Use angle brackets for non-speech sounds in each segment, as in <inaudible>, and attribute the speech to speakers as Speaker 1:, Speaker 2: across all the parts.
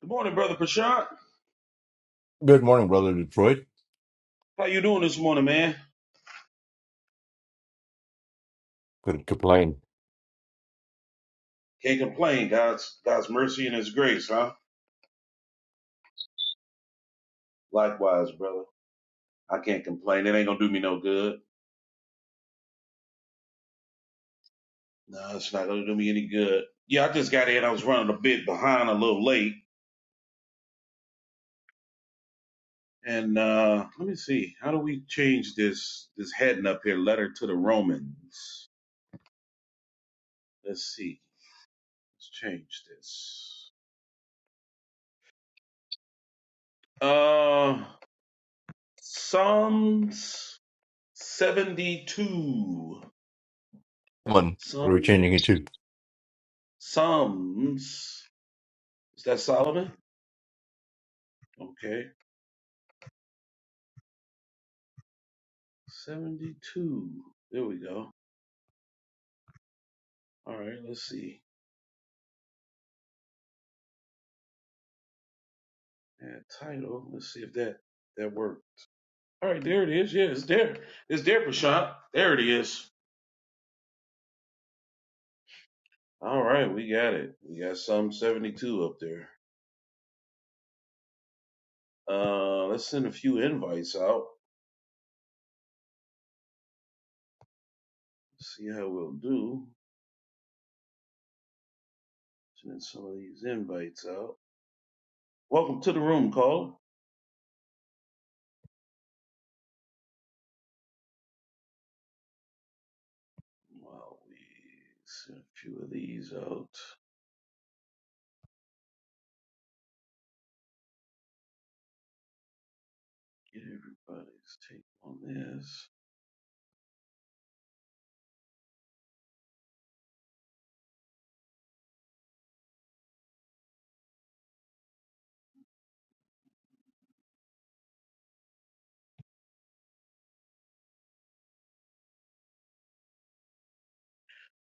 Speaker 1: Good morning, brother Prashant.
Speaker 2: Good morning, brother Detroit.
Speaker 1: How you doing this morning, man?
Speaker 2: Couldn't complain.
Speaker 1: Can't complain. God's God's mercy and His grace, huh? Likewise, brother. I can't complain. It ain't gonna do me no good. No, it's not gonna do me any good. Yeah, I just got in. I was running a bit behind, a little late. And uh let me see. How do we change this this heading up here? Letter to the Romans. Let's see. Let's change this. Uh, Psalms seventy-two.
Speaker 2: One. What are we
Speaker 1: Psalm.
Speaker 2: changing it to?
Speaker 1: Psalms. Is that Solomon? Okay. 72. There we go. All right, let's see. That title. Let's see if that that worked. All right, there it is. Yeah, it's there. It's there, Prashant. There it is. All right, we got it. We got Psalm 72 up there. Uh let's send a few invites out. See how we'll do. Send some of these invites out. Welcome to the room, call. Well, we send a few of these out. Get everybody's take on this.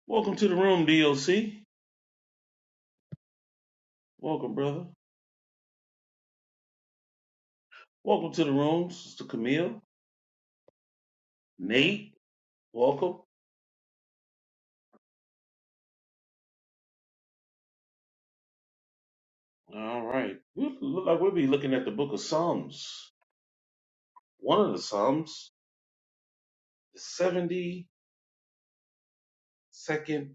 Speaker 1: Welcome to the room, D.O.C. Welcome, brother. Welcome to the room, Sister Camille. Nate, welcome. All right. We look like we'll be looking at the book of Psalms. One of the Psalms, the 72nd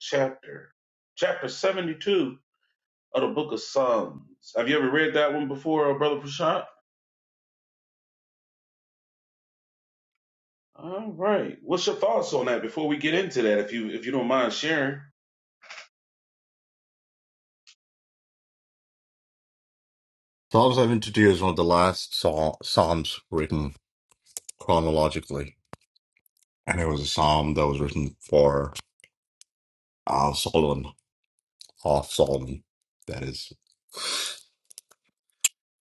Speaker 1: chapter, chapter 72 of the book of Psalms. Have you ever read that one before, uh, Brother Prashant? All right. What's your thoughts on that before we get into that, if you if you don't mind sharing?
Speaker 2: Psalm 72 is one of the last psal- psalms written chronologically. And it was a psalm that was written for uh, Solomon, of Solomon, that is.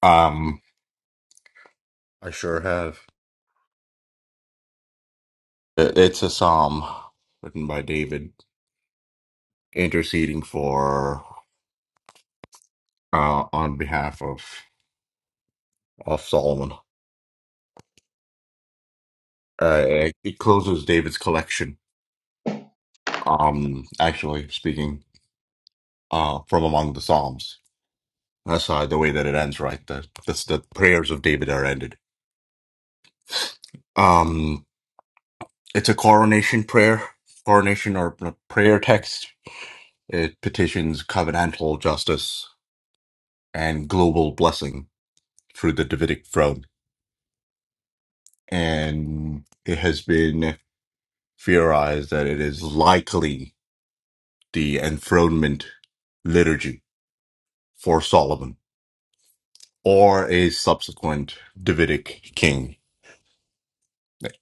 Speaker 2: Um, I sure have. It- It's a psalm written by David, interceding for, uh, on behalf of, of Solomon. Uh,
Speaker 1: O-
Speaker 2: it it closes David's collection, um, actually speaking. uh, from among the Psalms. That's uh, the way that it ends, right? The, that's the prayers of David are ended. Um, it's a coronation prayer, coronation or p- prayer text. It petitions covenantal justice and global blessing through the Davidic throne. And it has been theorized that it is likely the enthronement liturgy for Solomon or a subsequent Davidic king,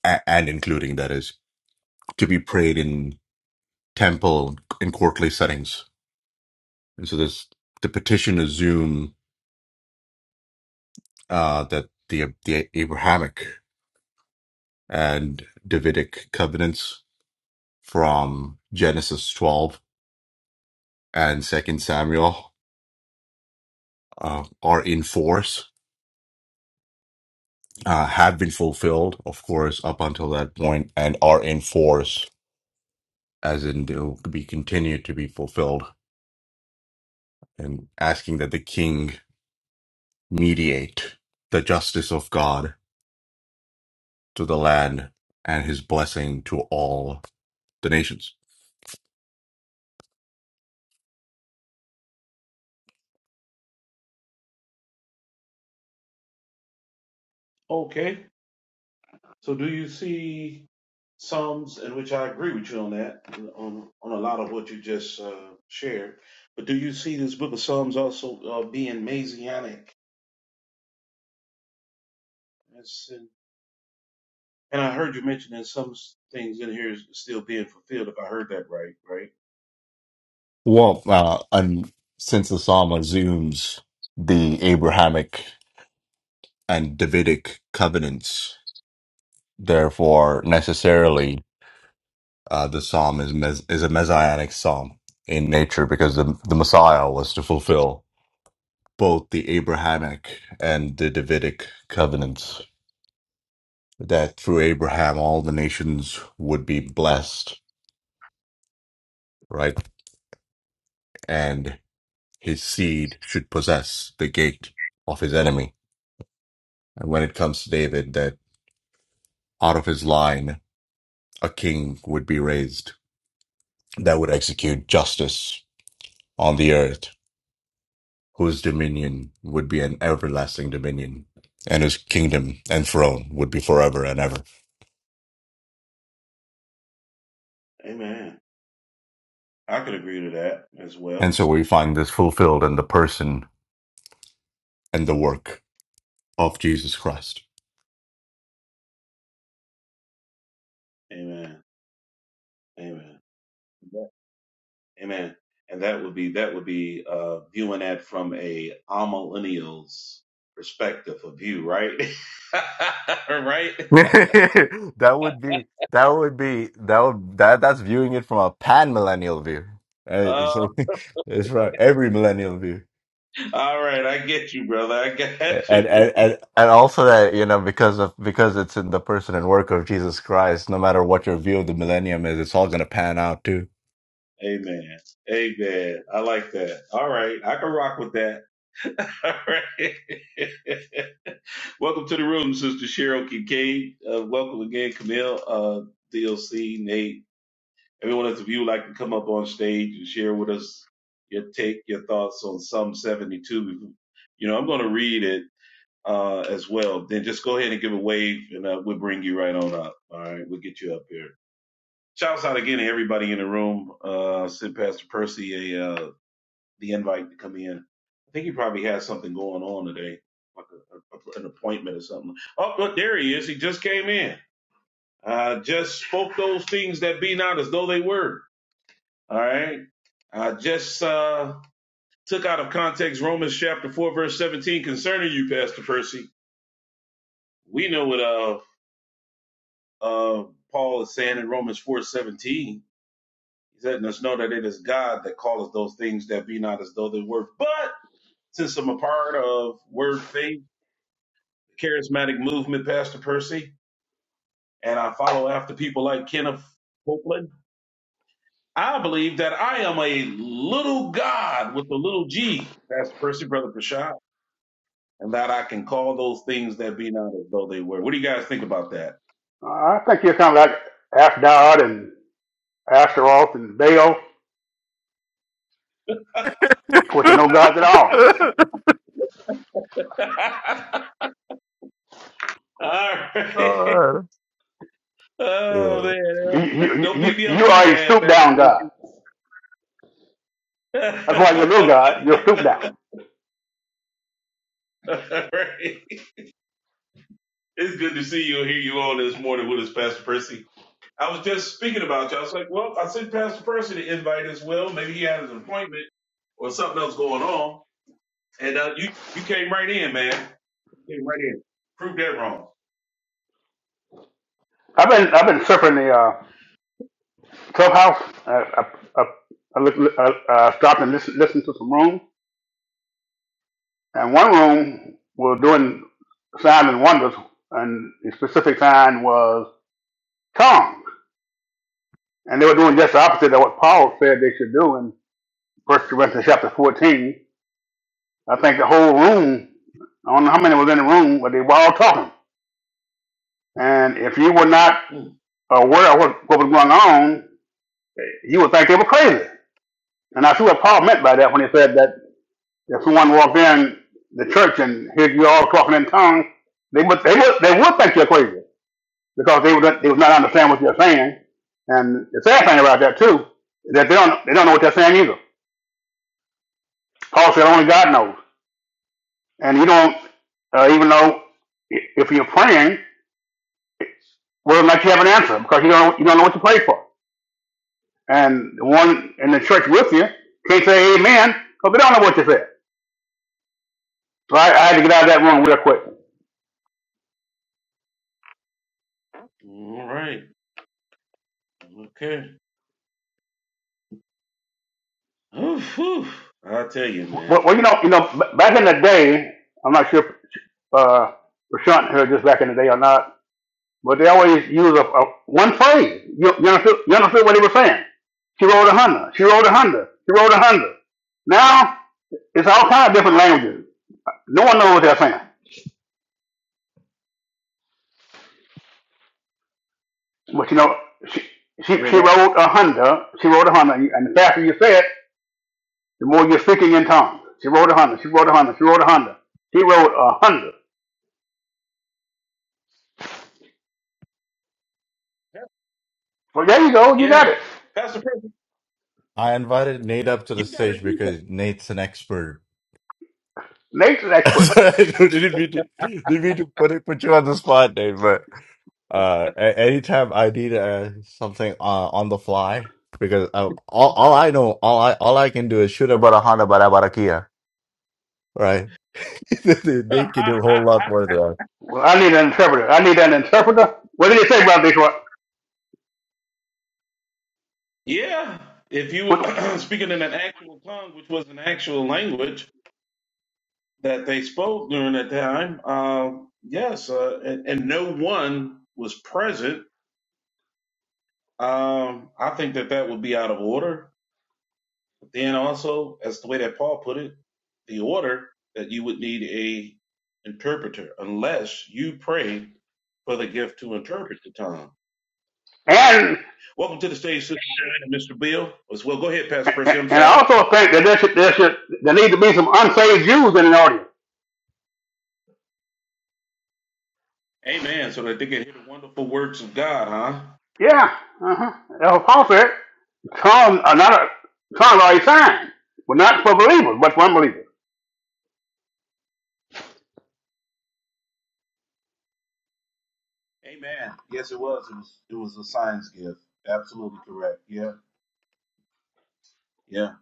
Speaker 2: a- and including that is. to be prayed in temple and courtly settings. And so this the petition assume uh, that the the Abrahamic and Davidic covenants from Genesis 12 and Second Samuel uh, are in force, uh, have been fulfilled, of course, up until that point, and are in force, as in to be continued to be fulfilled, and asking that the king mediate the justice of God to the land and his blessing to all the nations.
Speaker 1: Okay. So do you see Psalms in which I agree with you on that, on on a lot of what you just uh, shared? But do you see this book of Psalms also uh, being Messianic? It's in- and I heard you mention that some things in here is still being fulfilled. If I heard that right, right?
Speaker 2: Well, uh, and since the psalm assumes the Abrahamic and Davidic covenants, therefore, necessarily, uh, the psalm is, mes- is a messianic psalm in nature because the, the Messiah was to fulfill both the Abrahamic and the Davidic covenants. That through Abraham, all the nations would be blessed, right? And his seed should possess the gate of his enemy. And when it comes to David, that out of his line a king would be raised that would execute justice on the earth, whose dominion would be an everlasting dominion, and whose kingdom and throne would be forever and ever.
Speaker 1: Amen. I could agree to that as
Speaker 2: And
Speaker 1: well.
Speaker 2: so we find this fulfilled in the person and the work of Jesus Christ.
Speaker 1: Amen. Amen. Amen. And that would be that would be uh, viewing that from a millennials perspective of view, right? <laughs> right.
Speaker 2: <laughs> that would be that would be that would that that's viewing it from a pan millennial view. Uh, It's,
Speaker 1: Uh,
Speaker 2: like- <laughs> it's from every millennial view,
Speaker 1: all right, I get you, brother. I
Speaker 2: and,
Speaker 1: got you.
Speaker 2: and and and also that you know because of because it's in the person and work of Jesus Christ. No matter what your view of the millennium is, it's all gonna pan out too.
Speaker 1: Amen. Amen. I like that. All right, I can rock with that. <laughs> All right. <laughs> Welcome to the room, Sister Cheryl Kincaid. Uh, welcome again, Camille, uh, DLC, Nate. Everyone that's if you like to come up on stage and share with us your take, your thoughts on Psalm 72, you know, I'm going to read it uh, as well. Then just go ahead and give a wave, and uh, we'll bring you right on up. All right, we'll get you up here. Shouts out again to everybody in the room. Uh, send Pastor Percy a uh, the invite to come in. I think he probably has something going on today, like a, a, an appointment or something. Oh, look, there he is. He just came in. Uh, just spoke those things that be not as though they were. All right. I just uh, took out of context Romans chapter 4, verse 17 concerning you, Pastor Percy. We know what uh, uh, Paul is saying in Romans 4 17. He's letting us know that it is God that calleth those things that be not as though they were. But since I'm a part of Word Faith, the charismatic movement, Pastor Percy, and I follow after people like Kenneth Copeland, I believe that I am a little God with a little G, Pastor Percy, Brother Prashad. and that I can call those things that be not as though they were. What do you guys think about that?
Speaker 3: I think you're kind of like Ashdod and Ashtaroth and Baal, which are no gods at
Speaker 2: <laughs>
Speaker 3: all.
Speaker 2: Alright.
Speaker 1: <laughs> All right. Oh
Speaker 2: yeah.
Speaker 3: You,
Speaker 1: man,
Speaker 3: you,
Speaker 1: don't
Speaker 3: you,
Speaker 1: beat me up
Speaker 3: you
Speaker 1: too
Speaker 3: are a
Speaker 1: bad,
Speaker 3: stoop
Speaker 1: Pastor
Speaker 3: down god.
Speaker 1: Percy.
Speaker 3: That's why you're a little god. You're stoop
Speaker 1: <laughs>
Speaker 3: down.
Speaker 1: All right. It's good to see you and hear you on this morning with us, Pastor Percy. I was just speaking about you. I was like, well, I sent Pastor Percy the invite as well. Maybe he had an appointment or something else going on. And uh, you you came right in, man. Came right in. Proved that wrong.
Speaker 3: I've been I've been surfing the uh, clubhouse. I, I, I, I, look, I, I stopped and listened listened to some rooms, and one room was doing signs and wonders, and the specific sign was tongues, and they were doing just the opposite of what Paul said they should do in First Corinthians chapter fourteen I think the whole room, I don't know how many was in the room, but they were all talking. And if you were not
Speaker 1: Mm.
Speaker 3: aware of what, what was going on, you would think they were crazy. And I see what Paul meant by that when he said that if someone walked in the church and heard you all talking in tongues, they would they would they would think you're crazy because they would they would not understand what you're saying. And the sad thing about that too is that they don't they don't know what they're saying either. Paul said only God knows, and you don't uh, even know i- if you're praying will not you have an answer because you don't you don't know what to pray for. And the one in the church with you can't say amen because they don't know what you said. So I, I had to get out of that room real quick.
Speaker 1: All right. Okay. Oh, i tell you, man.
Speaker 3: Well, well you know, you know, b- back in the day, I'm not sure if uh, Rashawn heard this back in the day or not, but they always use a, a one phrase. You, you, understood, you understood what they were saying. She rolled a Honda. She rolled a Honda. She rolled a Honda. Now it's all kind of different languages. No one knows what they're saying. But you know, she she,
Speaker 1: And
Speaker 3: she
Speaker 1: it all,
Speaker 3: rode a Honda. She rode a Honda, and, and the faster you say it, the more you're speaking in tongues. She rode a Honda. She rode a Honda. She rode a Honda. She rode a Honda. Well, there you go. You got
Speaker 1: yeah.
Speaker 3: it.
Speaker 1: Pastor Percy,
Speaker 2: I invited Nate up to
Speaker 1: you
Speaker 2: the
Speaker 1: got to
Speaker 2: stage
Speaker 1: teach
Speaker 2: because Nate's an expert
Speaker 3: Nature
Speaker 2: <laughs>
Speaker 3: expert.
Speaker 2: Sorry, I didn't mean to, didn't mean to put it, put you on the spot, Dave, but uh, a- anytime I need uh, something uh, on the fly, because uh, all all I know, all I all I can do is shoot about a Honda, but about a Kia, right? <laughs>
Speaker 1: us.
Speaker 2: Nate can
Speaker 1: <laughs>
Speaker 2: do a whole lot more than that.
Speaker 3: Well, I need an interpreter. I need an interpreter. What did he say about this one?
Speaker 1: yeah. If you <clears throat>
Speaker 3: What-
Speaker 1: were speaking in an actual tongue, which was an actual language that they spoke during that time, um, yes, uh, and, and no one was present, um, I think that that would be out of order. Then also, as the way that Paul put it, the order that you would need a interpreter unless you pray for the gift to interpret the tongue.
Speaker 3: And
Speaker 1: Welcome to the stage, Sister Sharon and Mr. Bill. As well, go ahead, Pastor Percy. I'm
Speaker 3: and I
Speaker 1: sorry.
Speaker 3: also think that there should there should there need to be some unsaved Jews in the audience.
Speaker 1: Amen. So that they can hear the wonderful words of God, huh?
Speaker 3: Yeah. Uh-huh. That's what Paul said. Tongues are not a tongues are a sign, but not for believers, but for unbelievers.
Speaker 1: Amen. Yes, it was. It was. It was a science gift. Absolutely correct. Yeah. Yeah.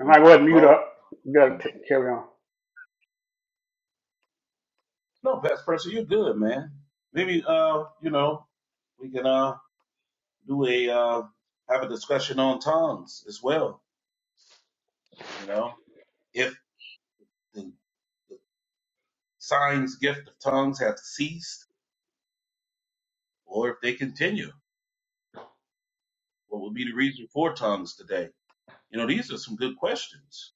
Speaker 3: I might go ahead and mute
Speaker 1: draw those
Speaker 3: up. You gotta
Speaker 1: unbelievers.
Speaker 3: t- carry on.
Speaker 1: No, Pastor Percy, you're good, man. Maybe uh, you know, we can. uh do a uh, have a discussion on tongues as well. You know, if the, the signs gift of tongues have ceased, or if they continue, what would be the reason for tongues today? You know, these are some good questions.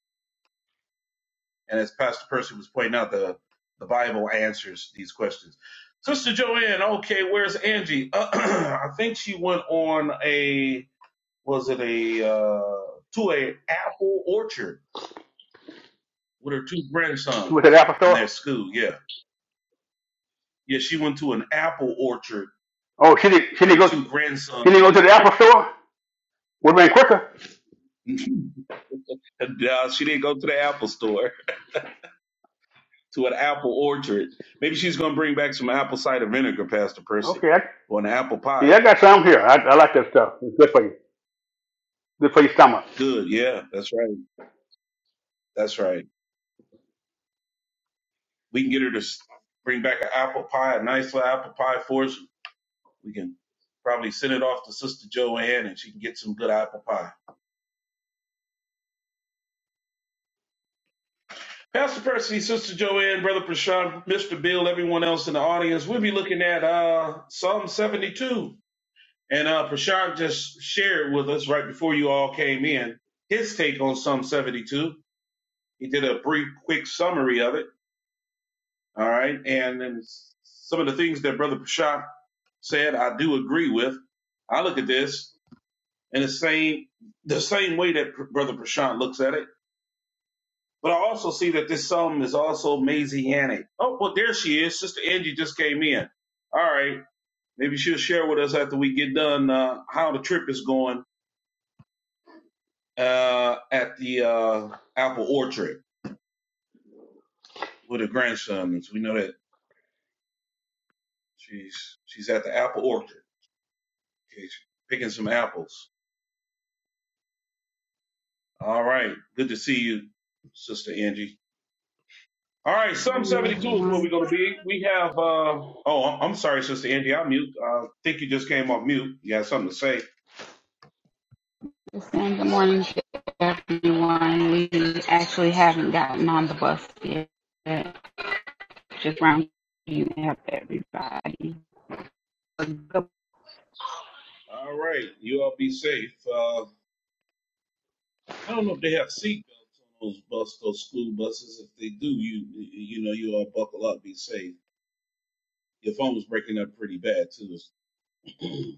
Speaker 1: And as Pastor Percy was pointing out, the the Bible answers these questions. Sister Joanne, okay, where's Angie? <clears throat> I think she went on a was it a uh, to a apple orchard with her two
Speaker 3: She went to the
Speaker 1: grandsons
Speaker 3: Apple
Speaker 1: in their
Speaker 3: store.
Speaker 1: school. Yeah. Yeah, she went to an apple orchard
Speaker 3: Oh, she did. not She
Speaker 1: with
Speaker 3: did
Speaker 1: her
Speaker 3: not go.
Speaker 1: two
Speaker 3: She did
Speaker 1: grandsons.
Speaker 3: not go to the Apple store. Would have been quicker.
Speaker 1: <laughs> Nah, she didn't go to the apple store, to an apple orchard. Maybe she's going to bring back some apple cider vinegar, Pastor Percy,
Speaker 3: Okay, I,
Speaker 1: or an apple
Speaker 3: yeah,
Speaker 1: pie.
Speaker 3: I got some here. I, I like that stuff. It's good for you. Good for your stomach.
Speaker 1: Good. Yeah, that's right. That's right. We can get her to s- bring back an apple pie, a nice little apple pie for us. We can probably send it off to Sister Joanne and she can get some good apple pie. Pastor Percy, Sister Joanne, Brother Prashant, Mr. Bill, everyone else in the audience, we'll be looking at uh, Psalm 72. And uh, Prashant just shared with us right before you all came in his take on Psalm 72. He did a brief, quick summary of it. All right. And, then some of the things that Brother Prashant said, I do agree with. I look at this in the same the same way that Brother Prashant looks at it. But I also see that this sum is also messianic. Oh, well, there she is. Sister Angie just came in. All right. Maybe she'll share with us after we get done uh, how the trip is going uh, at the uh, Apple Orchard with her grandson. So we know that she's she's at the Apple Orchard. Okay, she's picking some apples. All right. Good to see you, Sister Angie. All right,
Speaker 4: Good
Speaker 1: Psalm
Speaker 4: morning,
Speaker 1: 72 is where we're
Speaker 4: everyone.
Speaker 1: going to be. We have, uh, oh, I'm I'm sorry, Sister Angie, I'm mute. I think you just came off mute. You had something to say.
Speaker 4: Just saying good morning to everyone. We actually haven't gotten on the bus yet. Just rounding up everybody. Good,
Speaker 1: All right, you all be safe. Uh, I don't know if they have seat belts on those bus, those school buses. If they do, you you know you all buckle up, be safe. Your phone was breaking up pretty bad too. <clears throat>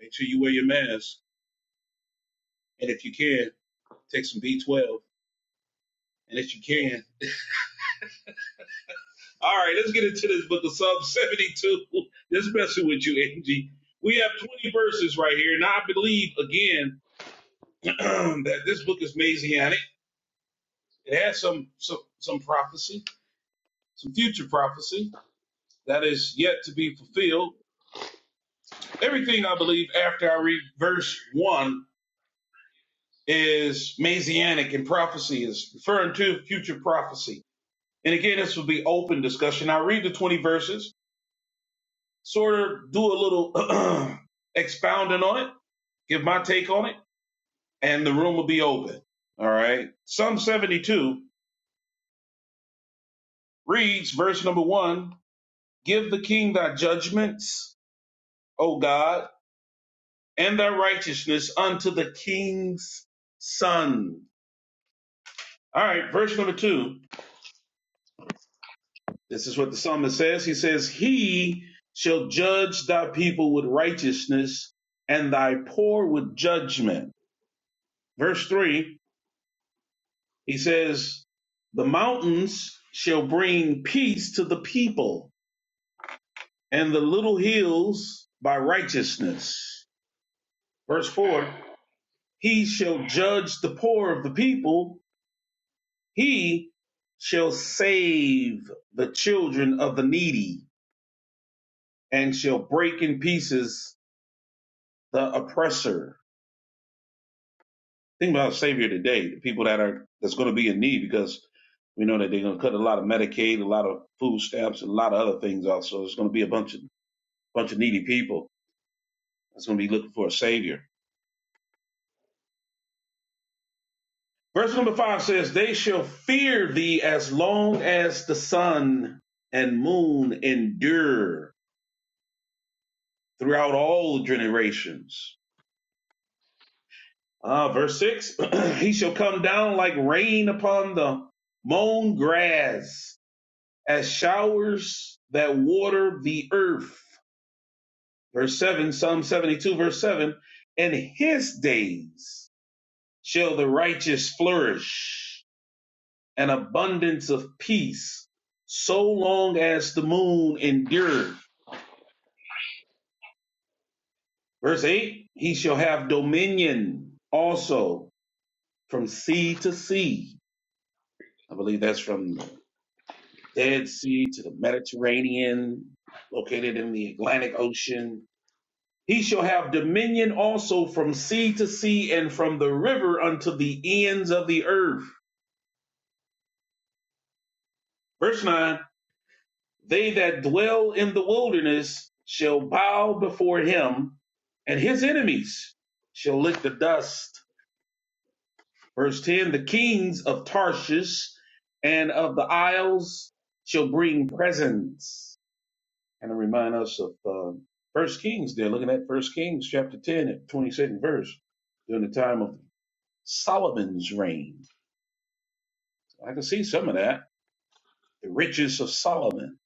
Speaker 1: Make sure you wear your mask, and if you can, take some B12. And if you can, all right, let's get into this book of Psalm 72. <laughs> Just messing with you, Angie. We have 20 verses right here, and I believe again <clears throat> that this book is Messianic. It has some some some prophecy, some future prophecy that is yet to be fulfilled. Everything I believe after I read verse one is Messianic in prophecy is referring to future prophecy. And again, this will be open discussion. I read the 20 verses, sort of do a little <clears throat> expounding on it, give my take on it, and the room will be open. All right. Psalm 72 reads verse number one, give the king thy judgments, O God, and thy righteousness unto the king's sons. All right, verse number two. This is what the psalmist says. He says, He shall judge thy people with righteousness and thy poor with judgment. Verse three, he says, The mountains shall bring peace to the people, and the little hills by righteousness. Verse four, He shall judge the poor of the people. He shall save the children of the needy and shall break in pieces the oppressor. Think about our Savior today, the people that are that's going to be in need because we know that they're going to cut a lot of Medicaid, a lot of food stamps, and a lot of other things. Also, it's going to be a bunch of bunch of needy people that's going to be looking for a Savior. Verse number five says, "They shall fear thee as long as the sun and moon endure throughout all generations." Ah, verse six, <clears throat> he shall come down like rain upon the mown grass as showers that water the earth. Verse 7, Psalm 72, verse 7. In his days shall the righteous flourish, an abundance of peace, so long as the moon endureth. Verse 8, he shall have dominion also from sea to sea. I believe that's from the Dead Sea to the Mediterranean, located in the Atlantic Ocean He shall have dominion also from sea to sea and from the river unto the ends of the earth. Verse 9 They that dwell in the wilderness shall bow before him, and his enemies shall lick the dust. Verse 10 The kings of Tarshish and of the isles shall bring presents. And remind us of uh, First Kings, they're looking at First Kings chapter 10 and 22nd verse during the time of Solomon's reign. I can see some of that. The riches of Solomon.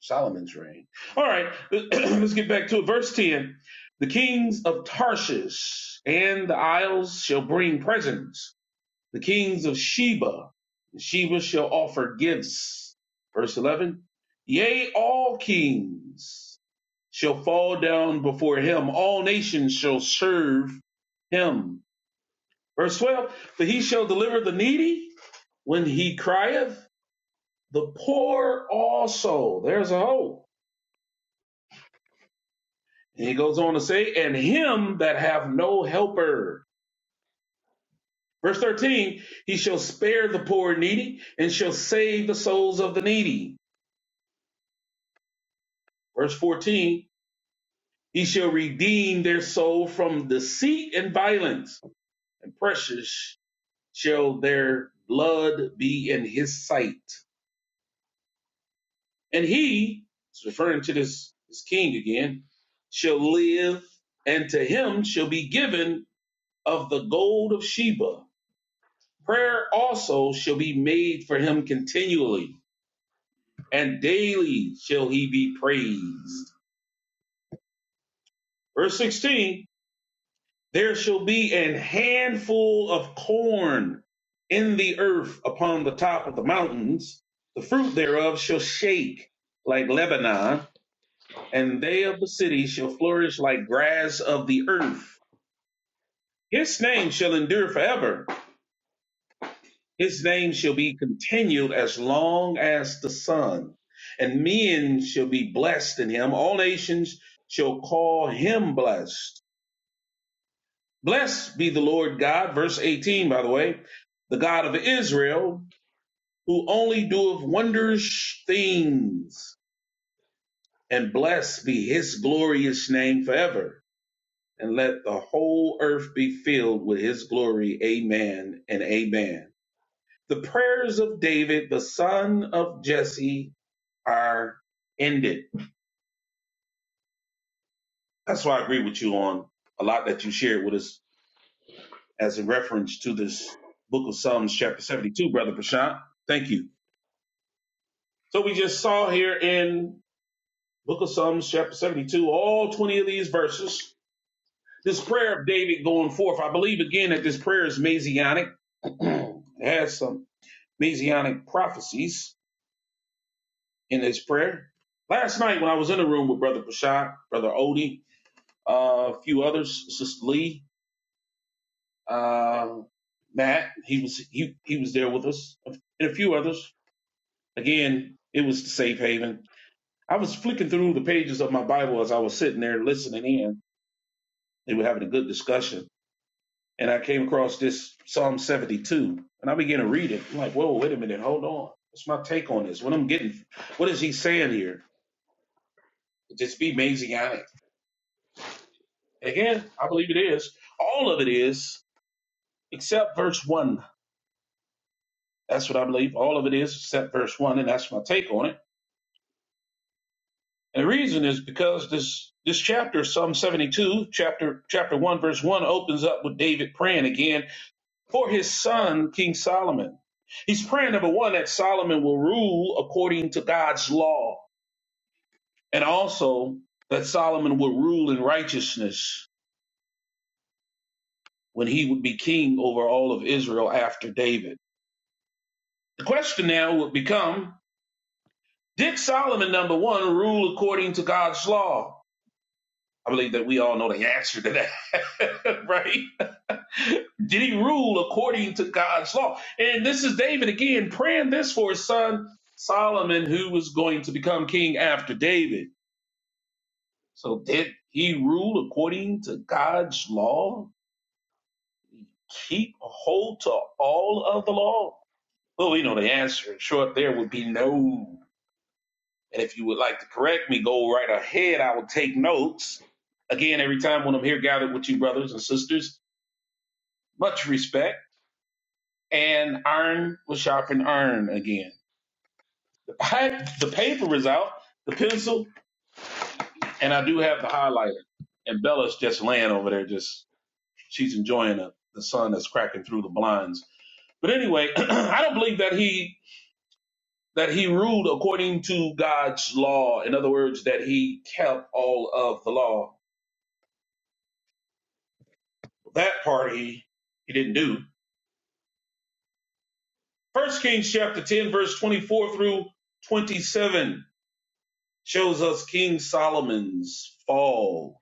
Speaker 1: Solomon's reign. All right, <clears throat> let's get back to it. Verse 10 The kings of Tarshish and the isles shall bring presents, the kings of Sheba. and Sheba shall offer gifts. Verse 11 Yea, all kings shall fall down before him, all nations shall serve him. Verse 12 For he shall deliver the needy When he crieth, the poor also, there's a hope. And he goes on to say, and him that have no helper. Verse 13, he shall spare the poor and needy and shall save the souls of the needy. Verse 14, he shall redeem their soul from deceit and violence, and precious shall their blood be in his sight. And he, it's referring to this, this king again, shall live, and to him shall be given of the gold of Sheba. Prayer also shall be made for him continually, and daily shall he be praised. Verse 16 There shall be an handful of corn in the earth upon the top of the mountains. The fruit thereof shall shake like Lebanon and they of the city shall flourish like grass of the earth. His name shall endure forever. His name shall be continued as long as the sun. And men shall be blessed in him. All nations shall call him blessed. Blessed be the Lord God, verse 18, by the way, the God of Israel, who only doeth wondrous things. And blessed be his glorious name forever. and let the whole earth be filled with his glory. Amen and amen. The prayers of David, the son of Jesse, are ended. That's why I agree with you on a lot that you shared with us as a reference to this book of Psalms, chapter 72, Brother Prashant. Thank you. So we just saw here in book of Psalms, chapter 72, all 20 of these verses. This prayer of David going forth, I believe again that this prayer is Messianic. <clears throat> it has some messianic prophecies in his prayer. Last night, when I was in the room with Brother Prashad, Brother Odie, uh, a few others, Sister Lee, uh, Matt, he was he, he was there with us, and a few others. Again, it was the safe haven. I was flicking through the pages of my Bible as I was sitting there listening in. They were having a good discussion, and I came across this Psalm 72, and I began to read it. I'm like, whoa, wait a minute, hold on. What's my take on this? What I'm getting? What is he saying here? Just be Messianic. Again, I believe it is. All of it is, except verse 1. That's what I believe. All of it is, except verse 1, and that's my take on it. And the reason is because this this chapter, Psalm 72, chapter chapter 1, verse 1, opens up with David praying again for his son, King Solomon. He's praying, number one, that Solomon will rule according to God's law, and also that Solomon will rule in righteousness when he would be king over all of Israel after David. The question now would become Did Solomon, number one, rule according to God's law? I believe that we all know the answer to that, <laughs> right? Did he rule according to God's law? And this is David again praying this for his son Solomon, who was going to become king after David. So, did he rule according to God's law? Keep hold to all of the law? Well, we know the answer. In short, there would be no. And if you would like to correct me, go right ahead. I will take notes. Again, every time when I'm here gathered with you, brothers and sisters, much respect. And iron will sharpen iron again. The, the paper is out, the pencil, and I do have the highlighter. And Bella's just laying over there, just she's enjoying the, the sun that's cracking through the blinds. But anyway, <clears throat> I don't believe that he that he ruled according to God's law. In other words, that he kept all of the law That part he he didn't do. First Kings chapter 10, verse 24 through 27 shows us King Solomon's fall,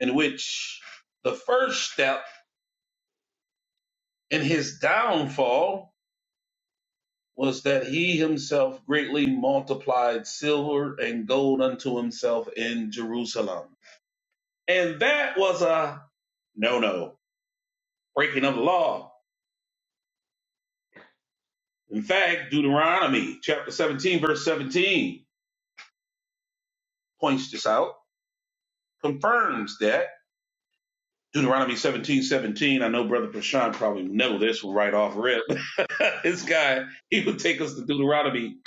Speaker 1: in which the first step in his downfall was that he himself greatly multiplied silver and gold unto himself in Jerusalem. And that was a no no, breaking of the law. In fact, Deuteronomy chapter 17, verse 17 points this out confirms that. Deuteronomy seventeen seventeen. I know Brother Prashant probably know this one right off rip. <laughs> this guy, he would take us to Deuteronomy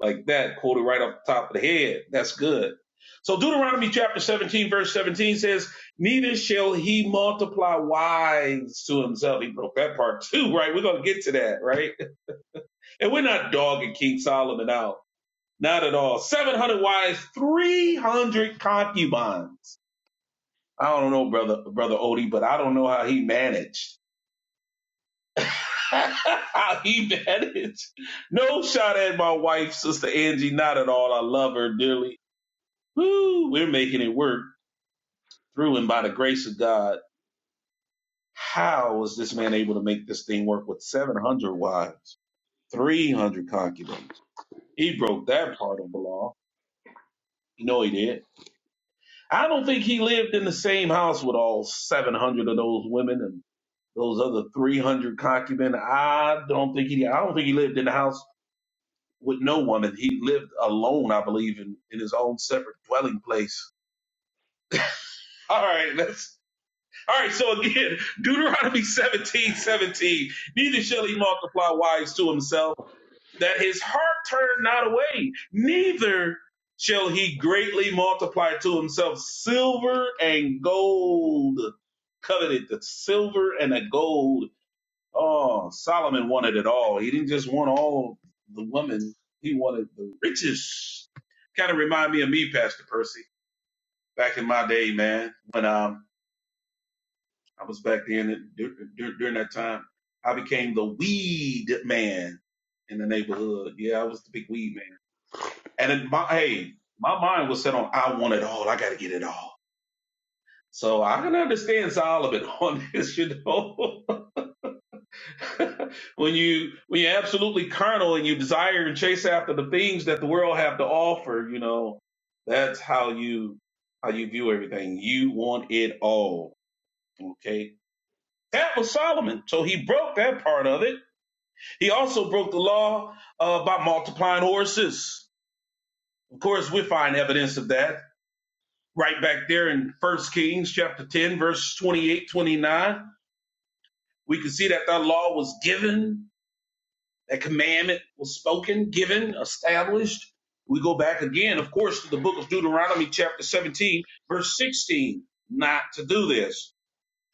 Speaker 1: like that, quoted right off the top of the head. That's good. So Deuteronomy chapter 17, verse 17 says, Neither shall he multiply wives to himself. He broke that part too, right? We're going to get to that, right? And we're not dogging King Solomon out. Not at all. 700 wives, 300 concubines. I don't know, brother, brother Odie, but I don't know how he managed. <laughs> how he managed. No shot at my wife, sister Angie, not at all. I love her dearly. Woo, we're making it work through and by the grace of God. How was this man able to make this thing work with 700 wives, 300 concubines? He broke that part of the law. You know he did. I don't think he lived in the same house with all 700 of those women and. Those other three hundred concubines, I don't think he. I don't think he lived in the house with no woman. He lived alone, I believe, in, in his own separate dwelling place. All right, let's. All right, so again, <laughs> Deuteronomy seventeen seventeen. Neither shall he multiply wives to himself, that his heart turn not away. Neither shall he greatly multiply to himself silver and gold coveted the silver and the gold Oh, Solomon wanted it all. He didn't just want all the women. He wanted the riches. Kind of remind me of me, Pastor Percy, back in my day, man, when um I was back then dur- dur- during that time, I became the weed man in the neighborhood. Yeah, I was the big weed man. And it, my hey, my mind was set on I want it all. I got to get it all. So I can understand Solomon <laughs> on this, you know. <laughs> <laughs> when you when you're absolutely carnal and you desire and chase after the things that the world have to offer, you know, that's how you how you view everything. You want it all. Okay. That was Solomon. So he broke that part of it. He also broke the law uh, by multiplying horses. Of course, we find evidence of that right back there in 1 Kings chapter 10, verse 28, 29. We can see that that law was given That commandment was spoken, given, established. We go back again, of course, to the book of Deuteronomy, chapter 17, verse 16, not to do this.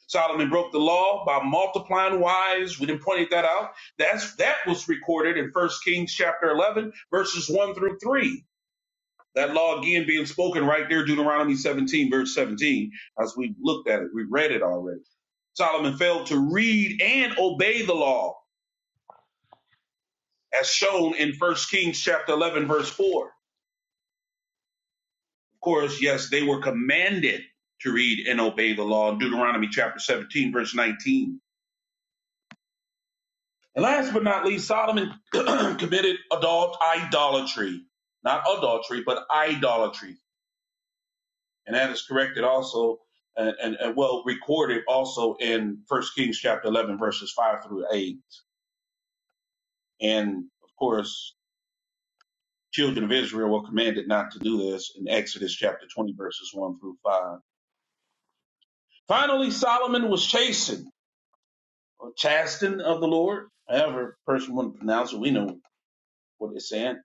Speaker 1: Solomon broke the law by multiplying wives. We didn't point that out. That's that was recorded in 1 Kings chapter 11, verses 1 through 3. That law again being spoken right there, Deuteronomy 17, verse 17, as we looked at it, we read it already. Solomon failed to read and obey the law as shown in 1 Kings chapter 11, verse 4. Of course, yes, they were commanded to read and obey the law in Deuteronomy chapter 17, verse 19. And last but not least, Solomon <clears throat> committed adult idolatry. Not adultery, but idolatry. And that is corrected also, and, and, and well, recorded also in 1 Kings chapter 11, verses 5 through 8. And of course, children of Israel were commanded not to do this in Exodus chapter 20, verses 1 through 5. Finally, Solomon was chastened or chastened of the Lord. However, a person wouldn't pronounce it. We know what it's saying.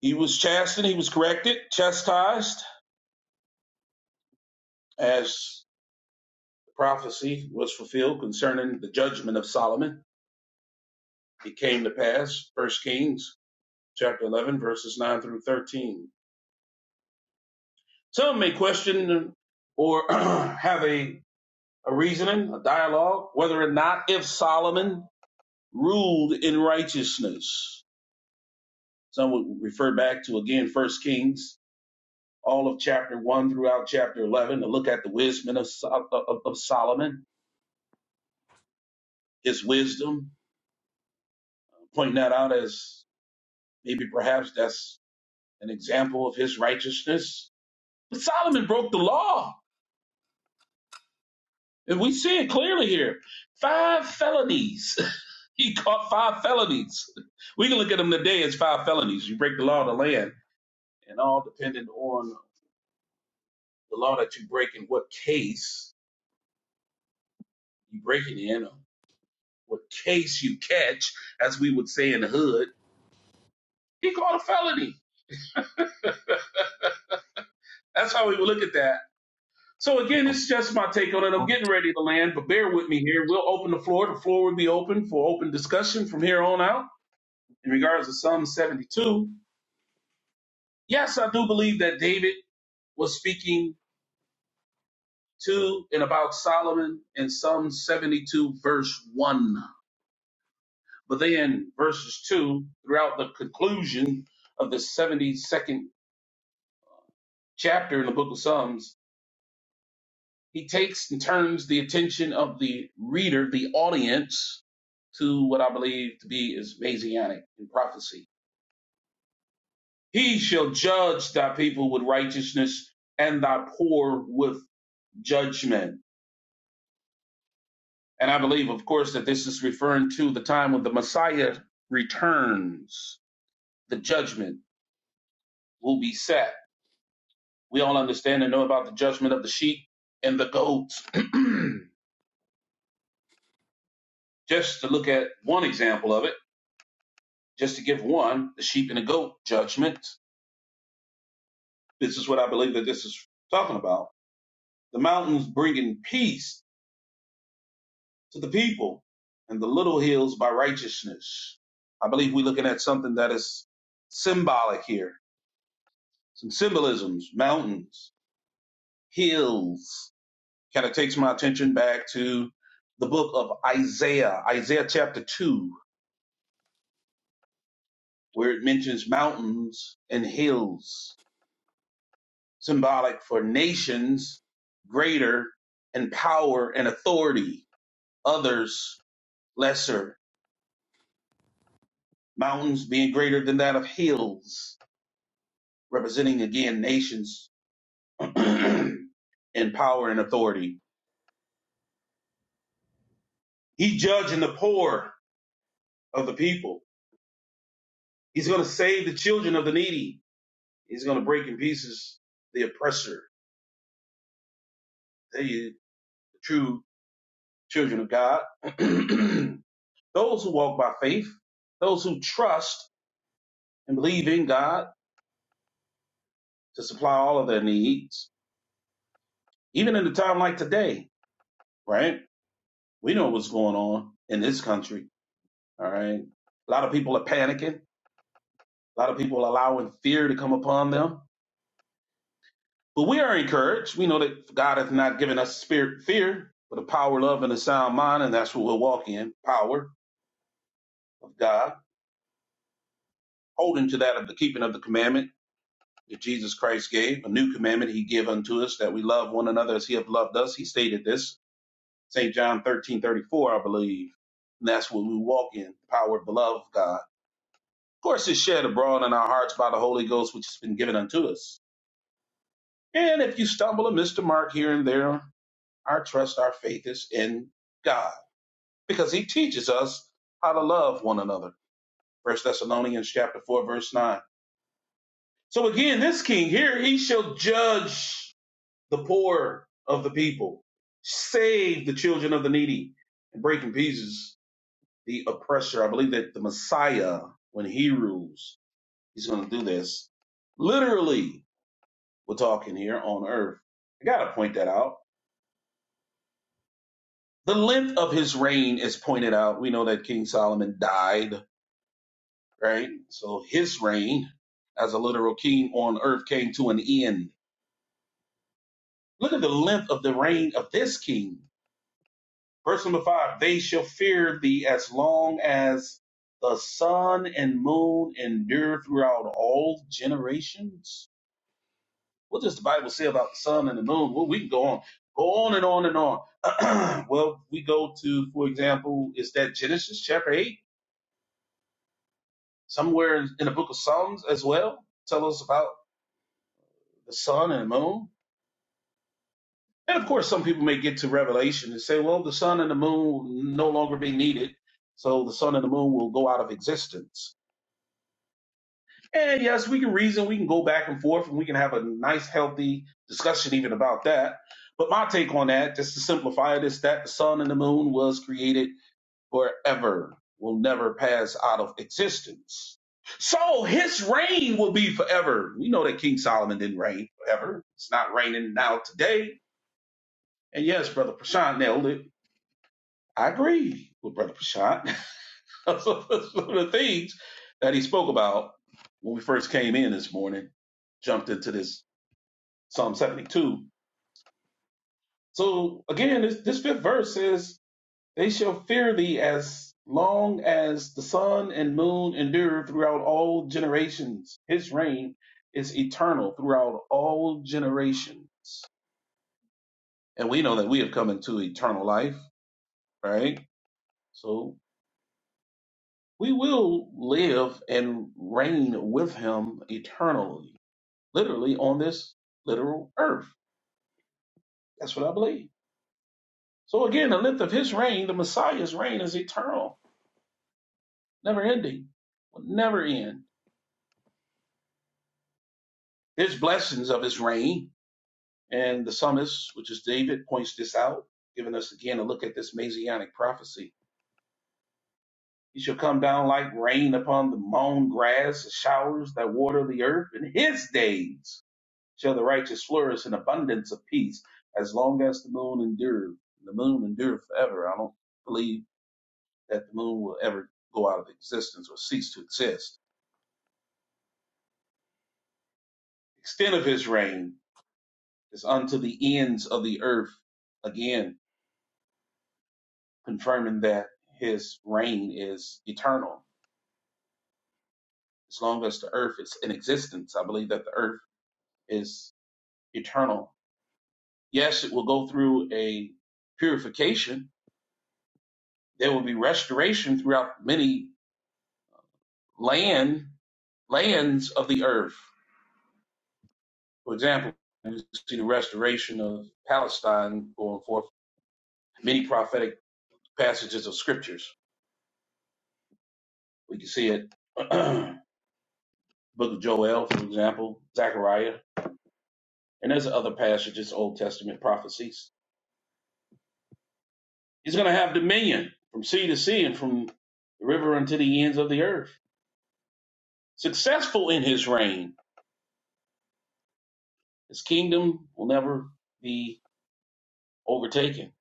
Speaker 1: He was chastened. He was corrected, chastised, as the prophecy was fulfilled concerning the judgment of Solomon. It came to pass. First Kings chapter 11, verses 9 through 13. Some may question or <clears throat> have a, a reasoning, a dialogue, whether or not if Solomon ruled in righteousness Some would refer back to again First Kings, all of chapter one throughout chapter eleven, to look at the wisdom of, Sol- of, of Solomon, his wisdom, pointing that out as maybe perhaps that's an example of his righteousness. But Solomon broke the law, and we see it clearly here. Five felonies. <laughs> he caught five felonies. We can look at them today as five felonies. You break the law of the land, and all dependent on the law that you break in what case you break it in. Well, case you catch, as we would say in the hood, he called a felony. That's how we would look at that. So again, it's just my take on it. I'm getting ready to land, but bear with me here. We'll open the floor. The floor will be open for open discussion from here on out in regards to Psalm 72. Yes, I do believe that David was speaking to and about Solomon in Psalm 72, verse 1. But then verses 2 throughout the conclusion of the 72nd chapter in the book of Psalms He takes and turns the attention of the reader, the audience, to what I believe to be is Messianic in prophecy. He shall judge thy people with righteousness and thy poor with judgment. And I believe, of course, that this is referring to the time when the Messiah returns. The judgment will be set. We all understand and know about the judgment of the sheep and the goats. <clears throat> Just to look at one example of it just to give one, the sheep and the goat judgment. This is what I believe that this is talking about. The mountains bringing peace to the people and the little hills by righteousness. I believe we're looking at something that is symbolic here. Some symbolisms, mountains, hills. Kind of takes my attention back to the book of Isaiah, Isaiah chapter 2, where it mentions mountains and hills symbolic for nations greater in power and authority, others lesser, mountains being greater than that of hills, representing again nations <clears throat> in power and authority. He's judging the poor of the people. He's going to save the children of the needy. He's going to break in pieces the oppressor, the true children of God. <clears throat> those who walk by faith, those who trust and believe in God to supply all of their needs, even in a time like today, right? We know what's going on in this country, all right? A lot of people are panicking, a lot of people are allowing fear to come upon them. But we are encouraged. We know that God hath not given us spirit fear, but a power, love, and a sound mind, and that's what we'll walk in power of God, holding to that of the keeping of the commandment that Jesus Christ gave, a new commandment he gave unto us, that we love one another as he hath loved us. He stated this St. John 13, 34. I believe. And that's what we walk in, the power of the love of God. Of course, it's shed abroad in our hearts by the Holy Ghost, which has been given unto us. And if you stumble and miss the mark here and there, our trust, our faith is in God, because he teaches us how to love one another. First Thessalonians chapter 4, verse 9. So again, this king here, he shall judge the poor of the people, save the children of the needy, and break in pieces the oppressor. I believe that the Messiah, when he rules, he's going to do this. Literally, we're talking here on earth. I got to point that out. The length of his reign is pointed out. We know that King Solomon died, right? So his reign as a literal king on earth came to an end. Look at the length of the reign of this king. Verse number five They shall fear thee as long as the sun and moon endure throughout all generations What does the Bible say about the sun and the moon? Well, we can go on, go on and on and on. <clears throat> well, we go to, for example, is that Genesis chapter eight, somewhere in, in the book of Psalms as well, tell us about the sun and the moon. And of course, some people may get to Revelation and say, well, the sun and the moon will no longer be needed, so the sun and the moon will go out of existence And yes, we can reason, we can go back and forth, and we can have a nice, healthy discussion even about that. But my take on that, just to simplify it, is that the sun and the moon was created forever, will never pass out of existence. So his reign will be forever. We know that King Solomon didn't reign forever. It's not raining now today. And yes, Brother Prashant nailed it. I agree with Brother Prashant. <laughs> That's one of the things that he spoke about when we first came in this morning, jumped into this Psalm 72. So again, this, this fifth verse says, They shall fear thee as long as the sun and moon endure throughout all generations. His reign is eternal throughout all generations. And we know that we have come into eternal life, right? So we will live and reign with him eternally literally on this literal earth. That's what I believe. So again, the length of his reign, the Messiah's reign is eternal, never ending, will never end. His blessings of his reign, and the psalmist, which is David, points this out, giving us again a look at this Messianic prophecy. He shall come down like rain upon the mown grass, the showers that water the earth. In his days shall the righteous flourish in abundance of peace, as long as the moon endures. The moon endures forever. I don't believe that the moon will ever go out of existence or cease to exist. Extent of his reign is unto the ends of the earth, again confirming that his reign is eternal. As long as the earth is in existence, I believe that the earth is eternal. Yes, it will go through a purification. There will be restoration throughout many land lands of the earth. For example, we see the restoration of Palestine going forth many prophetic passages of scriptures. We can see it, <clears throat> Book of Joel, for example, Zechariah, and there's other passages, Old Testament prophecies. He's going to have dominion from sea to sea and from the river unto the ends of the earth. Successful in his reign, his kingdom will never be overtaken.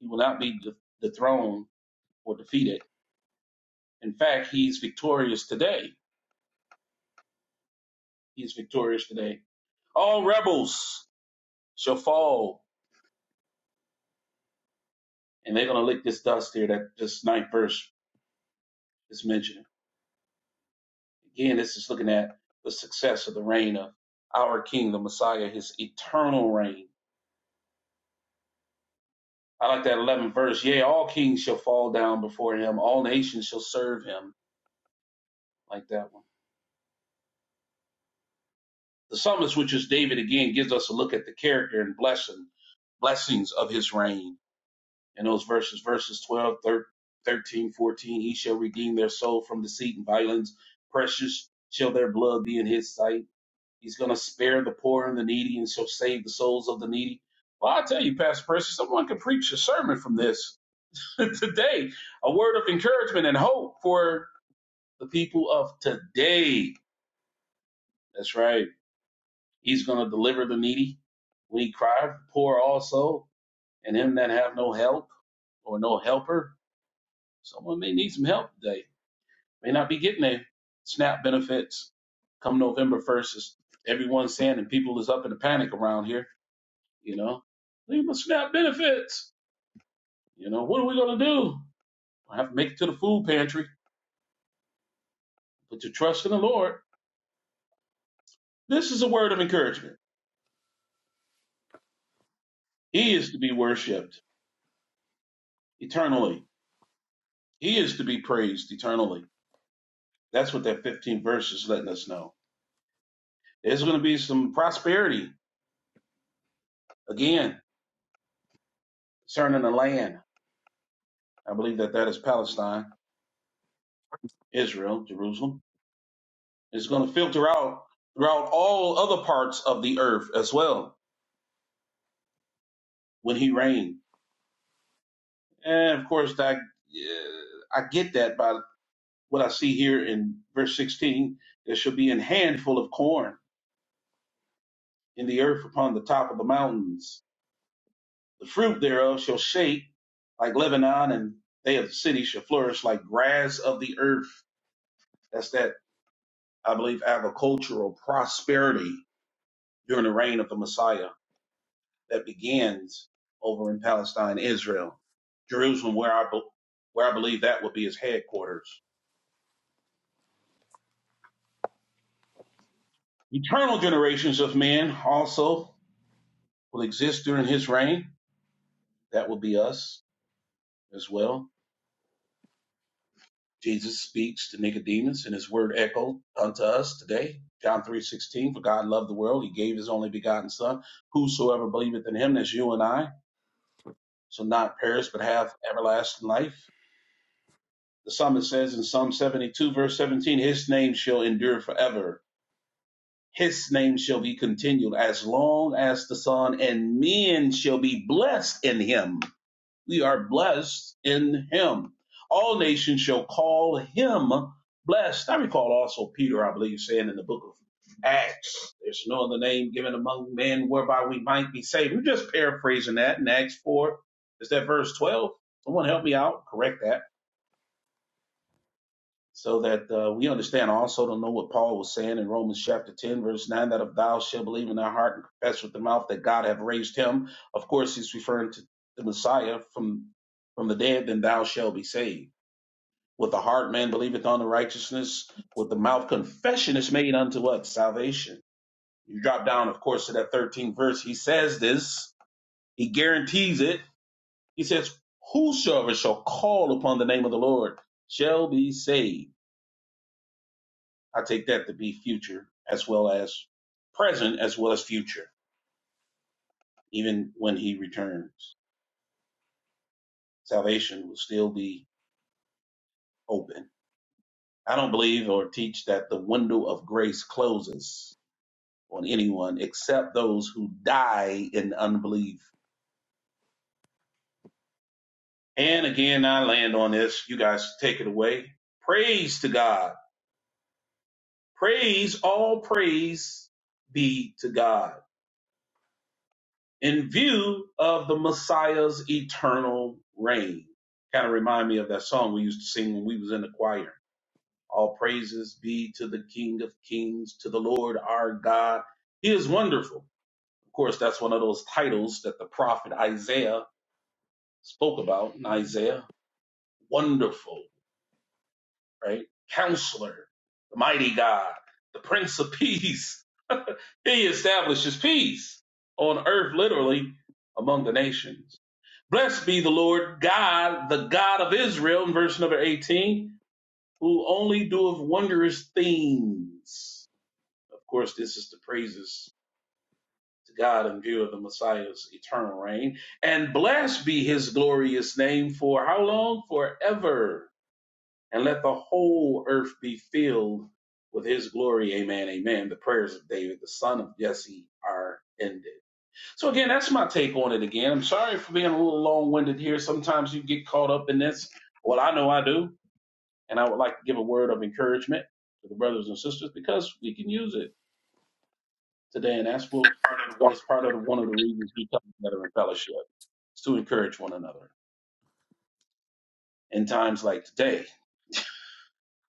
Speaker 1: He will not be de- dethroned or defeated. In fact, he's victorious today. He's victorious today. All rebels shall fall and they're going to lick this dust here that this ninth verse is mentioning. Again, this is looking at the success of the reign of our king, the Messiah, his eternal reign. I like that 11th verse. Yea, all kings shall fall down before him, all nations shall serve him. Like that one. The psalmist, which is David, again gives us a look at the character and blessing, blessings of his reign. In those verses, verses 12, 13, fourteen. he shall redeem their soul from deceit and violence. Precious shall their blood be in his sight He's going to spare the poor and the needy and shall save the souls of the needy. Well, I tell you, Pastor Percy, someone could preach a sermon from this <laughs> today, a word of encouragement and hope for the people of today. That's right. He's going to deliver the needy when he cried, poor also, and him that have no help or no helper. Someone may need some help today, may not be getting their SNAP benefits come November 1st. everyone's saying, and people is up in a panic around here you know, leave my SNAP benefits. You know, what are we going to do? I have to make it to the food pantry. Put your trust in the Lord. This is a word of encouragement. He is to be worshiped eternally. He is to be praised eternally. That's what that 15 verse is letting us know. There's going to be some prosperity again concerning the land. I believe that that is Palestine, Israel, Jerusalem. It's going to filter out throughout all other parts of the earth as well when he reigns And of course, I, uh, I get that by what I see here in verse 16. There shall be an handful of corn in the earth upon the top of the mountains. The fruit thereof shall shake like Lebanon, and they of the city shall flourish like grass of the earth. That's that, I believe, agricultural prosperity during the reign of the Messiah that begins over in Palestine, Israel, Jerusalem, where I, be- where I believe that will be his headquarters Eternal generations of men also will exist during his reign. That will be us as well. Jesus speaks to Nicodemus and his word echoed unto us today. John 3:16 for God loved the world he gave his only begotten son whosoever believeth in him that's you and I shall not perish but have everlasting life. The psalmist says in Psalm 72 verse 17 his name shall endure forever. His name shall be continued as long as the sun and men shall be blessed in him we are blessed in him. All nations shall call him blessed. I recall also Peter, I believe, saying in the book of Acts, there's no other name given among men whereby we might be saved. We're just paraphrasing that in Acts 4. Is that verse 12? Someone help me out. Correct that so that uh, we understand also to know what Paul was saying in Romans chapter 10, verse 9, that if thou shalt believe in thy heart and confess with the mouth that God hath raised him, of course, he's referring to the Messiah from, from the dead, then thou shalt be saved. With the heart man believeth on the righteousness, with the mouth confession is made unto what? Salvation. You drop down, of course, to that 13th verse. He says this, he guarantees it. He says, Whosoever shall call upon the name of the Lord shall be saved I take that to be future as well as present as well as future. Even when he returns, salvation will still be open. I don't believe or teach that the window of grace closes on anyone except those who die in unbelief. And again, I land on this. You guys take it away. Praise to God. Praise, all praise be to God. in view of the Messiah's eternal reign. Kind of remind me of that song we used to sing when we was in the choir. All praises be to the King of Kings, to the Lord our God. He is wonderful. Of course, that's one of those titles that the prophet Isaiah spoke about in Isaiah. Wonderful, right? Counselor, the mighty God, the Prince of <laughs> Peace. He establishes peace on earth, literally, among the nations. Blessed be the Lord God, the God of Israel, in verse number 18, who only doeth wondrous things. Of course, this is the praises to God in view of the Messiah's eternal reign. And blessed be his glorious name for how long? Forever. And let the whole earth be filled with his glory. Amen. Amen. The prayers of David, the son of Jesse, are ended. So again, that's my take on it. Again, I'm sorry for being a little long-winded here. Sometimes you get caught up in this. Well, I know I do, and I would like to give a word of encouragement to the brothers and sisters because we can use it today, and that's what that's part of one of the reasons we come together in fellowship is to encourage one another in times like today.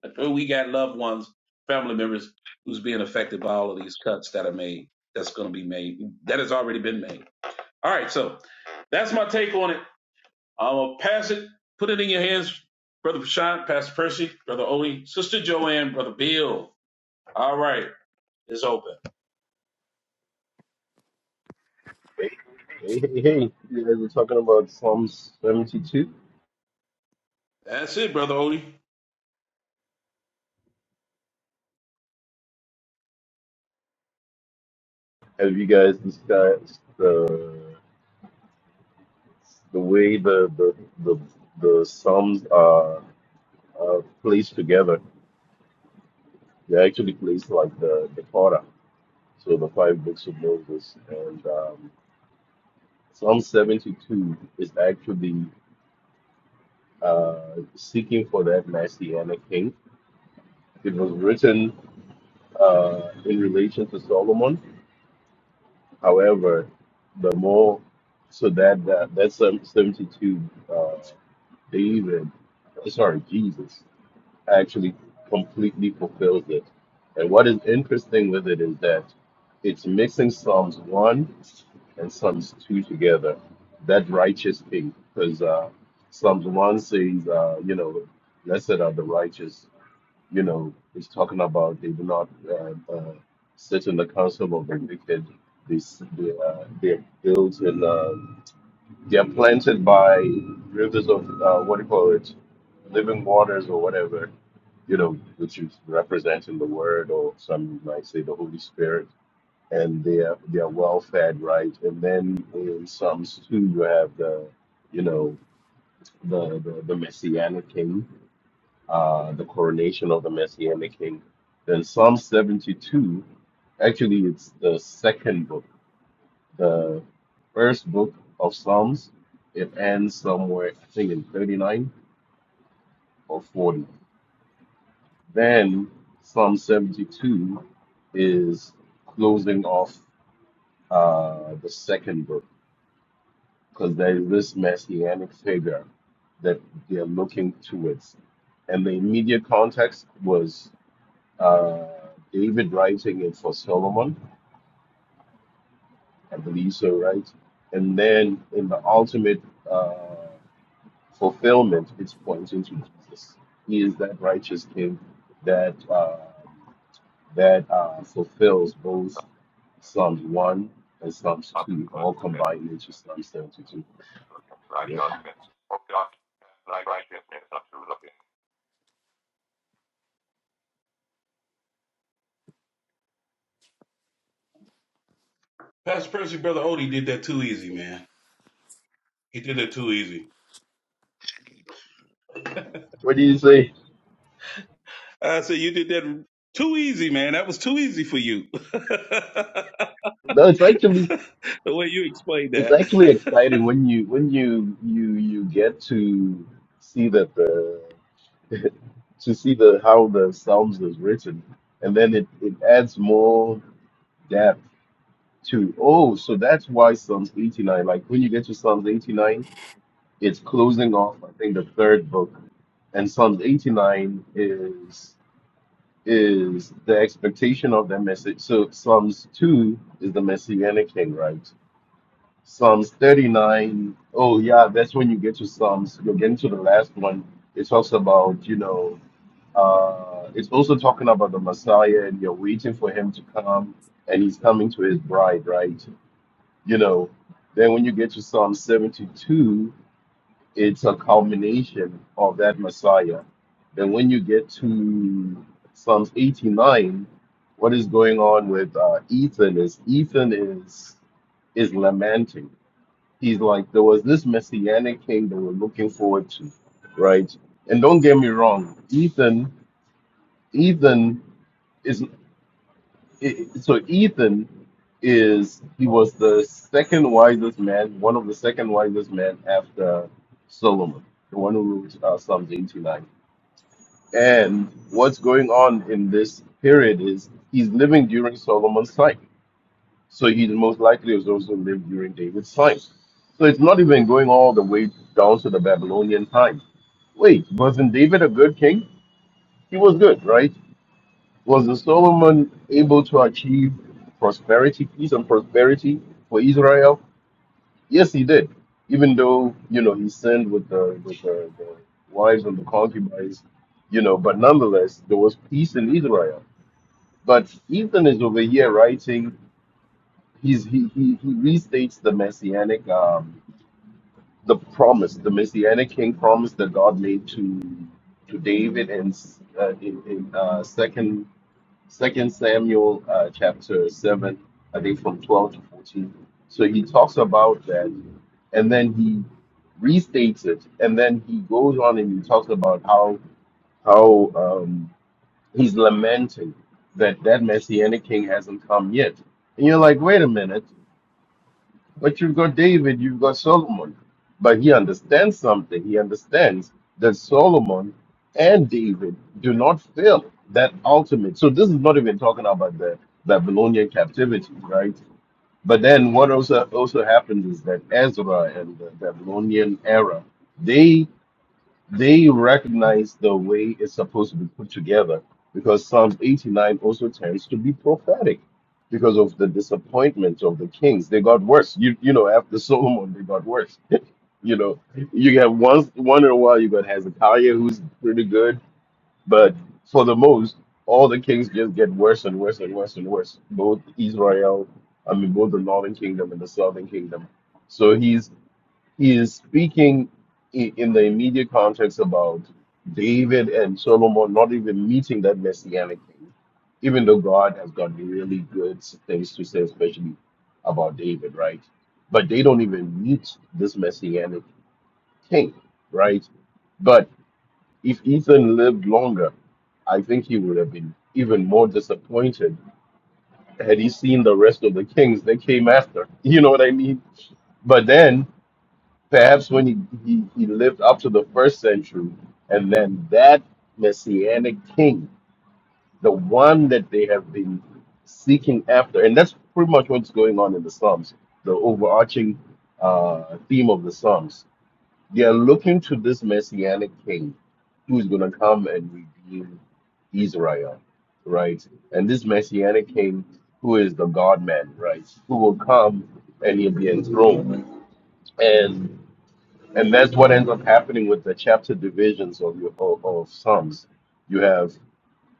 Speaker 1: Like, oh, we got loved ones, family members who's being affected by all of these cuts that are made. That's going to be made. That has already been made. All right, so that's my take on it. I'm gonna pass it, put it in your hands, Brother Prashant, Pastor Percy, Brother Odie, Sister Joanne, Brother Bill. All right, it's open.
Speaker 5: Hey, hey, hey! You guys were talking about Psalms 72.
Speaker 1: That's it, Brother Odie.
Speaker 5: Have you guys discussed the the way the the the, the psalms are, are placed together? They're actually placed like the the Torah, so the five books of Moses. And um, Psalm 72 is actually uh, seeking for that Messianic king. It was written uh, in relation to Solomon, However, the more so that that, that seven- 72 uh, David, uh, sorry Jesus, actually completely fulfills it. And what is interesting with it is that it's mixing Psalms one and Psalms two together. That righteous thing, because uh, Psalms one says, uh, you know, blessed are the righteous, you know, it's talking about they do not uh, uh, sit in the council of the wicked. They, s- they, uh, they're built in, uh, they're planted by rivers of, uh, what do you call it, living waters or whatever, you know, which is representing the word or some might say the Holy Spirit. And they are, they are well fed, right? And then in Psalms 2, you have the, you know, the, the, the messianic king uh, the coronation of the Messianic King. Then Psalm 72, actually, it's the second book. The first book of Psalms, it ends somewhere, I think, in 39 or 40. Then Psalm 72 is closing off uh, the second book because there is this Messianic figure that they're looking towards. And the immediate context was uh, David writing it for Solomon, I believe so, right? And then in the ultimate uh, fulfillment, it's pointing to Jesus. He is that righteous King that uh, that uh, fulfills both Psalms one and Psalms two, all combined into Psalm seventy-two. Yeah.
Speaker 1: Pastor Percy, Brother Odie did that too easy, man. He did that too easy.
Speaker 5: What do you say?
Speaker 1: I said you did that too easy, man. That was too easy for you. <laughs> the
Speaker 5: No, it's actually
Speaker 1: way you explained
Speaker 5: it's
Speaker 1: that.
Speaker 5: actually exciting
Speaker 1: <laughs>
Speaker 5: when you when you you you get to see that the <laughs> to see the how the psalms is written and then it, it adds more depth to oh so that's why psalms 89 like when you get to psalms 89 it's closing off i think the third book and psalms 89 is is the expectation of the message so psalms 2 is the messianic king right psalms 39 oh yeah that's when you get to psalms you are getting to the last one it talks about you know Uh, it's also talking about the Messiah, and you're waiting for him to come, and he's coming to his bride, right? You know. Then when you get to Psalm 72, it's a culmination of that Messiah. Then when you get to Psalms 89, what is going on with uh, Ethan is Ethan is is lamenting. He's like, there was this messianic king that we're looking forward to, right? And don't get me wrong, Ethan, Ethan is it, so Ethan is he was the second wisest man, one of the second wisest men after Solomon, the one who wrote uh, Psalms 89. And what's going on in this period is he's living during Solomon's time, so he most likely has also lived during David's time. So it's not even going all the way down to the Babylonian time. Wait, wasn't David a good king? He was good, right? Was the Solomon able to achieve prosperity, peace and prosperity for Israel? Yes, he did. Even though you know he sinned with the with the, the wives and the concubines, you know, but nonetheless there was peace in Israel. But Ethan is over here writing. He's he he, he restates the messianic um, the promise, the messianic king promise that God made to to David in uh, in, in uh, Second Second Samuel uh, chapter seven, I think from twelve to fourteen. So he talks about that, and then he restates it, and then he goes on and he talks about how how um, he's lamenting that that messianic king hasn't come yet. And you're like, wait a minute, but you've got David, you've got Solomon. But he understands something. He understands that Solomon and David do not fail that ultimate. So this is not even talking about the Babylonian captivity, right? But then what also also happens is that Ezra and the Babylonian era, they recognize the way it's supposed to be put together because Psalms 89 also tends to be prophetic because of the disappointment of the kings. They got worse. You you know, after <laughs> Solomon, they got worse. <laughs> you know, you get once one in a while you got Hezekiah who's pretty good, but for the most, all the kings just get worse and worse and worse and worse. Both Israel, I mean both the northern kingdom and the southern kingdom. So he's he is speaking i- in the immediate context about David and Solomon not even meeting that messianic thing, even though God has got really good things to say, especially about David, right? But they don't even meet this messianic king, right? But if Ethan lived longer, I think he would have been even more disappointed had he seen the rest of the kings that came after. <laughs> You know what I mean? But then perhaps when he, he, he lived up to the first century, and then that messianic king, the one that they have been seeking after, and that's pretty much what's going on in the Psalms, the overarching uh, theme of the Psalms. They are looking to this messianic king who's going to come and redeem Israel, right? And this messianic king who is the God man, right? Who will come and he'll be enthroned. and and that's what ends up happening with the chapter divisions of your of, of Psalms. You have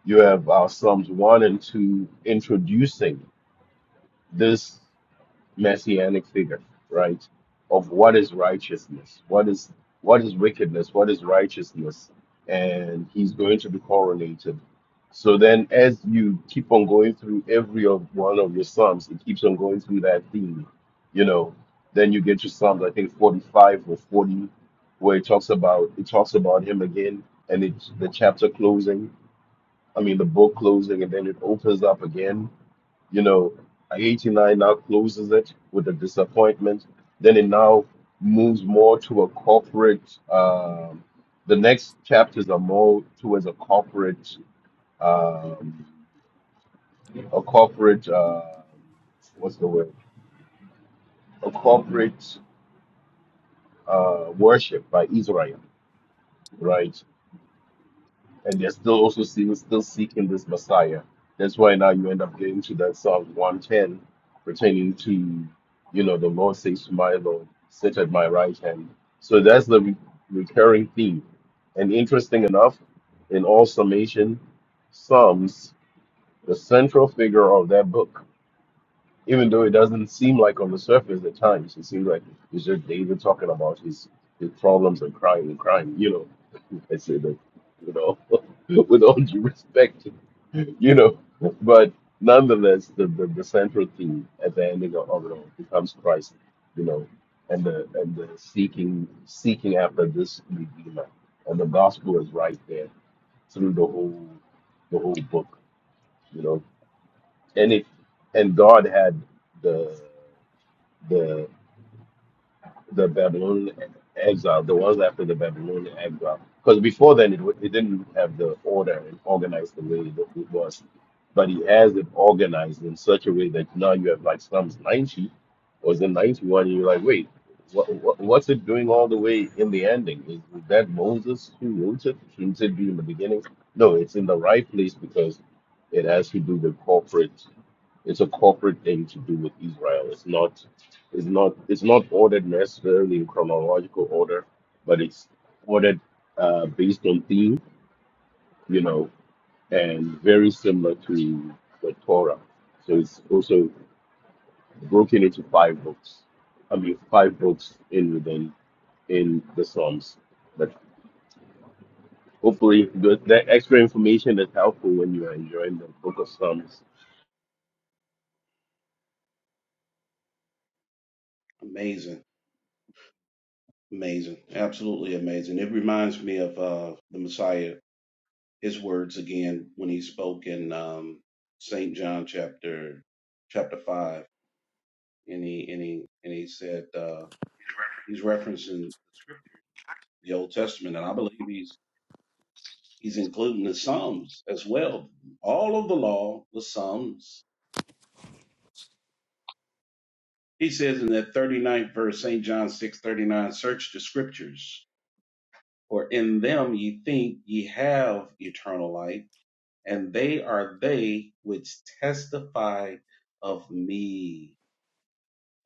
Speaker 5: you have uh, Psalms one and two introducing this messianic figure, right? Of what is righteousness, what is what is wickedness, what is righteousness, and he's going to be coronated. So then, as you keep on going through every of one of your psalms, it keeps on going through that theme, you know. Then you get to Psalms, I think forty-five or forty, where it talks about it talks about him again, and it's the chapter closing. I mean, the book closing, and then it opens up again you know, 89 now closes it with a disappointment. Then it now moves more to a corporate. Um, the next chapters are more towards a corporate, um, a corporate. Uh, what's the word? A corporate uh, worship by Israel, right? and they're still also seeing, still seeking this Messiah. That's why now you end up getting to that Psalm 110 pertaining to, you know, the Lord says to my Lord, sit at my right hand. So that's the re- recurring theme. And interesting enough, in all summation, Psalms, the central figure of that book even though it doesn't seem like on the surface at times, it seems like it's just David talking about his his problems and crying and crying. You know, <laughs> I say that, you know, <laughs> with all due respect, <laughs> you know, but nonetheless, the, the, the central theme at the ending of, of it all becomes Christ, you know, and the and the seeking seeking after this redeemer, and the gospel is right there through the whole the whole book, you know, and it and God had the the the Babylonian exile, the ones after the Babylonian exile. Because before then, it, wa- it didn't have the order and organized the way that it was. But he has it organized in such a way that now you have like Psalms 90 or the 91, and you're like, wait, what, what, what's it doing all the way in the ending? Is is that Moses who wrote it? Shouldn't it be in the beginning? No, it's in the right place because it has to do with corporate. It's a corporate thing to do with Israel. It's not it's not it's not ordered necessarily in chronological order, but it's ordered uh, based on theme, you know, and very similar to the Torah. So it's also broken into five books. I mean, five books in within in the Psalms. But hopefully, the, that extra information is helpful when you are enjoying the Book of Psalms.
Speaker 1: Amazing. Amazing. Absolutely amazing. It reminds me of uh, the Messiah his words again when he spoke in um, Saint John chapter chapter five, and he and he and he said uh, he's referencing the scripture, the Old Testament, and I believe he's he's including the Psalms as well, all of the law, the Psalms. He says in that thirty ninth verse, Saint John six thirty nine, search the scriptures, for in them ye think ye have eternal life, and they are they which testify of me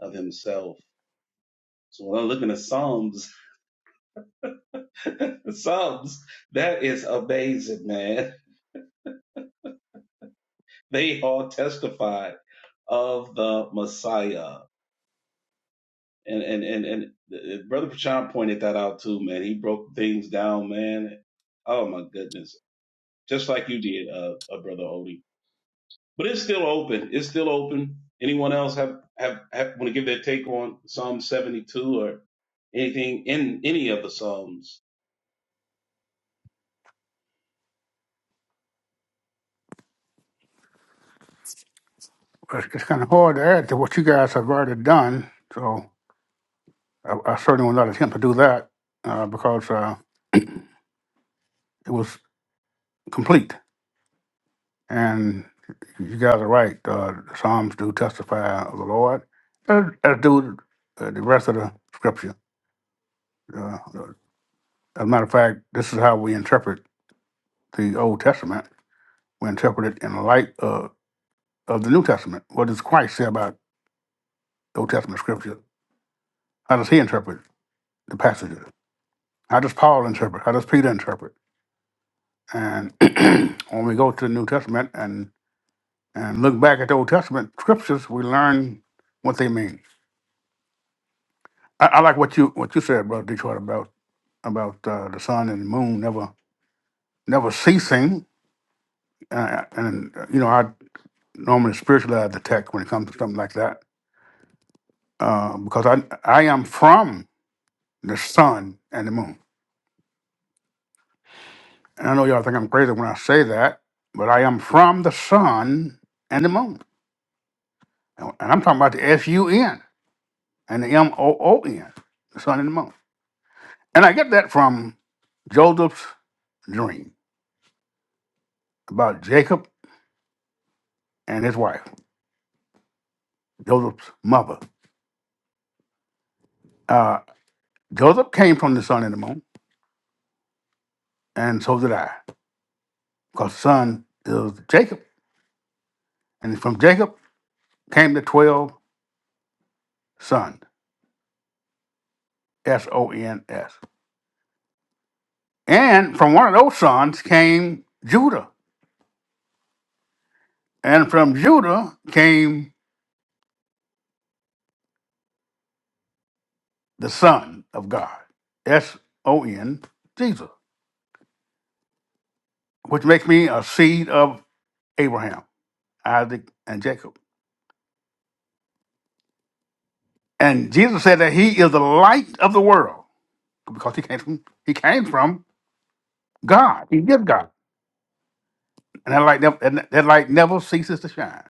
Speaker 1: of himself. So when I'm looking at Psalms, <laughs> Psalms, that is amazing, man. They all testify of the Messiah. And and and and uh, Brother Prashant pointed that out too, man. He broke things down, man. Oh my goodness. Just like you did, uh, uh Brother Odie. But it's still open. It's still open. Anyone else have, have, have want to give their take on Psalm 72 or anything in any of the Psalms?
Speaker 3: It's, it's kind of hard to add to what you guys have already done. So I, I certainly would not attempt to do that uh, because uh, it was complete. And you guys are right. Uh, the Psalms do testify of the Lord, as, as do uh, the rest of the Scripture. As a matter of fact, this is how we interpret the Old Testament. We interpret it in the light of, of the New Testament. What does Christ say about the Old Testament scripture? How does he interpret the passages? How does Paul interpret? How does Peter interpret? And <clears throat> when we go to the New Testament and, and look back at the Old Testament scriptures, we learn what they mean. I, I like what you what you said, Brother Detroit, about about uh, the sun and the moon never never ceasing. Uh, and uh, you know, I normally spiritualize the text when it comes to something like that uh, because I I am from the sun and the moon. And I know y'all think I'm crazy when I say that, but I am from the sun and the moon. And and I'm talking about the S U N and the M O O N, the sun and the moon. And I get that from Joseph's dream about Jacob and his wife, Joseph's mother. Uh, Joseph came from the sun and the moon, and so did I, because son is Jacob. And from Jacob came the 12 sons, S O N S. And from one of those sons came Judah. And from Judah came the Son of God, S O N, Jesus, which makes me a seed of Abraham, Isaac, and Jacob. And Jesus said that he is the light of the world because he came from, he came from God. He is God. And that light, never, and that light never ceases to shine.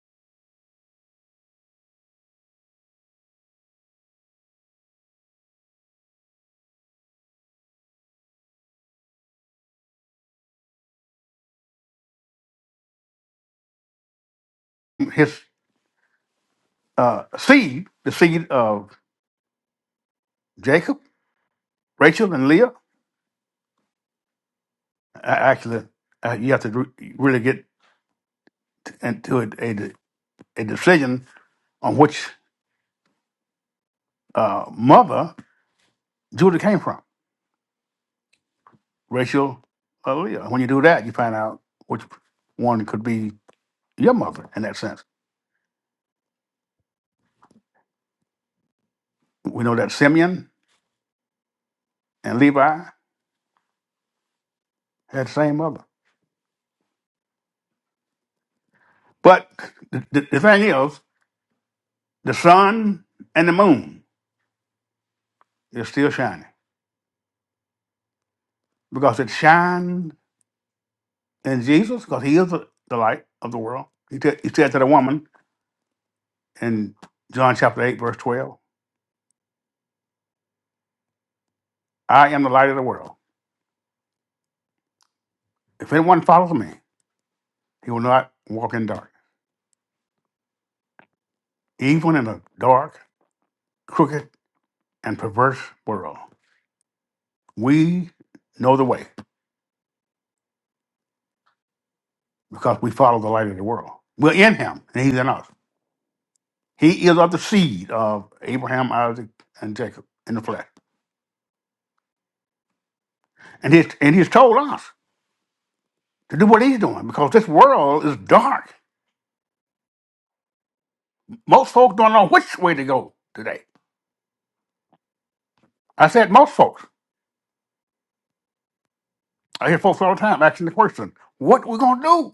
Speaker 3: His uh, seed, the seed of Jacob, Rachel, and Leah, a- actually, uh, you have to re- really get into a, a, a decision on which uh, mother Judah came from, Rachel or Leah. When you do that, you find out which one could be your mother in that sense. We know that Simeon and Levi had the same mother. But the, the, the thing is, the sun and the moon is still shining because it shined in Jesus because he is the, the light of the world. He, t- he said to the woman in John chapter 8, verse 12, I am the light of the world. If anyone follows me, He will not walk in dark. Even in a dark, crooked, and perverse world, we know the way because we follow the light of the world. We're in him, and he's in us. He is of the seed of Abraham, Isaac, and Jacob in the flesh. And he's, and he's told us to do what he's doing because this world is dark. Most folks don't know which way to go today. I said most folks. I hear folks all the time asking the question, what we going to do?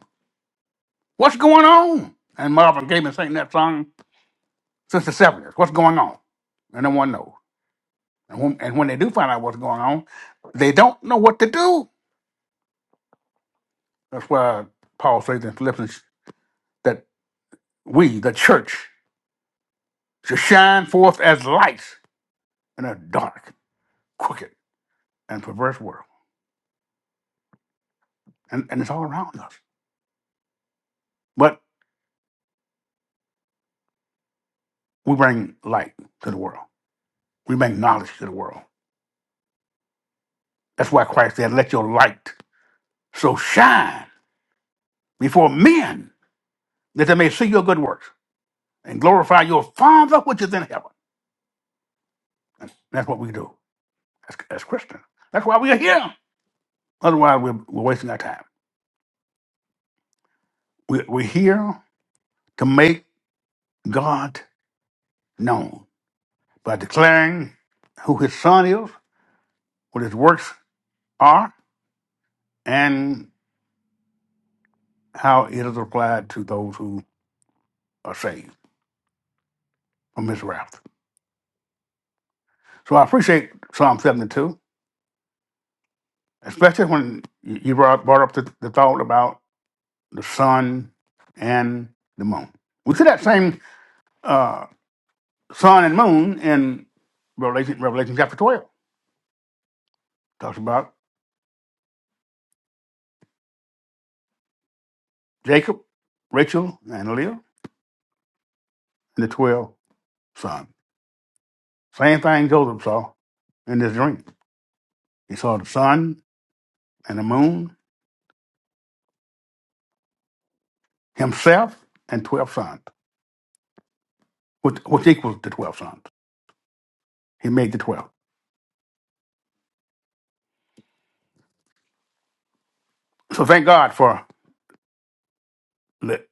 Speaker 3: What's going on? And Marvin Gaye been singing that song since the 70s. What's going on? And no one knows. And when, and when they do find out what's going on, they don't know what to do. That's why Paul says in Philippians that we, the church, should shine forth as lights in a dark, crooked, and perverse world. And, and it's all around us. But we bring light to the world. We bring knowledge to the world. That's why Christ said, Let your light so shine before men that they may see your good works and glorify your Father which is in heaven. And that's what we do. as, as Christians. That's why we are here. Otherwise, we're, we're wasting our time. We, we're here to make God known by declaring who His Son is, what His works are, and how it is applied to those who are saved from His wrath. So I appreciate Psalm 72, especially when you you brought, brought up the, the thought about the sun and the moon. We see that same uh, sun and moon in Revelation, Revelation chapter 12 Talks about Jacob, Rachel, and Leah, and the 12 sons. Same thing Joseph saw in this dream. He saw the sun and the moon, himself, and 12 sons, which, which equals the 12 sons. He made the 12. So thank God for the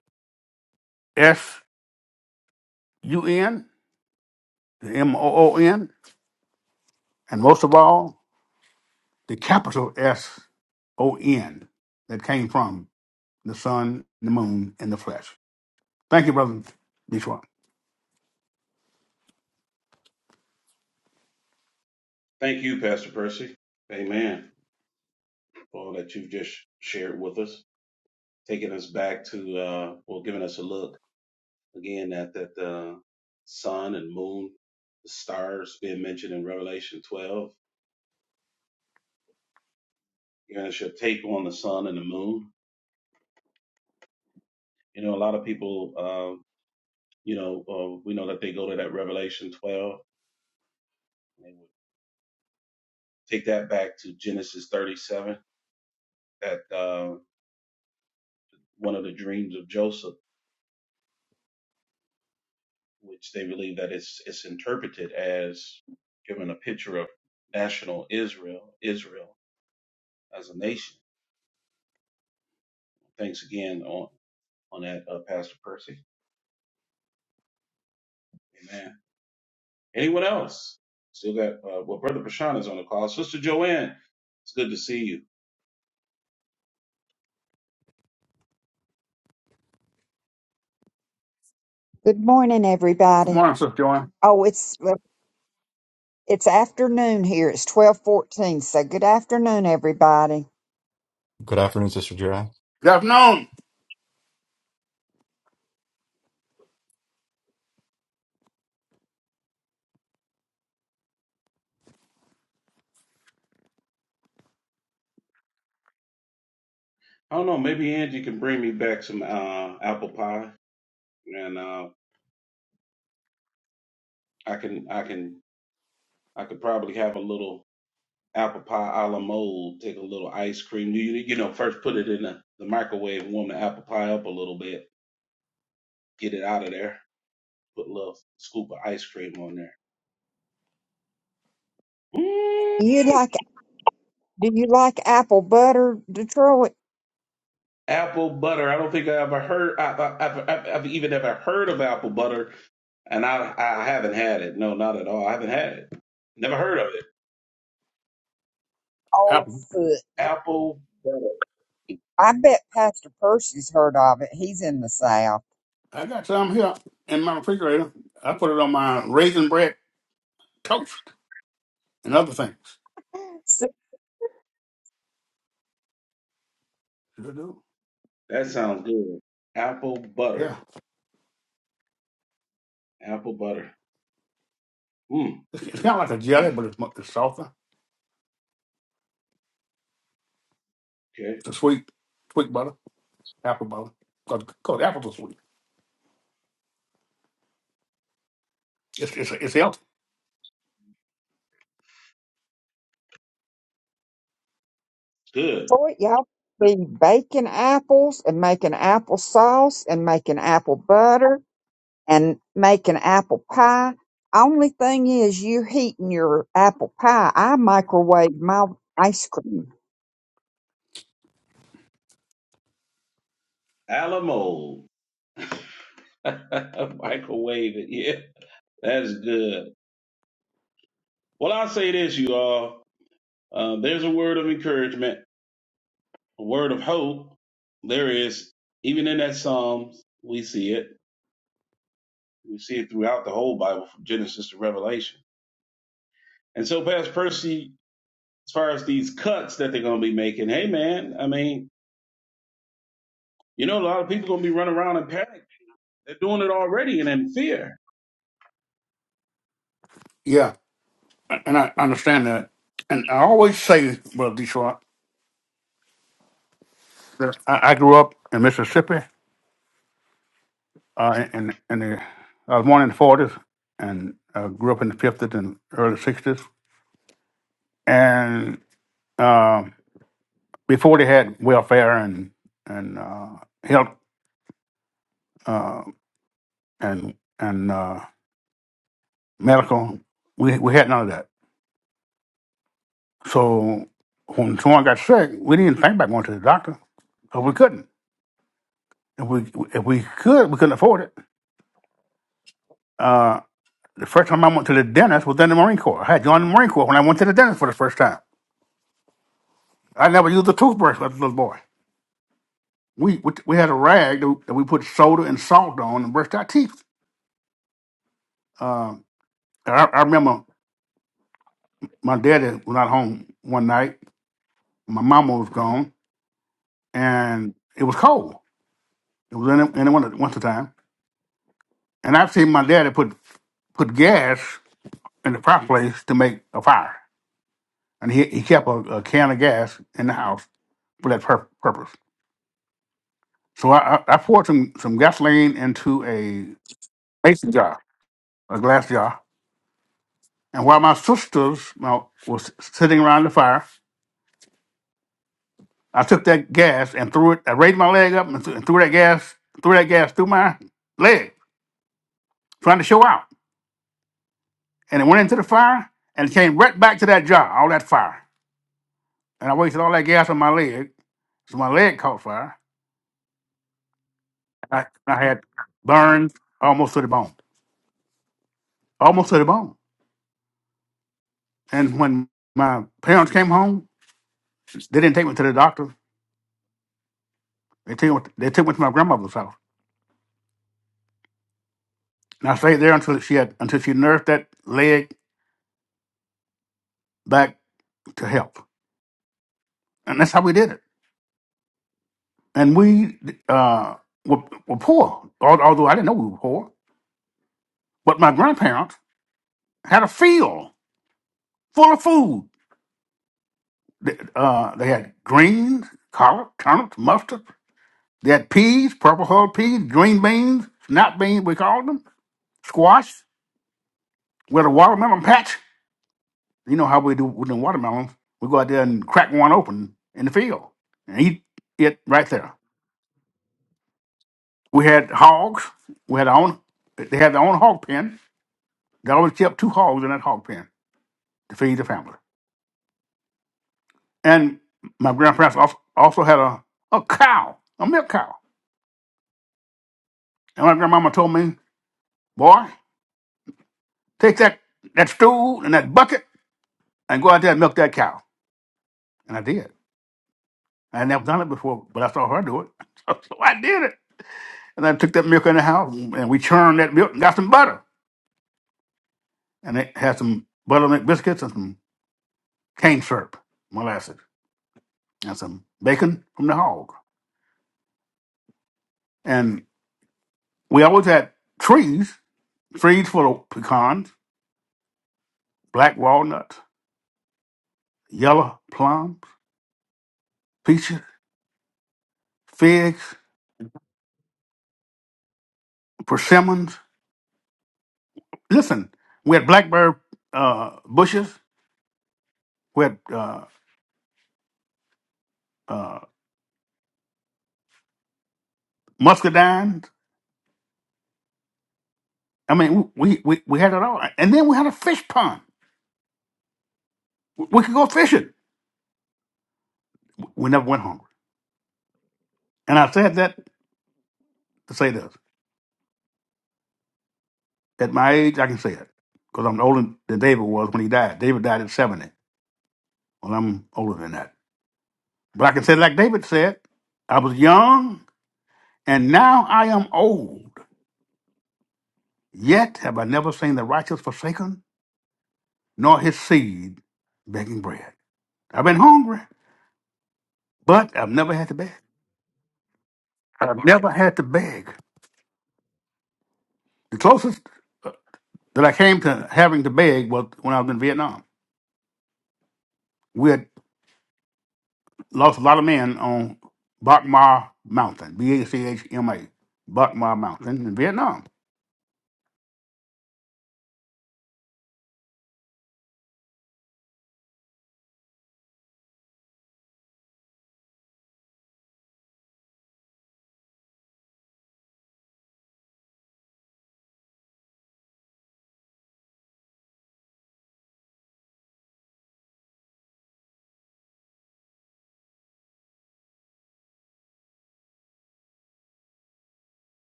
Speaker 3: S U N, the M O O N, and most of all, the capital S O N that came from the sun, the moon, and the flesh. Thank you, Brother Detroit.
Speaker 1: Thank you, Pastor Percy. Amen. all that you've just shared with us, taking us back to, uh, well, giving us a look again at that uh, sun and moon, the stars being mentioned in Revelation 12, giving us your take on the sun and the moon. You know, a lot of people, uh, you know, uh, we know that they go to that Revelation 12, and they would take that back to Genesis 37, that uh, one of the dreams of Joseph which they believe that it's it's interpreted as giving a picture of national Israel, Israel as a nation. Thanks again on on that, uh, Pastor Percy. Amen. Anyone else? Still got uh, well, Brother Prashant is on the call. Sister Joanne, it's good to see you.
Speaker 6: Good morning,
Speaker 3: Good
Speaker 6: everybody.
Speaker 3: morning, Sister Joanne.
Speaker 6: Oh, it's well, it's afternoon here. It's twelve fourteen. So good afternoon, everybody.
Speaker 2: Good afternoon, Sister Jira.
Speaker 3: Good afternoon.
Speaker 1: I don't know. Maybe Angie can bring me back some uh, apple pie, and uh, I can I can I could probably have a little. apple pie a la mold, take a little ice cream. You, you know, first put it in the, the microwave, warm the apple pie up a little bit, get it out of there, put a little scoop of ice cream on there.
Speaker 6: Do you
Speaker 1: Mm,
Speaker 6: like do you like apple butter, Detroit?
Speaker 1: apple butter. I don't think I ever heard, I, I, I've, I've, I've even ever heard of apple butter, and I, I haven't had it. No, not at all. I haven't had it. Never heard of it.
Speaker 6: Oh,
Speaker 3: Apple.
Speaker 6: foot. You're-
Speaker 1: Apple butter.
Speaker 6: I bet Pastor Percy's heard of it. He's in the South.
Speaker 3: I got some here in my refrigerator. I put it on my raisin bread toast and other things.
Speaker 6: So,
Speaker 3: Sure do.
Speaker 1: That sounds good. Apple
Speaker 3: Yeah.
Speaker 1: butter. Apple butter. Mm,
Speaker 3: It's, it's kind of like a jelly,
Speaker 1: oof,
Speaker 3: but it's, mu- it's softer.
Speaker 1: okay.
Speaker 3: It's a sweet, sweet butter, apple butter. Because apples are sweet. It's, it's, it's healthy.
Speaker 1: Good.
Speaker 6: boy, y'all be baking apples and making apple sauce and making apple butter and making apple pie. Only thing is, you're heating your apple pie. I microwave my ice cream.
Speaker 1: A la mode. <laughs> Microwave it. Yeah, that's good. Well, I'll say this, you all. Uh, there's a word of encouragement, a word of hope. There is, even in that Psalms, we see it. We see it throughout the whole Bible from Genesis to Revelation. And so, Pastor Percy, as far as these cuts that they're going to be making, hey, man, I mean, you know, a lot of people going to be running around in panic. They're doing it already and in fear.
Speaker 3: Yeah. And I understand that. And I always say, Brother Detroit, that I, I grew up in Mississippi. Uh, in, in the, I was born in the 40s and uh, grew up in the 50s and early 60s. And. um before they had welfare and and uh, health uh, and and uh, medical, we we had none of that. So when someone got sick, we didn't think about going to the doctor because we couldn't. If we if we could, we couldn't afford it. Uh, the first time I went to the dentist was in the Marine Corps. I had joined the Marine Corps when I went to the dentist for the first time. I never used a toothbrush as a little boy. We, we we had a rag that we that we put soda and salt on and brushed our teeth. Uh, I, I remember. my daddy was not home one night. My mama was gone, and it was cold. It was in the, in the winter, winter time, and I've seen my daddy put put gas in the fireplace to make a fire, and he he kept a, a can of gas in the house for that pur- purpose. So I, I, I poured some some gasoline into a mason jar, a glass jar, and while my sisters you was sitting around the fire, I took that gas and threw it. I raised my leg up and, th- and threw that gas threw that gas through my leg trying to show out. And it went into the fire and it came right back to that jar, all that fire. And I wasted all that gas on my leg. So my leg caught fire. I, I had burns almost to the bone, almost to the bone. And when my parents came home, they didn't take me to the doctor. They took me, they took me to my grandmother's house. And I stayed there until she had until she nursed that leg back to health. And that's how we did it. And we uh, were, were poor, al- although I didn't know we were poor. But my grandparents had a field full of food. They- Uh, they had greens, collard, turnips, mustard. They had peas, purple hull peas, green beans, snap beans, we called them, squash. We had a watermelon patch. You know how we do with the watermelons. We go out there and crack one open in the field and eat it right there. We had hogs. We had our own, they had their own hog pen. They always kept two hogs in that hog pen to feed the family. And my grandparents als- also had a, a cow, a milk cow. And my grandmama told me Boy, take that, that stool and that bucket and go out there and milk that cow. And I did. I had never done it before, but I saw her do it. <laughs> So, so I did it. And I took that milk in the house and we churned that milk and got some butter. And it had some buttermilk biscuits and some cane syrup, molasses, and some bacon from the hog. And we always had trees, trees full of pecans, black walnuts, yellow plums, peaches, figs, persimmons, listen, we had blackberry uh, bushes, we had uh, uh, muscadines. I mean, we, we, we had it all. And then we had a fish pond. We could go fishing. We never went hungry. And I said that to say this. At my age, I can say it because I'm older than David was when he died. David died at 70. Well, I'm older than that. But I can say, like David said, I was young and now I am old. Yet have I never seen the righteous forsaken, nor his seed begging bread. I've been hungry, but I've never had to beg. I've never had to beg. The closest uh, that I came to having to beg was when I was in Vietnam. We had lost a lot of men on Bac Ma Mountain, B A C H M A, Bac Ma Mountain in Vietnam.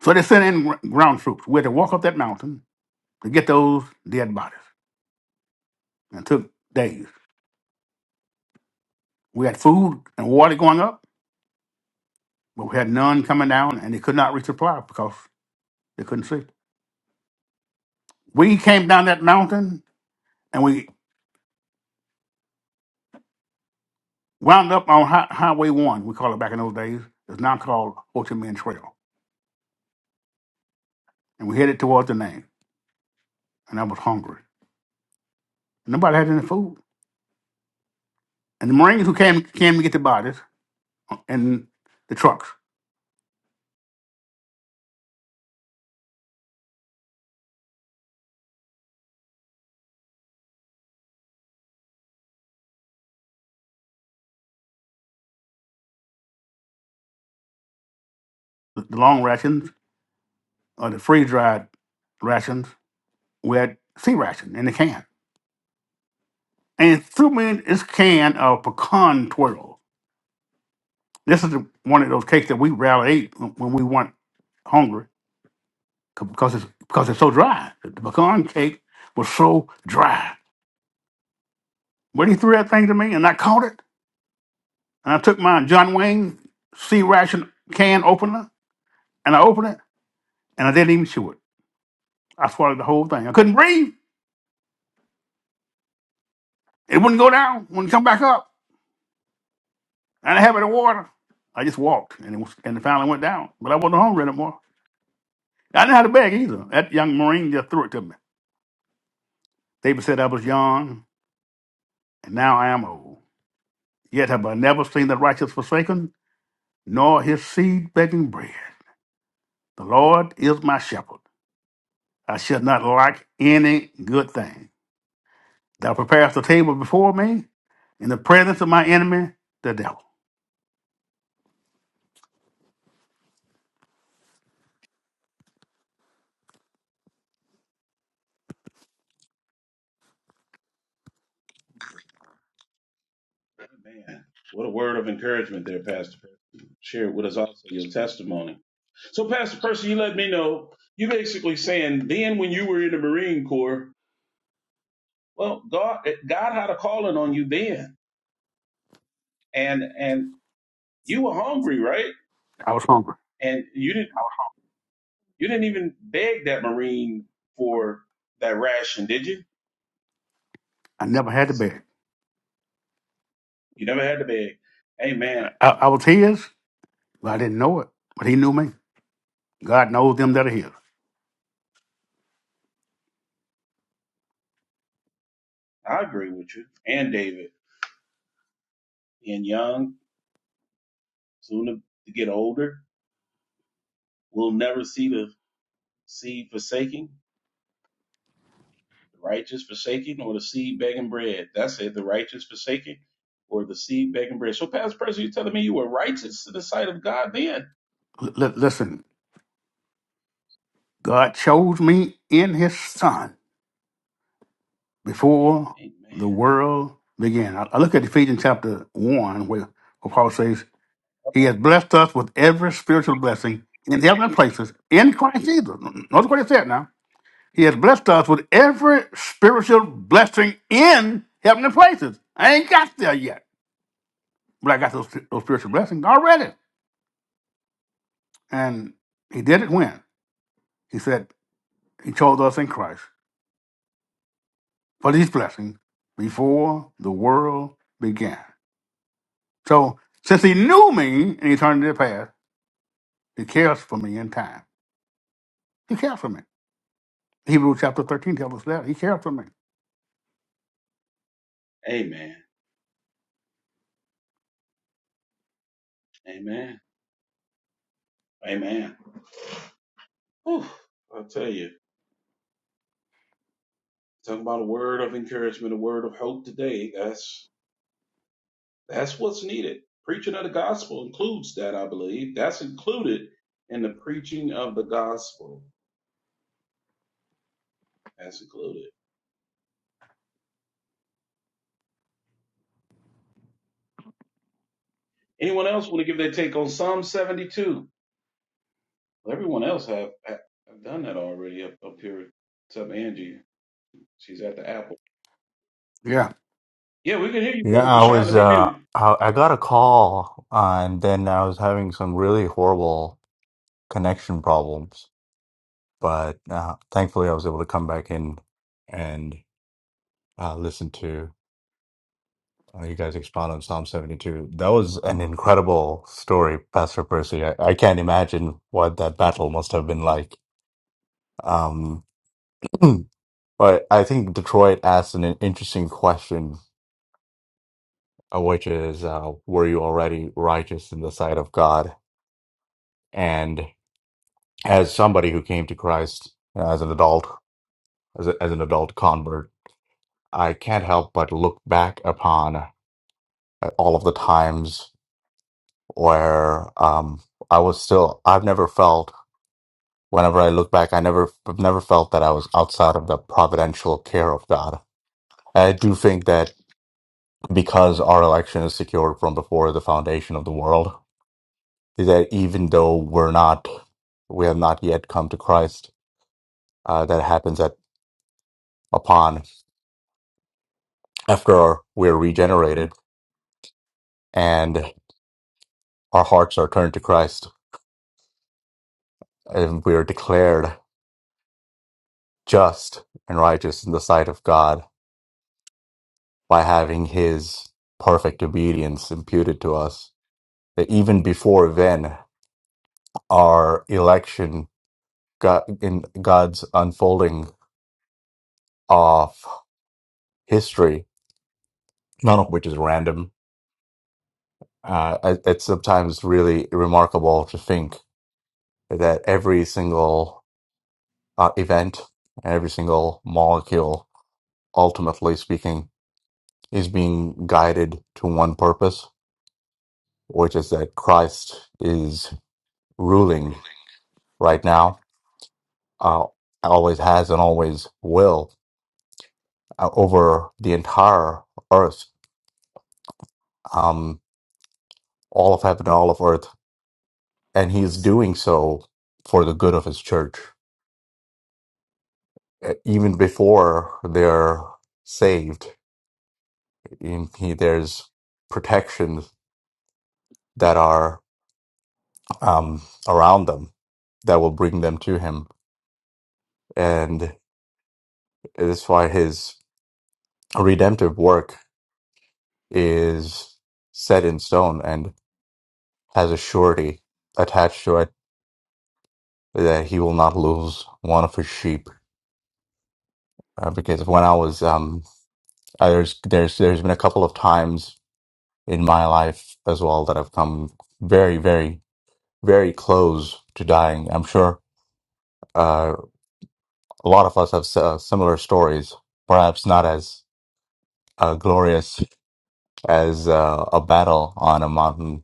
Speaker 3: So they sent in gr- ground troops. We had to walk up that mountain to get those dead bodies. And it took days. We had food and water going up, but we had none coming down, and they could not resupply because they couldn't see. We came down that mountain, and we. Wound up on hi- Highway 1, we call it back in those days. It's now called Ho Chi Minh Trail. And we headed towards the name. And I was hungry. And Nobody had any food. And the Marines who came came to get the bodies and the trucks, the, the long rations, or the freeze-dried rations, we had sea ration in the can. And threw me in this can of pecan twirl. This is the, one of those cakes that we rarely ate when when we weren't hungry c- because it's, because it's so dry. The pecan cake was so dry. But he threw that thing to me and I caught it. And I took my John Wayne sea ration can opener and I opened it and I didn't even chew it. I swallowed the whole thing. I couldn't breathe. It wouldn't go down, wouldn't come back up. I didn't have any water. I just walked and it, was, and it finally went down. But I wasn't hungry anymore. I didn't have to beg either. That young Marine just threw it to me. David said I was young and now I am old. Yet have I never seen the righteous forsaken, nor his seed begging bread. The Lord is my shepherd. I shall not lack any good thing. Thou preparest a table before me in the presence of my enemy, the devil.
Speaker 1: Man, what a word of encouragement there, Pastor. Percy. Share with us also your testimony. So, Pastor Percy, you let me know. You basically saying then when you were in the Marine Corps, well, God, God had a calling on you then, and and you were hungry, right?
Speaker 3: I was hungry.
Speaker 1: And you didn't you didn't even beg that Marine for that ration, did you?
Speaker 3: I never had to beg.
Speaker 1: You never had to beg. Amen.
Speaker 3: I, I was his, but I didn't know it. But he knew me. God knows them that are his.
Speaker 1: I agree with you and David and Young, soon to get older. We'll never see the seed forsaking, the righteous forsaking, or the seed begging bread. That's it, the righteous forsaking, or the seed begging bread. So, Pastor Percy, you're telling me you were righteous in the sight of God then?
Speaker 3: L- l- listen, God chose me in his son before
Speaker 1: Amen.
Speaker 3: the world began. I, I look at Ephesians chapter 1, where, where Paul says, He has blessed us with every spiritual blessing in heavenly places in Christ Jesus. Notice what he said now He has blessed us with every spiritual blessing in heavenly places. I ain't got there yet, but I got those, those spiritual blessings already. And he did it when? He said he chose us in Christ for these blessings before the world began. So since he knew me in eternity past, he cares for me in time. He cares for me. Hebrews chapter 13 tells us that. He cares for me.
Speaker 1: Amen. Amen. Amen. Whew, I will tell you, talking about a word of encouragement, a word of hope today. That's that's what's needed. Preaching of the gospel includes that, I believe. That's included in the preaching of the gospel. That's included. Anyone else want to give their take on Psalm 72? Well, everyone else have, have done that already up, up here, except Angie. She's at the Apple.
Speaker 3: Yeah.
Speaker 1: Yeah, we can hear you,
Speaker 2: Yeah,
Speaker 1: brother
Speaker 2: I
Speaker 1: Prashant. Let
Speaker 2: was
Speaker 1: me
Speaker 2: uh,
Speaker 1: mute.
Speaker 2: I, I got a call, uh, and then I was having some really horrible connection problems, but uh, thankfully I was able to come back in and uh, listen to. Uh, you guys expound on Psalm 72. That was an incredible story, Pastor Percy. I, I can't imagine what that battle must have been like. Um, <clears throat> but I think Detroit asked an, interesting question, uh, which is, uh, were you already righteous in the sight of God? And as somebody who came to Christ uh, as an adult, as, a, as an adult convert, I can't help but look back upon uh, all of the times where um, I was still, I've never felt Whenever I look back, I never never felt that I was outside of the providential care of God. I do think that because our election is secured from before the foundation of the world, that even though we're not, we have not yet come to Christ, uh, that happens at upon after we're regenerated and our hearts are turned to Christ, and we are declared just and righteous in the sight of God by having His perfect obedience imputed to us that even before then, our election got in God's unfolding of history, none of which is random. Uh, it- it's sometimes really remarkable to think that every single uh, event, every single molecule, ultimately speaking, is being guided to one purpose, which is that Christ is ruling right now, uh, always has and always will uh, over the entire earth, um, all of heaven, all of earth, and he is doing so for the good of his church. Uh, Even before they're saved, in, he, there's protections that are um, around them that will bring them to him, and that's why his redemptive work is set in stone and has a surety attached to it that he will not lose one of his sheep uh, because when I was um, I- there's there's there's been a couple of times in my life as well that I've come very very very close to dying. I'm sure uh, a lot of us have s- uh, similar stories, perhaps not as uh, glorious as uh, a battle on a mountain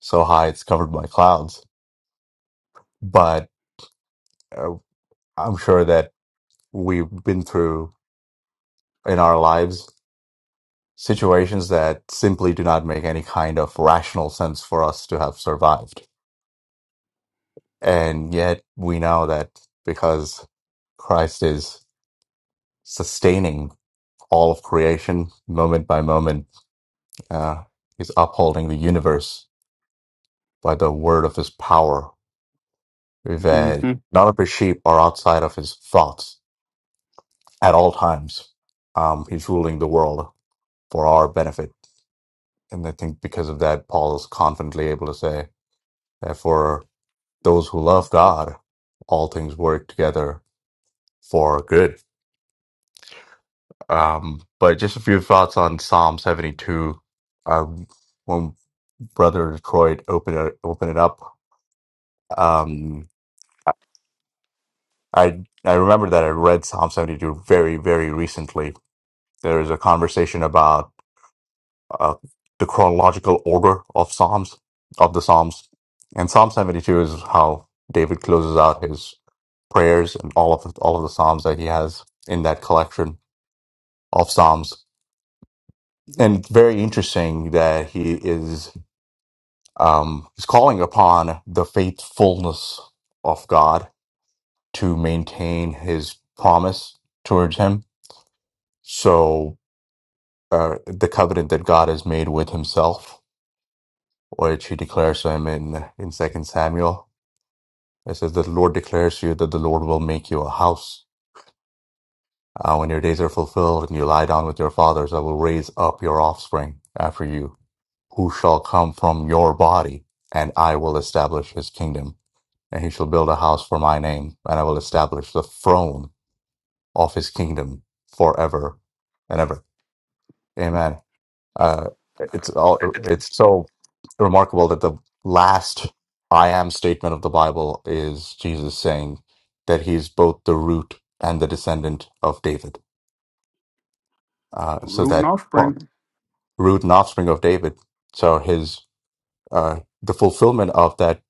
Speaker 2: so high it's covered by clouds, but uh, I'm sure that we've been through in our lives situations that simply do not make any kind of rational sense for us to have survived And yet we know that because Christ is sustaining all of creation moment by moment, uh, he's upholding the universe by the word of his power,
Speaker 3: hmm
Speaker 2: that none of his sheep are outside of his thoughts at all times. Um, he's ruling the world for our benefit. And I think because of that, Paul is confidently able to say that for those who love God, all things work together for good Um, but just a few thoughts on Psalm 72. Um, when Brother Detroit opened it, opened it up, um, I I remember that I read Psalm 72 very very recently. There is a conversation about uh, the chronological order of Psalms of the Psalms, and Psalm 72 is how David closes out his prayers and all of the, all of the Psalms that he has in that collection of Psalms. And very interesting that he is. Um, he's calling upon the faithfulness of God to maintain his promise towards him. So, uh, the covenant that God has made with himself, which he declares to him in, in Second Samuel, it says that the Lord declares to you that the Lord will make you a house. Uh, when your days are fulfilled and you lie down with your fathers, I will raise up your offspring after you, who shall come from your body, and I will establish his kingdom. and he shall build a house for my name, and I will establish the throne of his kingdom forever and ever. Amen. Uh, it's all, it's so remarkable that the last I am statement of the Bible is Jesus saying that he's both the root and the descendant of David. Uh, so
Speaker 3: Root and
Speaker 2: that well,
Speaker 3: offspring.
Speaker 2: root and offspring of David. So his, uh, the fulfillment of that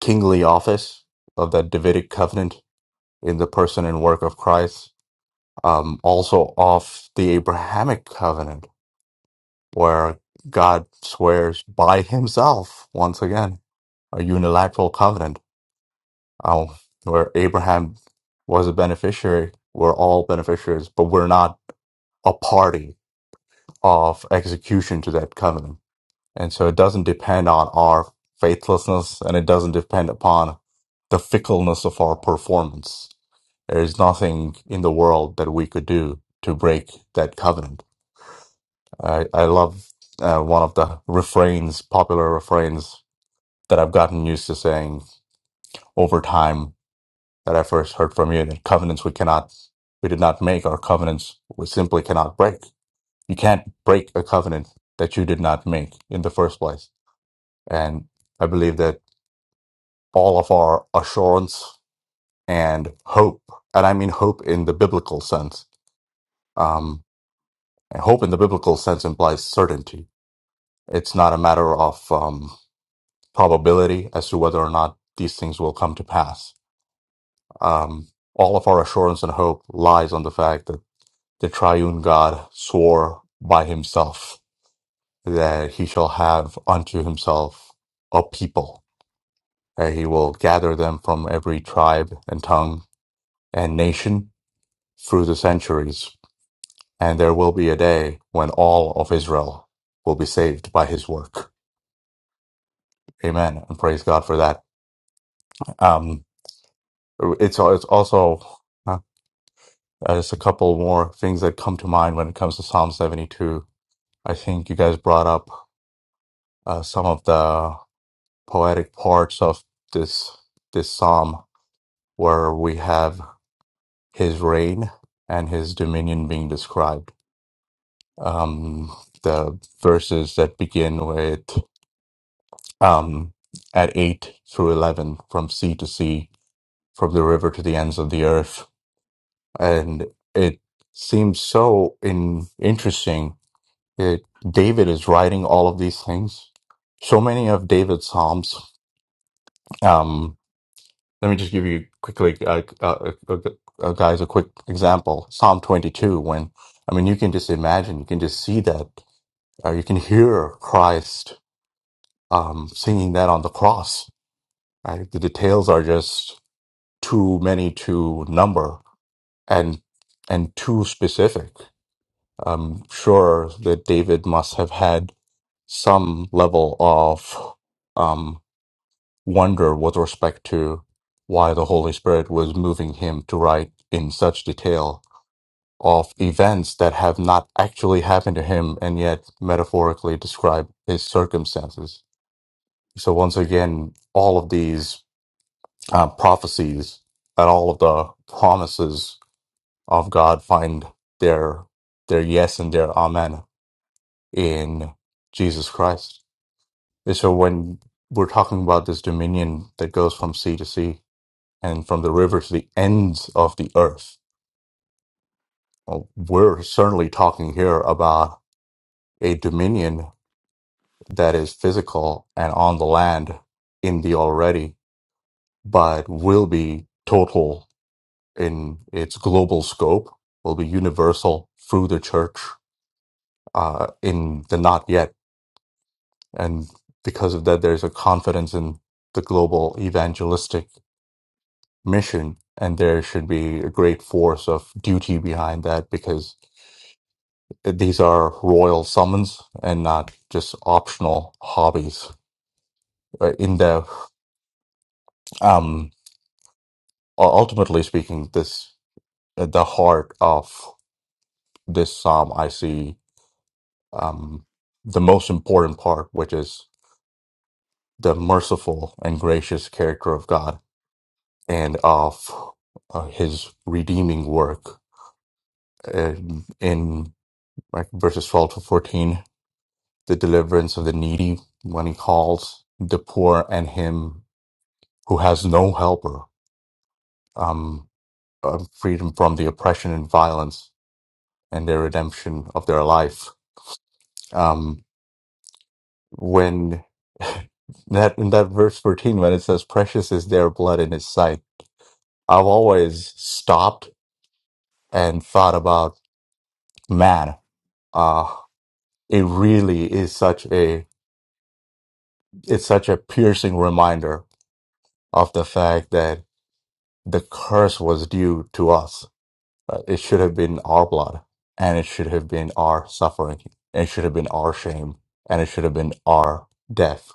Speaker 2: kingly office of that Davidic covenant in the person and work of Christ um, also of the Abrahamic covenant, where God swears by himself, once again, a unilateral covenant, um, where Abraham was a beneficiary. We're all beneficiaries, but we're not a party of execution to that covenant. And so it doesn't depend on our faithlessness and it doesn't depend upon the fickleness of our performance. There is nothing in the world that we could do to break that covenant I I love uh, one of the refrains, popular refrains that I've gotten used to saying over time that I first heard from you. That covenants we cannot, we did not make. Our covenants we simply cannot break. You can't break a covenant that you did not make in the first place. And I believe that all of our assurance and hope, and I mean hope in the biblical sense, um, and hope in the biblical sense implies certainty. It's not a matter of um. probability as to whether or not these things will come to pass. Um, all of our assurance and hope lies on the fact that the triune God swore by himself that he shall have unto himself a people, that he will gather them from every tribe and tongue and nation through the centuries. And there will be a day when all of Israel will be saved by his work. Amen. And praise God for that. Um, it's, it's also Uh, There's a couple more things that come to mind when it comes to Psalm 72. I think you guys brought up uh, some of the poetic parts of this this psalm where we have his reign and his dominion being described. Um, the verses that begin with um, at 8 through 11 from sea to sea, from the river to the ends of the earth. And it seems so in, interesting Yeah, David is writing all of these things. So many of David's psalms. Um, let me just give you quickly, uh, uh, uh, uh, uh, guys, a quick example. Psalm 22. When I mean, you can just imagine, you can just see that, uh, you can hear Christ um, singing that on the cross. Right? The details are just too many to number and and too specific. I'm sure that David must have had some level of um, wonder with respect to why the Holy Spirit was moving him to write in such detail of events that have not actually happened to him and yet metaphorically describe his circumstances. So, once again, all of these uh, prophecies and all of the promises of God find their their yes and their amen in Jesus Christ. And so when we're talking about this dominion that goes from sea to sea and from the river to the ends of the earth, well, we're certainly talking here about a dominion that is physical and on the land in the already, but will be total in its global scope, will be universal through the church uh, in the not yet. And because of that, there's a confidence in the global evangelistic mission and there should be a great force of duty behind that because these are royal summons and not just optional hobbies Uh, in the um u- ultimately speaking this at the heart of this psalm i see um the most important part which is the merciful and gracious character of god and of uh, his redeeming work uh, in like verses 12 to 14 the deliverance of the needy when he calls the poor and him who has no helper, um, uh, freedom from the oppression and violence and the redemption of their life. Um, when <laughs> that in that verse 14, when it says, precious is their blood in his sight, I've always stopped and thought about, man, uh, it really is such a, it's such a piercing reminder of the fact that the curse was due to us. Uh, It should have been our blood, and it should have been our suffering, and it should have been our shame, and it should have been our death.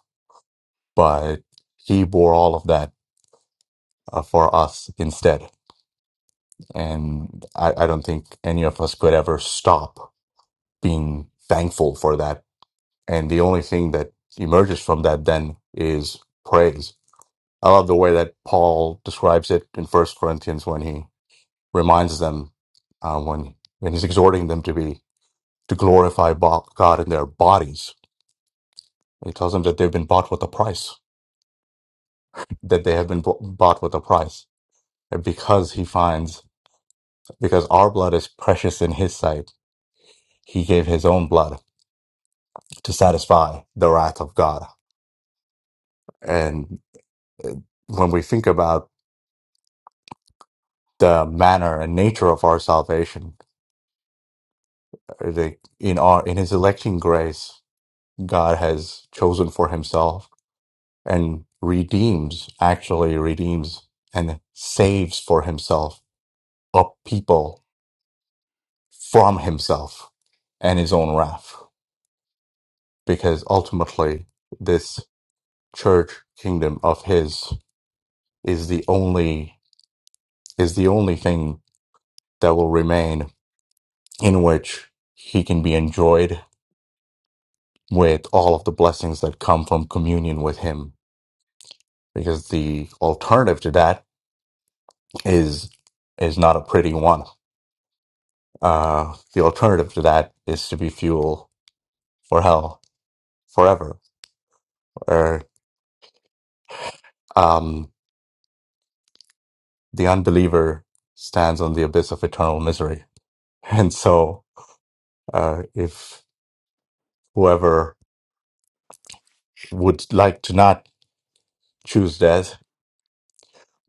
Speaker 2: But he bore all of that uh, for us instead. And I, I don't think any of us could ever stop being thankful for that. And the only thing that emerges from that then is praise. I love the way that Paul describes it in First Corinthians when he reminds them uh, when when he's exhorting them to be to glorify bo- God in their bodies. He tells them that they've been bought with a price, that they have been bo- bought with a price, and because he finds because our blood is precious in His sight, He gave His own blood to satisfy the wrath of God. And when we think about the manner and nature of our salvation, uh, the, in our in His electing grace, God has chosen for Himself and redeems, actually redeems and saves for himself a people from himself and his own wrath. Because ultimately, this church kingdom of his is the only, is the only thing that will remain in which he can be enjoyed with all of the blessings that come from communion with him. Because the alternative to that is, is not a pretty one Uh, the alternative to that is to be fuel for hell forever, where um, the unbeliever stands on the abyss of eternal misery. <laughs> And so, uh, if whoever would like to not choose death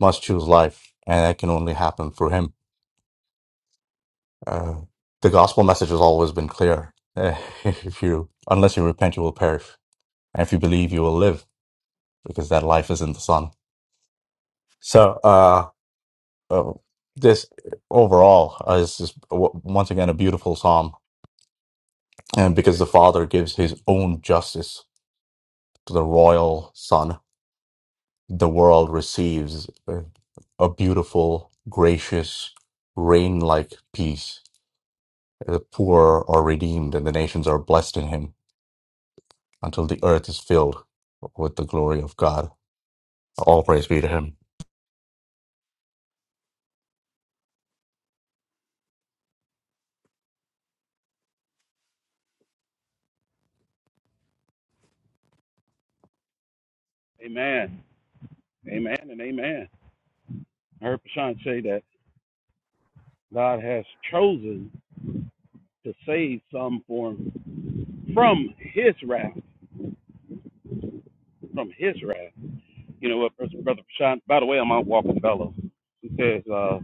Speaker 2: must choose life, and that can only happen through him. Uh, the gospel message has always been clear. Eh, <laughs> if you, unless you repent, you will perish, and if you believe, you will live, because that life is in the Son. So. uh, uh, this overall uh, is just w- once again a beautiful psalm, and because the Father gives His own justice to the royal Son, the world receives a, a beautiful, gracious, rain-like peace. The poor are redeemed, and the nations are blessed in Him until the earth is filled with the glory of God. All praise be to Him.
Speaker 1: Amen. Amen and amen. I heard Prashant say that God has chosen to save some form from his wrath. From his wrath. You know what, Brother Brother Prashant? By the way, I'm out walking fellow. He says, uh,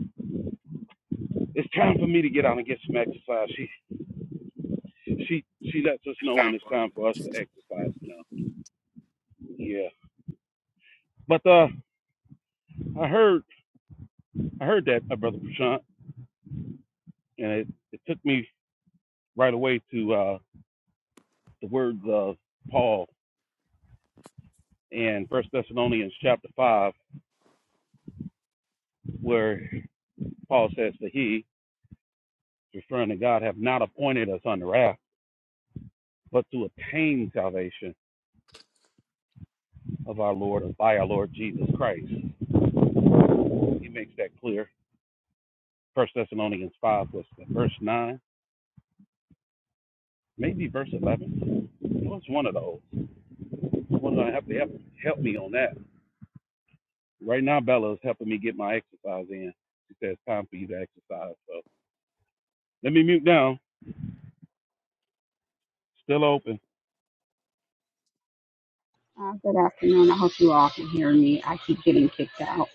Speaker 1: it's time for me to get out and get some exercise. She she she lets us know when it's time for us to exercise, you know. Yeah. But uh I heard I heard that, uh, Brother Prashant. and it, it took me right away to uh, the words of Paul in First Thessalonians chapter five, where Paul says that he, referring to God, have not appointed us under wrath, but to obtain salvation of our Lord by our Lord Jesus Christ. He makes that clear. First Thessalonians five was verse nine, maybe verse eleven. It was one of those. Someone's gonna have to help help me on that. Right now Bella is helping me get my exercise in. She says time for you to exercise. So let me mute down. Still open.
Speaker 4: uh, good afternoon. I hope you all can hear me. I keep getting kicked out.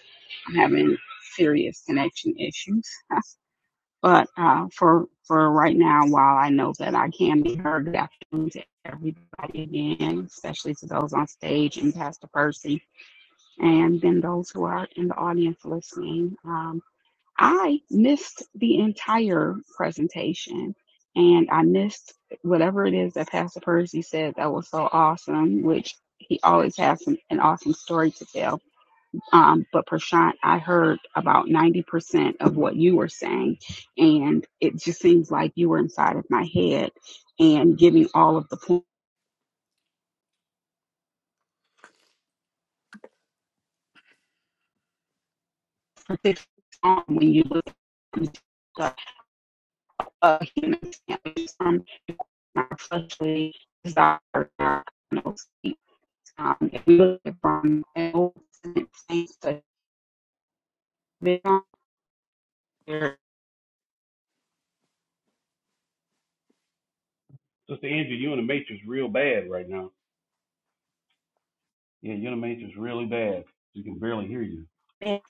Speaker 4: I'm having serious connection issues. <laughs> but uh, for for right now, while I know that I can be heard, good afternoon to everybody again, especially to those on stage and Pastor Percy. and then those who are in the audience listening. Um, I missed the entire presentation and I missed whatever it is that Pastor Percy said that was so awesome, which he always has some, an awesome story to tell. Um, but Prashant, I heard about 90% of what you were saying, and it just seems like you were inside of my head and giving all of the points, particularly when you look at a human standpoint, from unfortunately, is that our cardinals. Um, if we look at from an old Testament saints to mid-on, there
Speaker 1: Sister Angie. you in the matrix real bad right now. Yeah, you're in the matrix really bad. We can barely hear you.
Speaker 4: is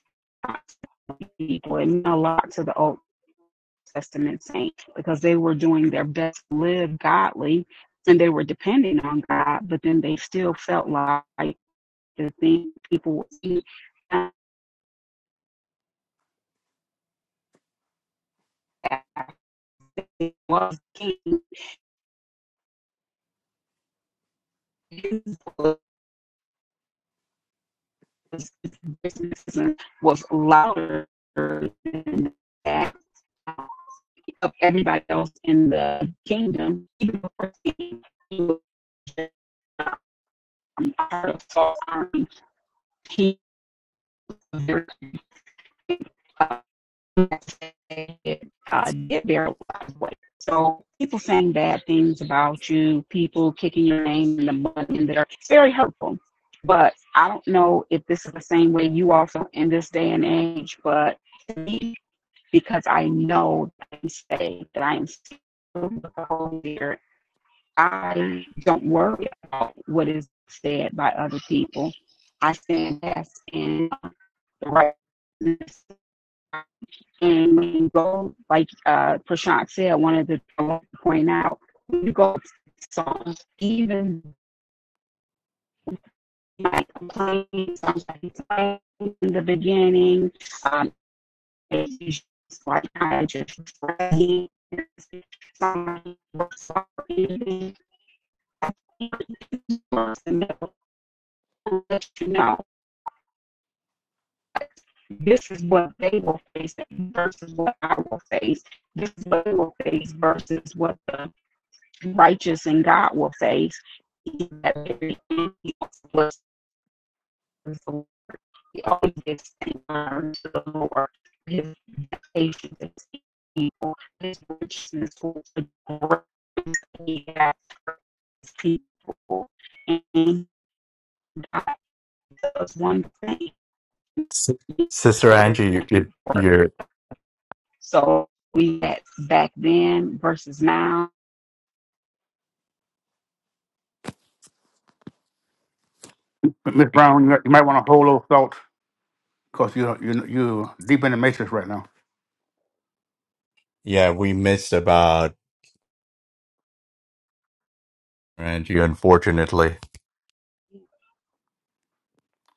Speaker 4: lots of people, it meant a lot to the Old Testament saints because they were doing their best to live godly and they were depending on God, but then they still felt like the thing people would see was king racism was louder than that of everybody else in the kingdom. Even before he was um, part of Saul's army, he was very uh, did very well. So people saying bad things about you, people kicking your name in the mud in there, it's very hurtful. But I don't know if this is the same way you also in this day and age, but because I know that I'm saved, that I am filled with the Holy Spirit, I don't worry about what is said by other people. I stand fast in the righteousness and when you go, like uh, Prashant said, I wanted to point out, when you go to songs, even like complaining songs like he sang in the beginning, um, it's like kind just reflecting. Somebody works on anything, I think it works in the middle, to let you know this is what they will face versus what I will face. This is what they will face versus what the righteous and God will face. That very end, he was so always gives to the Lord, his patience, his people, his richness, for grace he has for his people. And God does one thing
Speaker 2: S- Sister Angie, you, you, you're
Speaker 4: So we had back then versus now
Speaker 3: Miss Brown, you might want to hold those thoughts because you you you deep in the matrix right now.
Speaker 2: yeah, we missed about Angie, unfortunately.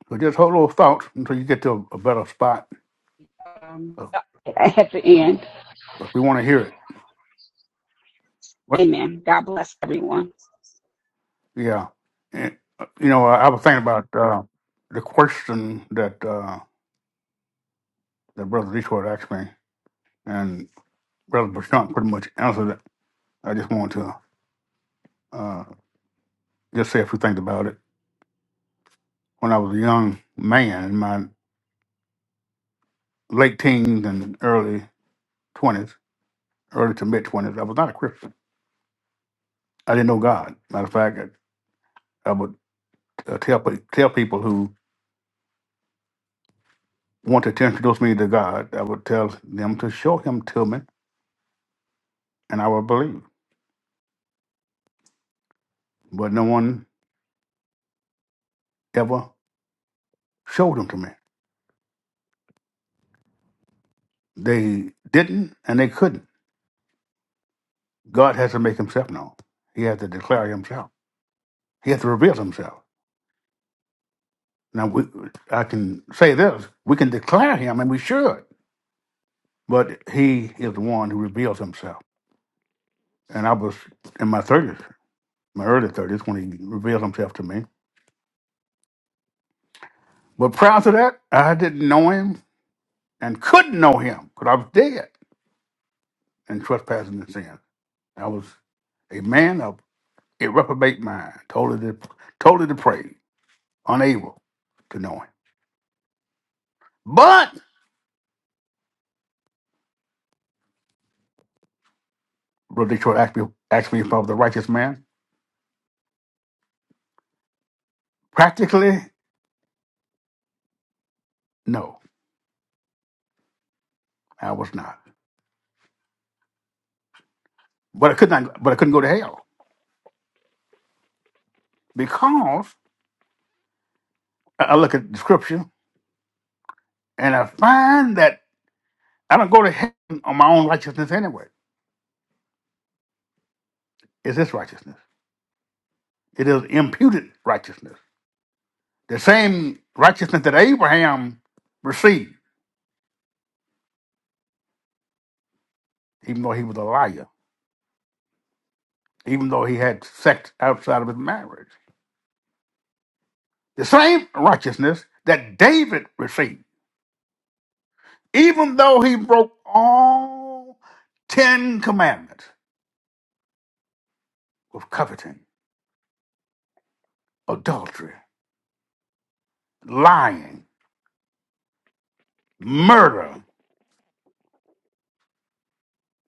Speaker 3: So just hold those thoughts until you get to a, a better spot.
Speaker 4: um,
Speaker 3: Uh,
Speaker 4: at the end.
Speaker 3: 'cause we want to hear it. What?
Speaker 4: Amen. God bless everyone.
Speaker 3: Yeah. And, uh, you know, I, I was thinking about uh, the question that uh, that Brother Detroit asked me, and Brother Bashant pretty much answered it. I just want to uh, just say a few things about it. When I was a young man in my late teens and early twenties, early to mid twenties, I was not a Christian. I didn't know God. Matter of fact, I, I would. uh, tell pe- tell people who want to introduce me to God, I would tell them to show Him to me, and I would believe. But no one ever showed Him to me. They didn't, and they couldn't. God has to make Himself known. He has to declare Himself. He has to reveal Himself. Now, we, I can say this: we can declare Him, and we should. But He is the one who reveals Himself. And I was in my thirties, my early thirties, when He revealed Himself to me. But prior to that, I didn't know Him. and couldn't know him because I was dead in trespassing and sin. I was a man of a reprobate mind, totally, de- totally depraved, unable to know him. But, Brother Detroit asked me, asked me if I was a righteous man. Practically, no, I was not. But I could not. But I couldn't go to hell because I I look at the scripture and I find that I don't go to heaven on my own righteousness anyway. It's His righteousness. It is imputed righteousness The same righteousness that Abraham received, even though he was a liar, even though he had sex outside of his marriage. The same righteousness that David received, even though he broke all Ten Commandments with coveting, adultery, lying, murder,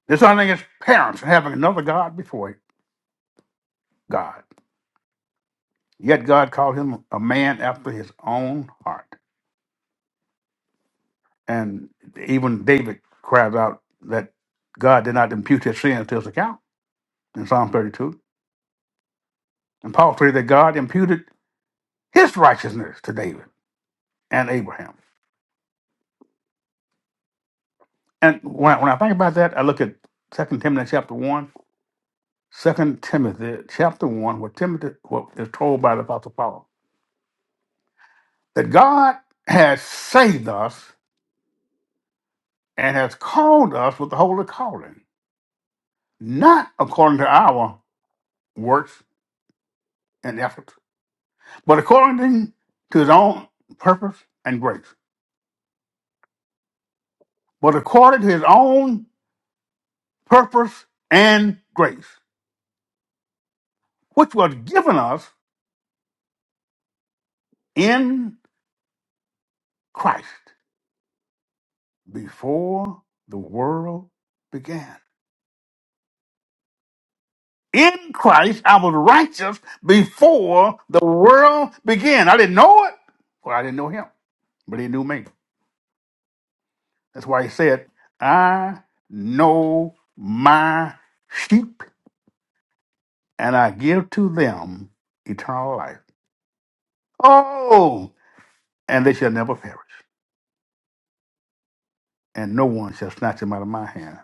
Speaker 3: dishonoring his parents, and having another God before God. Yet God called him a man after his own heart. And even David cries out that God did not impute his sin to his account in Psalm 32. And Paul prayed that God imputed his righteousness to David and Abraham. And when I, when I think about that, I look at Second Timothy chapter one, Second Timothy chapter 1, where Timothy what is told by the Apostle Paul that God has saved us and has called us with the holy calling, not according to our works and efforts but according to his own purpose and grace. But according to his own purpose and grace, which was given us in Christ before the world began. In Christ, I was righteous before the world began. I didn't know it, well, I didn't know him, but he knew me. That's why he said, I know my sheep, and I give to them eternal life Oh, and they shall never perish, and no one shall snatch them out of my hand.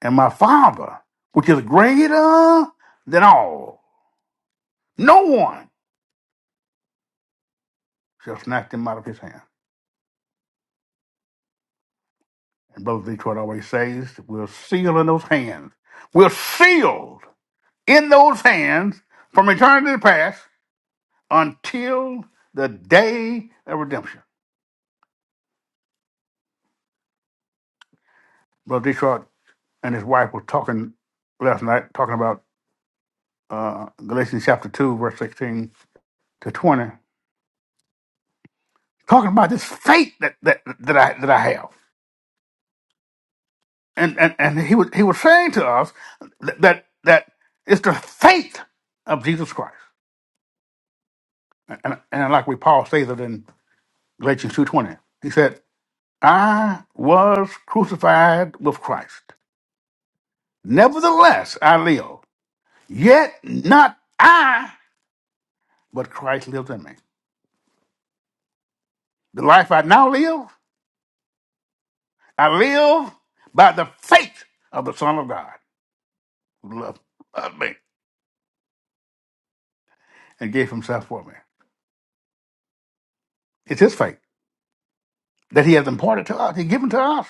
Speaker 3: And my Father, which is greater than all, no one shall snatch them out of his hand. And Brother Detroit always says, we're sealed in those hands. We're sealed in those hands from eternity past until the day of redemption. Brother Detroit and his wife were talking last night, talking about uh, Galatians chapter 2, verse 16 to 20. talking about this faith that that, that I that I have. And, and and he was he was saying to us that that, that it's the faith of Jesus Christ. And, and like we Paul says it in Galatians two twenty, he said, "I was crucified with Christ. Nevertheless, I live. Yet not I, but Christ lives in me. The life I now live, I live by the faith of the Son of God, who loved loved me and gave Himself for me. It's His faith." that he has imparted to us. He given to us.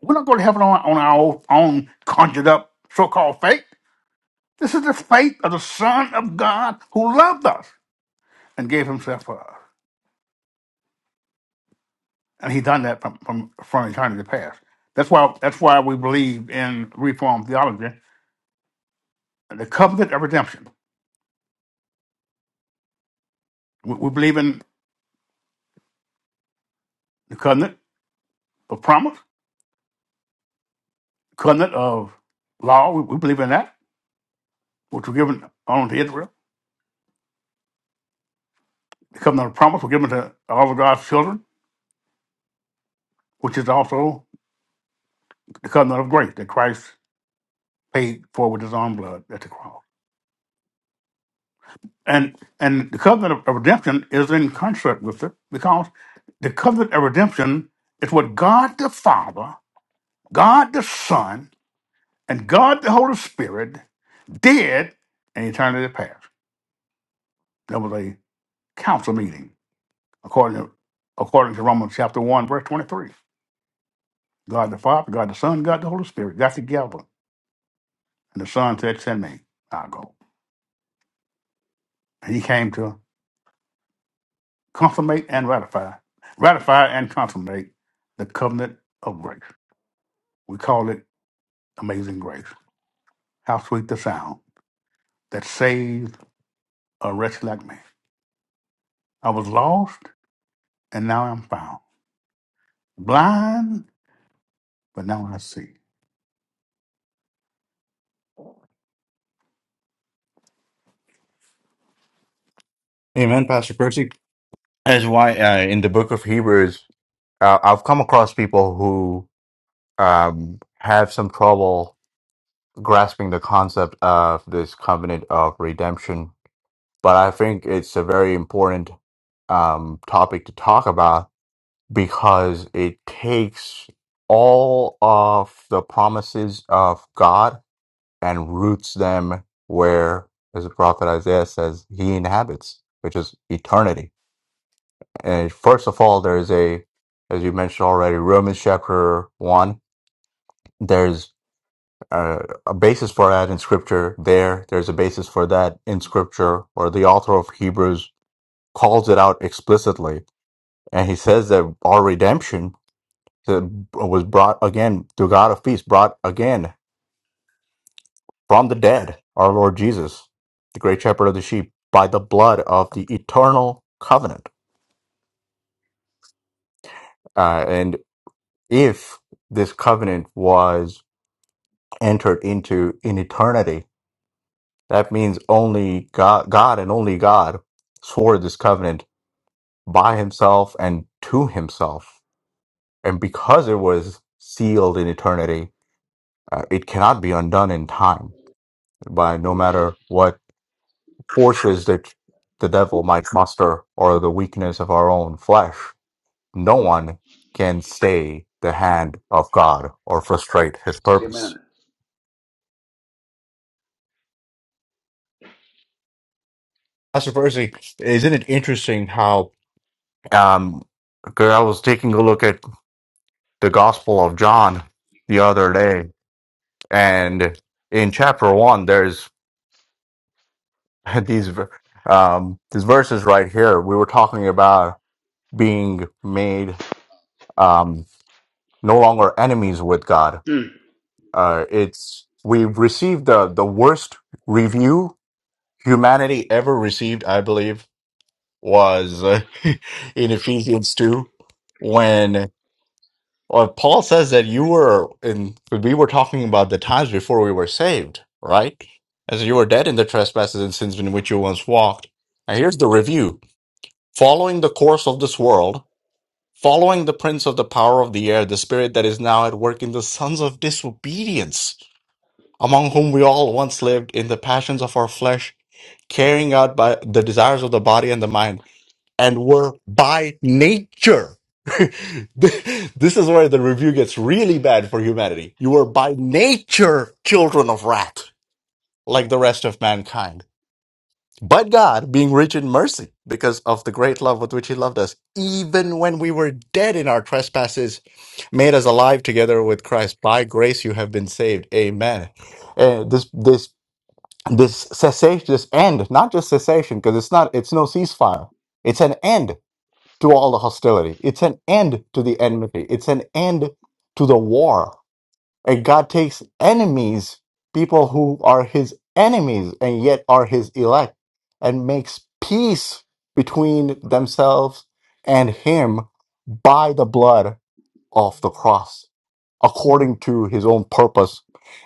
Speaker 3: We're not going to heaven on, on our own conjured up so-called faith. This is the faith of the Son of God who loved us and gave himself for us. And he done that from, from, from eternity past. That's why that's why we believe in Reformed theology, the covenant of redemption. We, we believe in the covenant of promise, the covenant of law. We, we believe in that, which was given only to Israel. The covenant of promise was given to all of God's children, which is also the covenant of grace that Christ paid for with his own blood at the cross. And and the covenant of of redemption is in concert with it because the covenant of redemption is what God the Father, God the Son, and God the Holy Spirit did in eternity past. There was a council meeting according to, according to Romans chapter 1, verse 23. God the Father, God the Son, God the Holy Spirit got together. And the Son said, Send me. I'll go. And he came to consummate and ratify, ratify and consummate the covenant of grace. We call it amazing grace. How sweet the sound that saves a wretch like me. I was lost and now I'm found. Blind, but now I see.
Speaker 2: Amen, Pastor Percy. That's why uh, in the book of Hebrews, uh, I've come across people who um, have some trouble grasping the concept of this covenant of redemption. But I think it's a very important um, topic to talk about because it takes all of the promises of God and roots them where, as the prophet Isaiah says, he inhabits, which is eternity And first of all, there's a, as you mentioned already, Romans chapter one. There's a, a basis for that in scripture there. There's a basis for that in scripture, or the author of Hebrews calls it out explicitly. And he says that our redemption that was brought again to God of peace, brought again from the dead, our Lord Jesus, the great shepherd of the sheep, by the blood of the eternal covenant. Uh, and if this covenant was entered into in eternity. That means only God, God and only God swore this covenant by himself and to himself. And because it was sealed in eternity, uh, it cannot be undone in time by no matter what forces that the devil might muster or the weakness of our own flesh. No one can stay the hand of God or frustrate his purpose.
Speaker 3: Amen.
Speaker 2: Pastor Percy, isn't it interesting how Um, 'cause I was taking a look at the Gospel of John the other day, and in chapter one, there's <laughs> these ver- um, these verses right here. We were talking about being made um, no longer enemies with God. Uh, it's we've received the the worst review humanity ever received, I believe, was uh, <laughs> in Ephesians two, Well, Paul says that you were in, we were talking about the times before we were saved, right? As you were dead in the trespasses and sins in which you once walked. And here's the review following the course of this world, following the prince of the power of the air, the spirit that is now at work in the sons of disobedience, among whom we all once lived in the passions of our flesh, carrying out by the desires of the body and the mind and were by nature. <laughs> this is where the review gets really bad for humanity. You were by nature children of wrath, like the rest of mankind. But God, being rich in mercy, because of the great love with which He loved us, even when we were dead in our trespasses, made us alive together with Christ. By grace you have been saved. Amen. Uh, this this this cessation, this end, not just cessation, because it's not, it's no ceasefire. It's an end to all the hostility. It's an end to the enmity. It's an end to the war. And God takes enemies, people who are his enemies and yet are his elect, and makes peace between themselves and him by the blood of the cross, according to his own purpose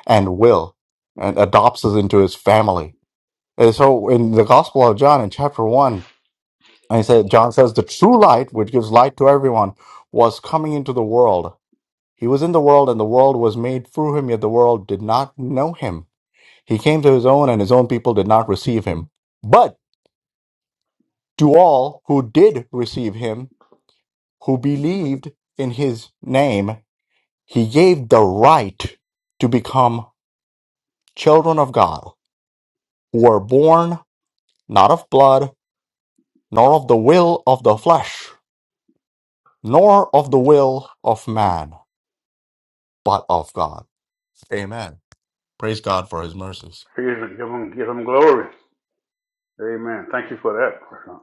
Speaker 2: and will, and adopts us into his family. And so in the Gospel of John, in chapter 1, and he said, John says, the true light, which gives light to everyone, was coming into the world. He was in the world, and the world was made through him, yet the world did not know him. He came to his own, and his own people did not receive him. But to all who did receive him, who believed in his name, he gave the right to become children of God, who were born not of blood, nor of the will of the flesh, nor of the will of man but of God. Amen. Praise God for his mercies.
Speaker 3: Jesus, give him, give him glory. Amen. Thank you for that. Prashant.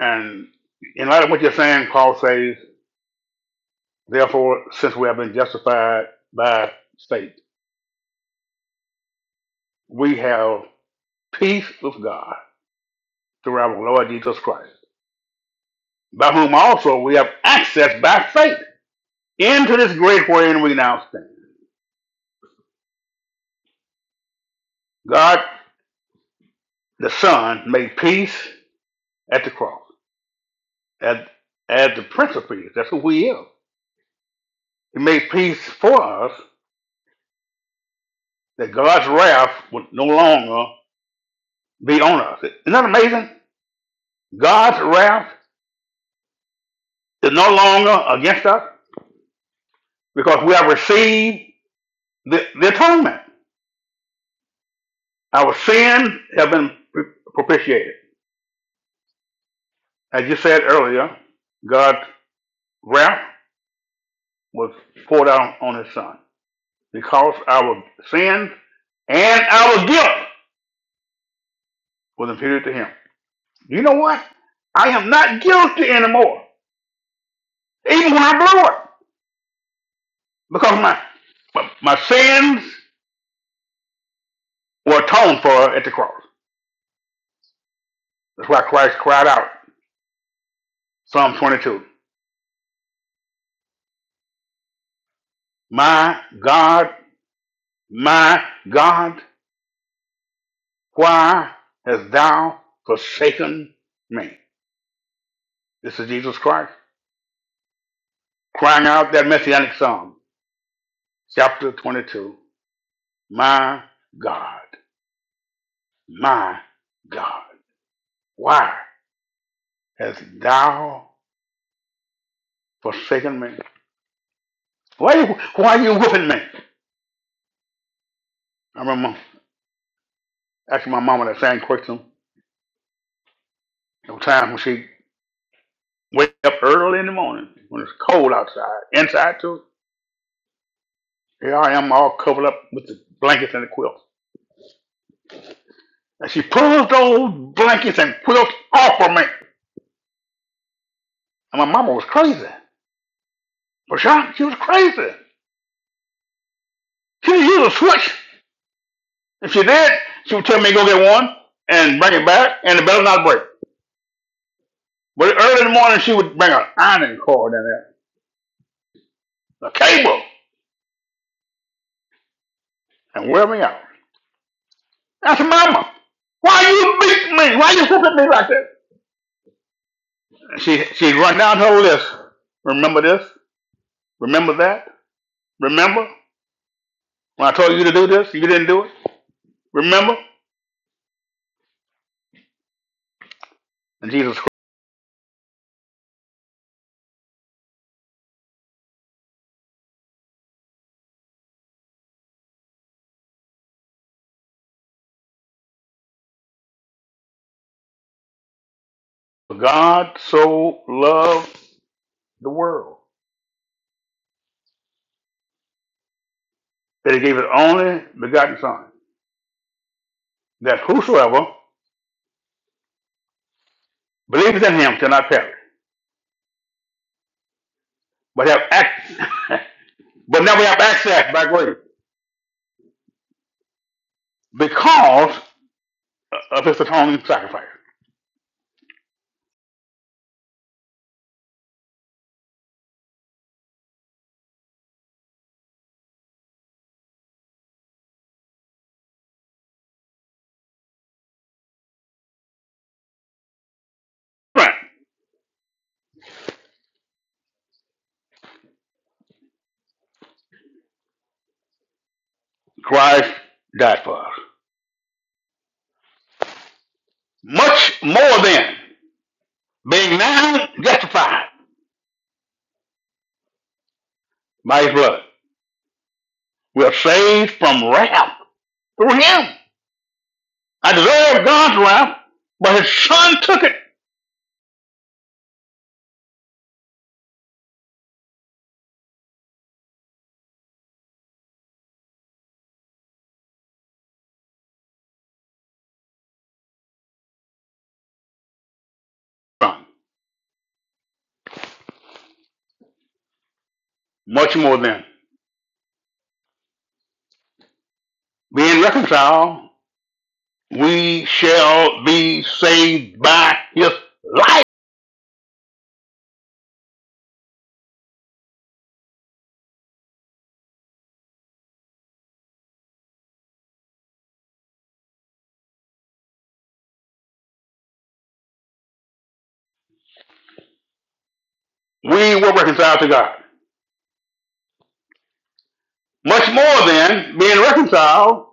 Speaker 3: And in light of what you're saying, Paul says, therefore, since we have been justified by faith, we have peace with God through our Lord Jesus Christ, by whom also we have access by faith into this great wherein we now stand. God the Son made peace at the cross, as, as the Prince of Peace. That's who He is. He made peace for us that God's wrath would no longer be on us. Isn't that amazing? God's wrath is no longer against us because we have received the, the atonement. Our sins have been propitiated. As you said earlier, God wrath was poured out on his son because our sins and our guilt was imputed to him. You know what? I am not guilty anymore, even when I blow it, because my my my sins were atoned for at the cross. That's why Christ cried out, Psalm 22, My God, my God, why hast thou forsaken me? This is Jesus Christ crying out that messianic psalm, chapter 22, My God, my God, why hast thou forsaken me? Why you, why you whipping me? I remember asking my mama that same question. There were times when she wake up early in the morning when it's cold outside, inside too. Here I am all covered up with the blankets and the quilts. And she pulled those blankets and quilts off of me. And my mama was crazy. But she, she was crazy. She used a switch. If she did, she would tell me go get one and bring it back, and the bell would not break. But early in the morning, she would bring an ironing cord in there, a cable, and wear me out. That's mama. Why you beat me? Why you whipping me like that? She she she'd run down her list. Remember this? Remember that? Remember when I told you to do this? You didn't do it. Remember? And Jesus Christ, God so loved the world that He gave His only begotten Son, that whosoever believes in Him shall not perish but have ac- <laughs> but now we have access by grace because of his atoning sacrifice. Right. Christ died for us. Much more than being now justified by his blood. We are saved from wrath through him. I deserve God's wrath, but his son took it from. Much more than being reconciled, we shall be saved by his life. We were reconciled to God. Much more than being reconciled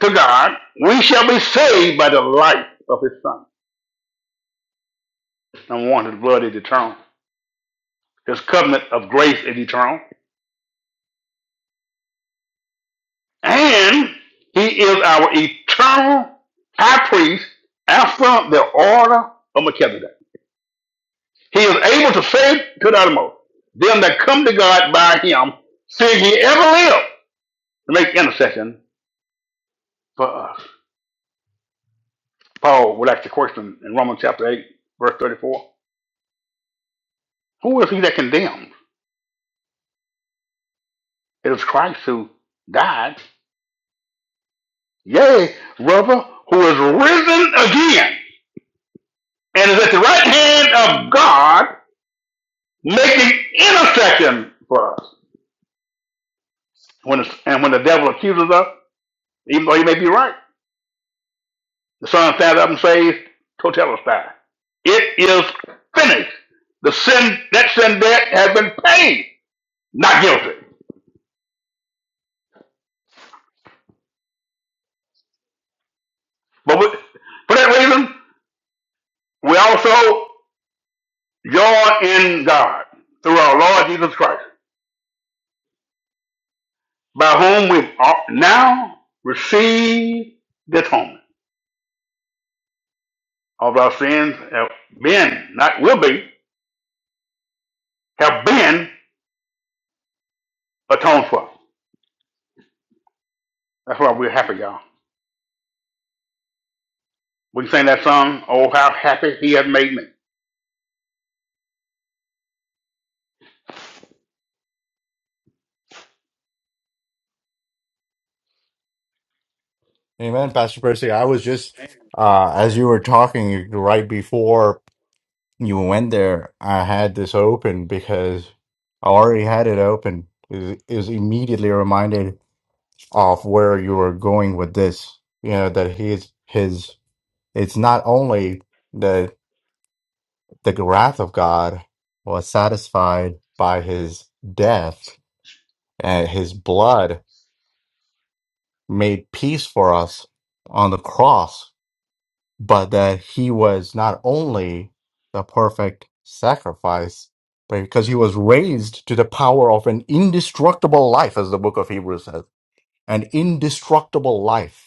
Speaker 3: to God, we shall be saved by the life of his son. Number one, his blood is eternal. His covenant of grace is eternal. And he is our eternal high priest after the order of Melchizedek. He is able to save to the uttermost them that come to God by him, seeing he ever live to make intercession for us. Paul would ask the question in Romans chapter 8, verse 34 Who is he that condemns? It is Christ who died, yea, brother, who is risen again and is at the right hand of God, making intercession for us. When it's, and when the devil accuses us, even though he may be right, the Son stands up and says, Totelestai. It is finished. The sin, that sin debt has been paid. Not guilty. But we, for that reason, we also join in God through our Lord Jesus Christ. by whom we are now receive the atonement of our sins have been, not will be, have been atoned for. That's why we're happy, y'all. We can sing that song, Oh, how happy he has made me.
Speaker 2: Amen, Pastor Percy. I was just, uh, as you were talking right before you went there, I had this open because I already had it open. Is is immediately reminded of where you were going with this. You know, that he's his, it's not only that the wrath of God was satisfied by his death and his blood made peace for us on the cross, but that he was not only the perfect sacrifice, but because he was raised to the power of an indestructible life, as the book of Hebrews says, an indestructible life.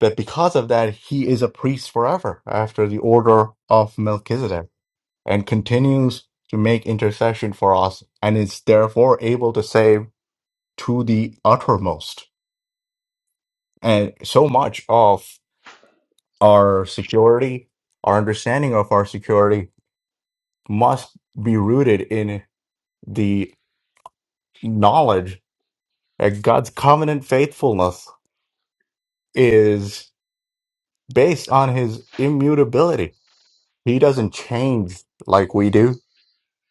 Speaker 2: That because of that, he is a priest forever after the order of Melchizedek and continues to make intercession for us and is therefore able to save to the uttermost. And so much of our security, our understanding of our security must be rooted in the knowledge that God's covenant faithfulness is based on his immutability. He doesn't change like we do,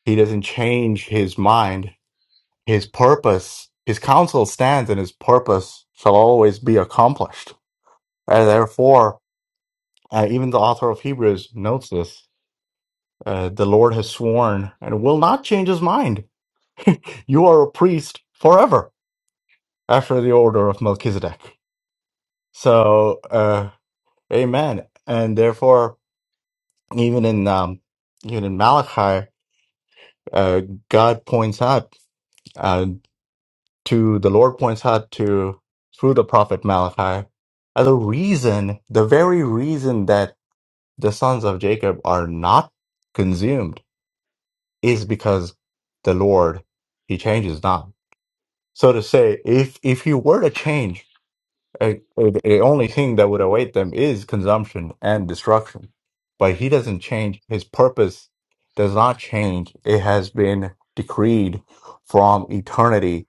Speaker 2: he doesn't change his mind, his purpose, his counsel stands, and his purpose shall always be accomplished. And therefore, uh, even the author of Hebrews notes this uh, the Lord has sworn and will not change his mind you are a priest forever after the order of Melchizedek. So, uh, amen. And therefore, even in, um, even in Malachi, uh, God points out, uh, to the Lord points out to, through the prophet Malachi, uh, the reason, the very reason that the sons of Jacob are not consumed is because the Lord, he changes not. So to say, if, if he were to change, A, a, the only thing that would await them is consumption and destruction. But he doesn't change. His purpose does not change. It has been decreed from eternity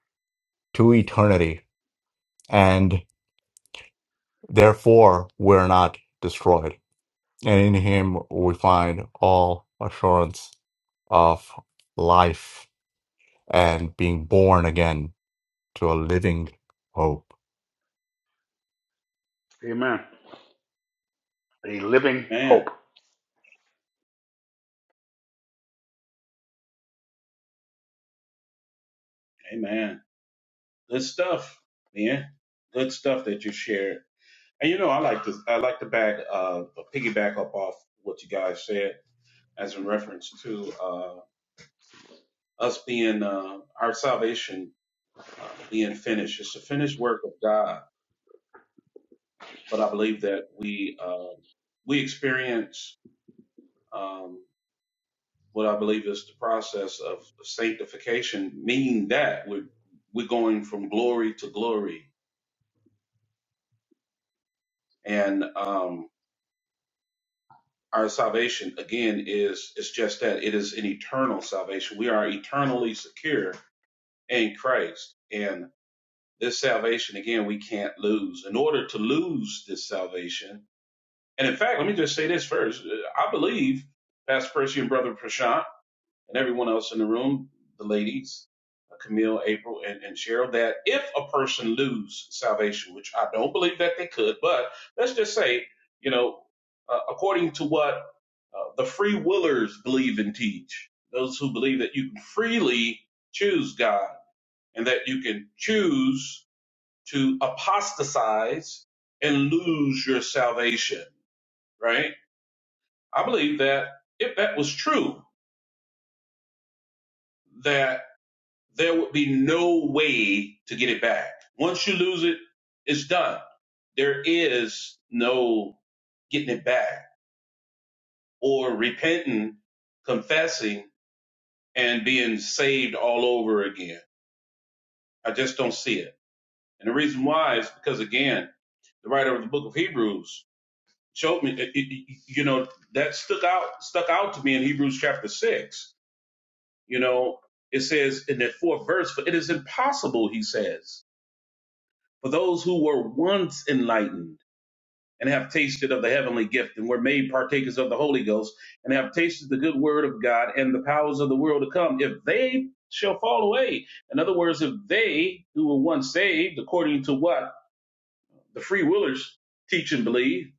Speaker 2: to eternity. And therefore, we're not destroyed. And in him, we find all assurance of life and being born again to a living hope.
Speaker 3: Amen. A living
Speaker 1: Amen.
Speaker 3: hope.
Speaker 1: Amen. Good stuff, man. Good stuff that you shared. And you know, I like to I like to back uh piggyback up off what you guys said as in reference to uh us being uh our salvation uh being finished. It's the finished work of God. But I believe that we uh we experience um what I believe is the process of sanctification, meaning that we're we're going from glory to glory, and um, our salvation again is is just that it is an eternal salvation. We are eternally secure in Christ, and this salvation again we can't lose. In order to lose this salvation, and in fact, let me just say this first: I believe Pastor Percy and Brother Prashant. and everyone else in the room, the ladies, uh, Camille, April, and, and Cheryl, that if a person lose salvation, which I don't believe that they could, but let's just say, you know, uh, according to what uh, the free willers believe and teach, those who believe that you can freely choose God and that you can choose to apostatize and lose your salvation, right? I believe that if that was true, that there would be no way to get it back. Once you lose it, it's done. There is no getting it back or repenting, confessing, and being saved all over again. I just don't see it. And the reason why is because, again, the writer of the book of Hebrews showed me, it- it- you know, that stuck out, stuck out to me in Hebrews chapter six. You know, it says in that fourth verse, for it is impossible, he says. For those who were once enlightened and have tasted of the heavenly gift and were made partakers of the Holy Ghost and have tasted the good word of God and the powers of the world to come, if they shall fall away. In other words, if they who were once saved, according to what the free willers teach and believe,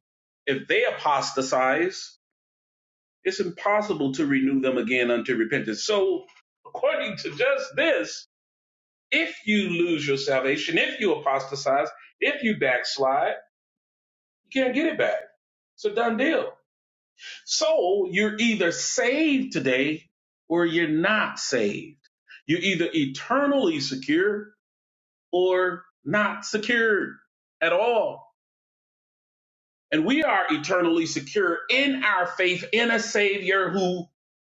Speaker 1: if they apostatize, it's impossible to renew them again unto repentance. So, according to just this, if you lose your salvation, if you apostatize, if you backslide, you can't get it back. It's a done deal. So you're either saved today or you're not saved. You're either eternally secure or not secured at all. And we are eternally secure in our faith in a Savior who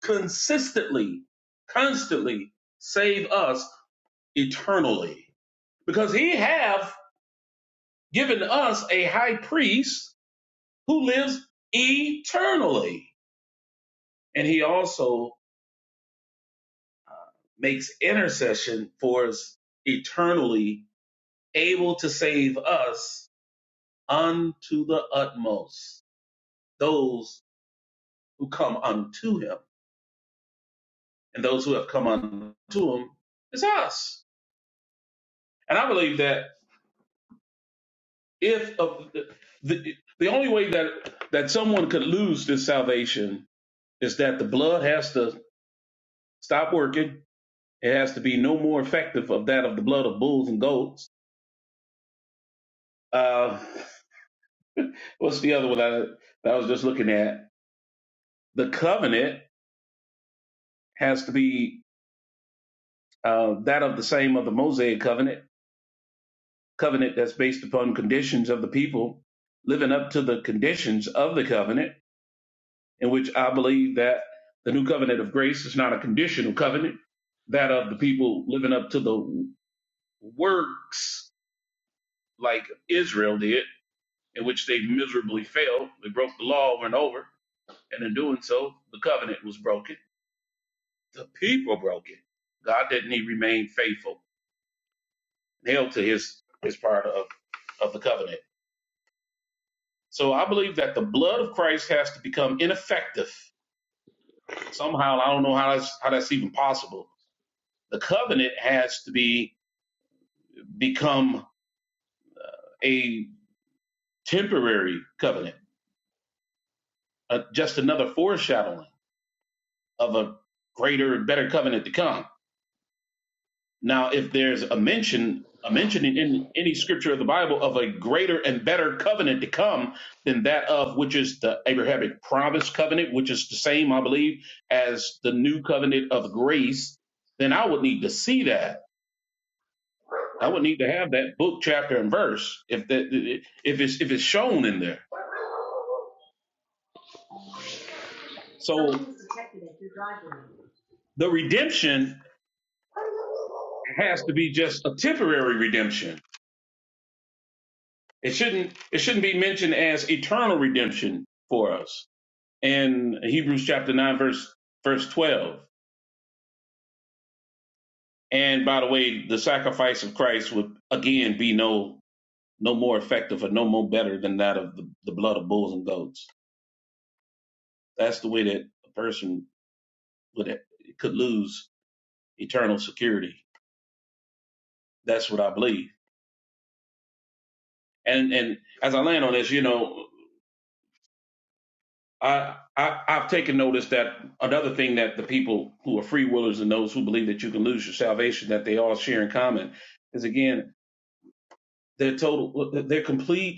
Speaker 1: consistently, constantly save us eternally. Because he have given us a high priest who lives eternally. And he also makes intercession for us eternally, able to save us unto the utmost, those who come unto him. And those who have come unto him is us. And I believe that if of the, the only way that, that someone could lose this salvation is that the blood has to stop working. It has to be no more effective of that of the blood of bulls and goats. Uh, what's the other one I, that I was just looking at? the covenant has to be uh, that of the same of the Mosaic covenant, covenant that's based upon conditions of the people living up to the conditions of the covenant, in which I believe that the new covenant of grace is not a conditional covenant, that of the people living up to the works like Israel did, in which they miserably failed. They broke the law, went over, and in doing so, the covenant was broken. The people broke it. God didn't he remain faithful held to his his part of of the covenant. So I believe that the blood of Christ has to become ineffective somehow. I don't know how that's how that's even possible. The covenant has to be become a temporary covenant, uh, just another foreshadowing of a greater and better covenant to come. Now, if there's a mention, a mentioning in any scripture of the Bible of a greater and better covenant to come than that of which is the Abrahamic promise covenant, which is the same, I believe, as the new covenant of grace, then I would need to see that. I would need to have that book, chapter, and verse if that if it's if it's shown in there. So the redemption has to be just a temporary redemption. It shouldn't it shouldn't be mentioned as eternal redemption for us. in Hebrews chapter 9, verse, verse 12. And by the way, the sacrifice of Christ would again be no no more effective or no more better than that of the, the blood of bulls and goats. That's the way that a person would could lose eternal security. That's what I believe. And and as I land on this, you know, I, I I've taken notice that another thing that the people who are free willers and those who believe that you can lose your salvation that they all share in common is again their total their complete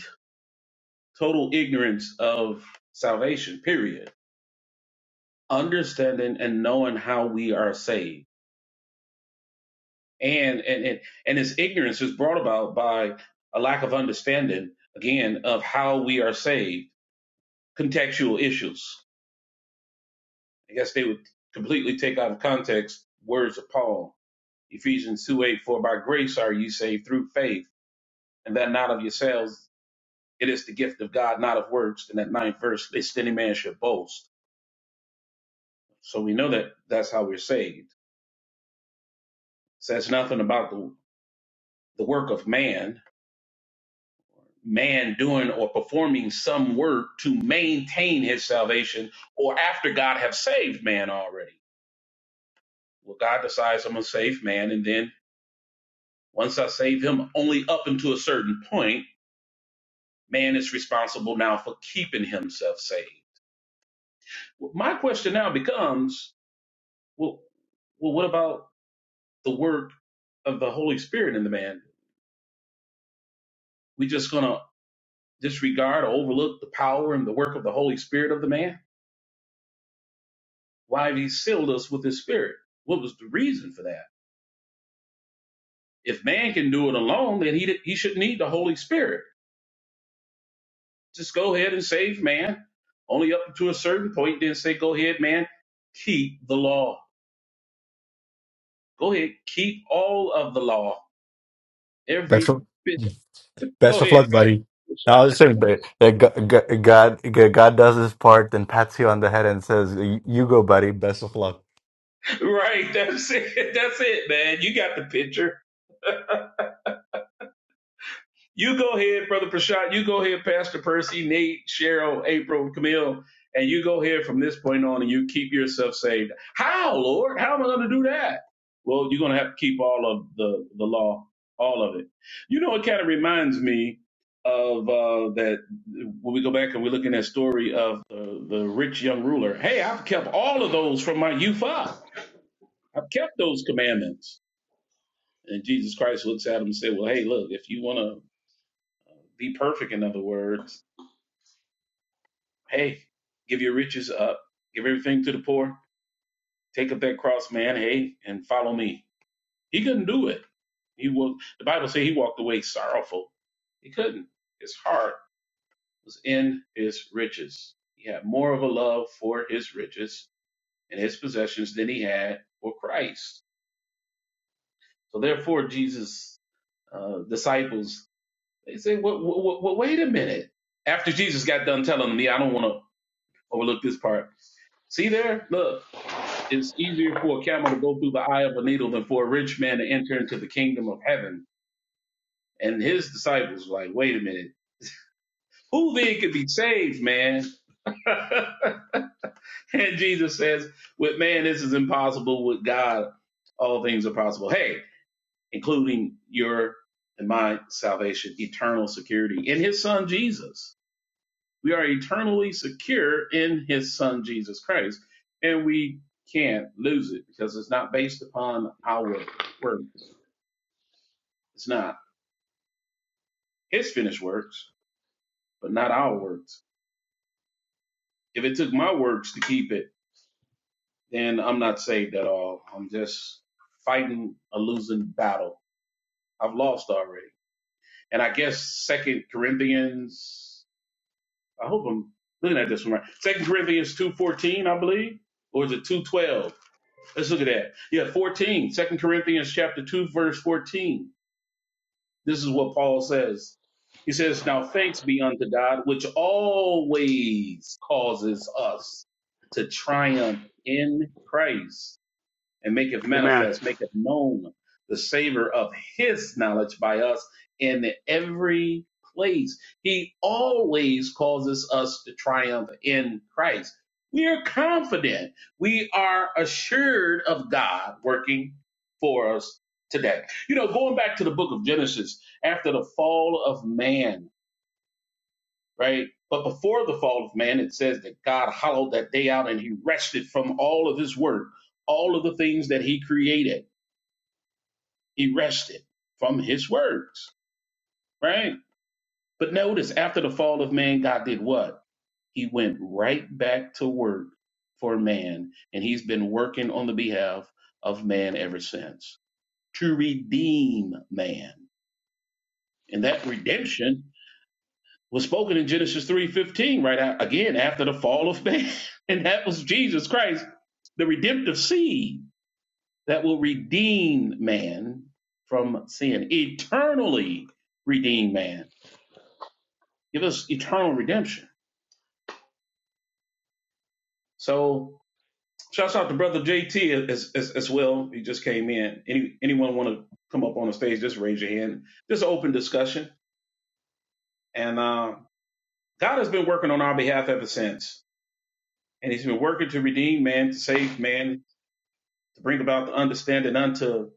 Speaker 1: total ignorance of salvation period understanding and knowing how we are saved and and and, and this ignorance is brought about by a lack of understanding again of how we are saved contextual issues i guess they would completely take out of context words of paul ephesians 2 8 for by grace are you saved through faith and that not of yourselves it is the gift of god not of works In that ninth verse lest any man should boast so we know that that's how we're saved says nothing about the, the work of man, man doing or performing some work to maintain his salvation, or after God have saved man already. Well, God decides I'm gonna save man, and then once I save him, only up until a certain point, man is responsible now for keeping himself saved. Well, my question now becomes, well, well, what about the work of the Holy Spirit in the man? We just gonna disregard or overlook the power and the work of the Holy Spirit of the man? why he sealed us with his spirit. What was the reason for that? If man can do it alone, then he, he should need the Holy Spirit. Just go ahead and save man, only up to a certain point, then say, go ahead, man, keep the law. Go ahead, keep all of the law.
Speaker 2: That's
Speaker 1: Every bit.
Speaker 2: right. Best
Speaker 1: Go
Speaker 2: of
Speaker 1: ahead,
Speaker 2: luck, buddy. No, I
Speaker 1: man. <laughs>
Speaker 2: was saying that that Go- Go- God, God does his part, then pats you on the head and says, "You you go, buddy. Best of luck."
Speaker 1: Right, that's it. <laughs> That's it, man. You got the picture You go ahead, Brother Prashad. You go ahead, Pastor Percy, Nate, Cheryl, April, Camille, and you go ahead from this point on and you keep yourself saved. How, Lord? How am I going to do that? Well, you're going to have to keep all of the, the law, all of it. You know, it kind of reminds me of uh, that when we go back and we're looking at story of the, the rich young ruler. Hey, I've kept all of those from my youth up. I've kept those commandments. And Jesus Christ looks at him and said, well, hey, look, if you want to be perfect, in other words, Hey, give your riches up, give everything to the poor, take up that cross, man. Hey, and follow me. He couldn't do it. He walked. The Bible says he walked away sorrowful. He couldn't. His heart was in his riches. He had more of a love for his riches and his possessions than he had for Christ. So therefore, Jesus' uh, disciples they say, "What? What? What? Wait a minute." After Jesus got done telling them, "Yeah, I don't want to overlook this part." See there? Look. It's easier for a camel to go through the eye of a needle than for a rich man to enter into the kingdom of heaven. And his disciples were like, wait a minute, who then could be saved, man? <laughs> and Jesus says, with man, this is impossible. With God, all things are possible. Hey, including your and my salvation, eternal security in his son Jesus. We are eternally secure in his son Jesus Christ, and we can't lose it because it's not based upon our work. It's not. His finished works, but not our works. If it took my works to keep it, then I'm not saved at all. I'm just fighting a losing battle. I've lost already. And I guess Second Corinthians, I hope I'm looking at this one right. Second Corinthians 2.14, I believe, or is it 2.12? Let's look at that. Yeah, 14. Second Corinthians chapter 2, verse 14 This is what Paul says. He says, Now thanks be unto God, which always causes us to triumph in Christ and maketh
Speaker 3: Amen.
Speaker 1: manifest, maketh known the savor of his knowledge by us in every place. He always causes us to triumph in Christ. We are confident. We are assured of God working for us today. You know, going back to the book of Genesis, after the fall of man, right? But before the fall of man, it says that God hollowed that day out and he rested from all of his work all of the things that he created. He rested from his words, right? But notice after the fall of man, God did what? He went right back to work for man, and he's been working on the behalf of man ever since to redeem man. And that redemption was spoken in Genesis 3:15 right out, again after the fall of man, <laughs> and that was Jesus Christ, the redemptive seed that will redeem man from sin, eternally redeem man give us eternal redemption. So shouts out to brother JT as, as, as well. He just came in. Any anyone want to come up on the stage? Just raise your hand. Just open discussion. And uh, God has been working on our behalf ever since, and He's been working to redeem man, to save man, to bring about the understanding unto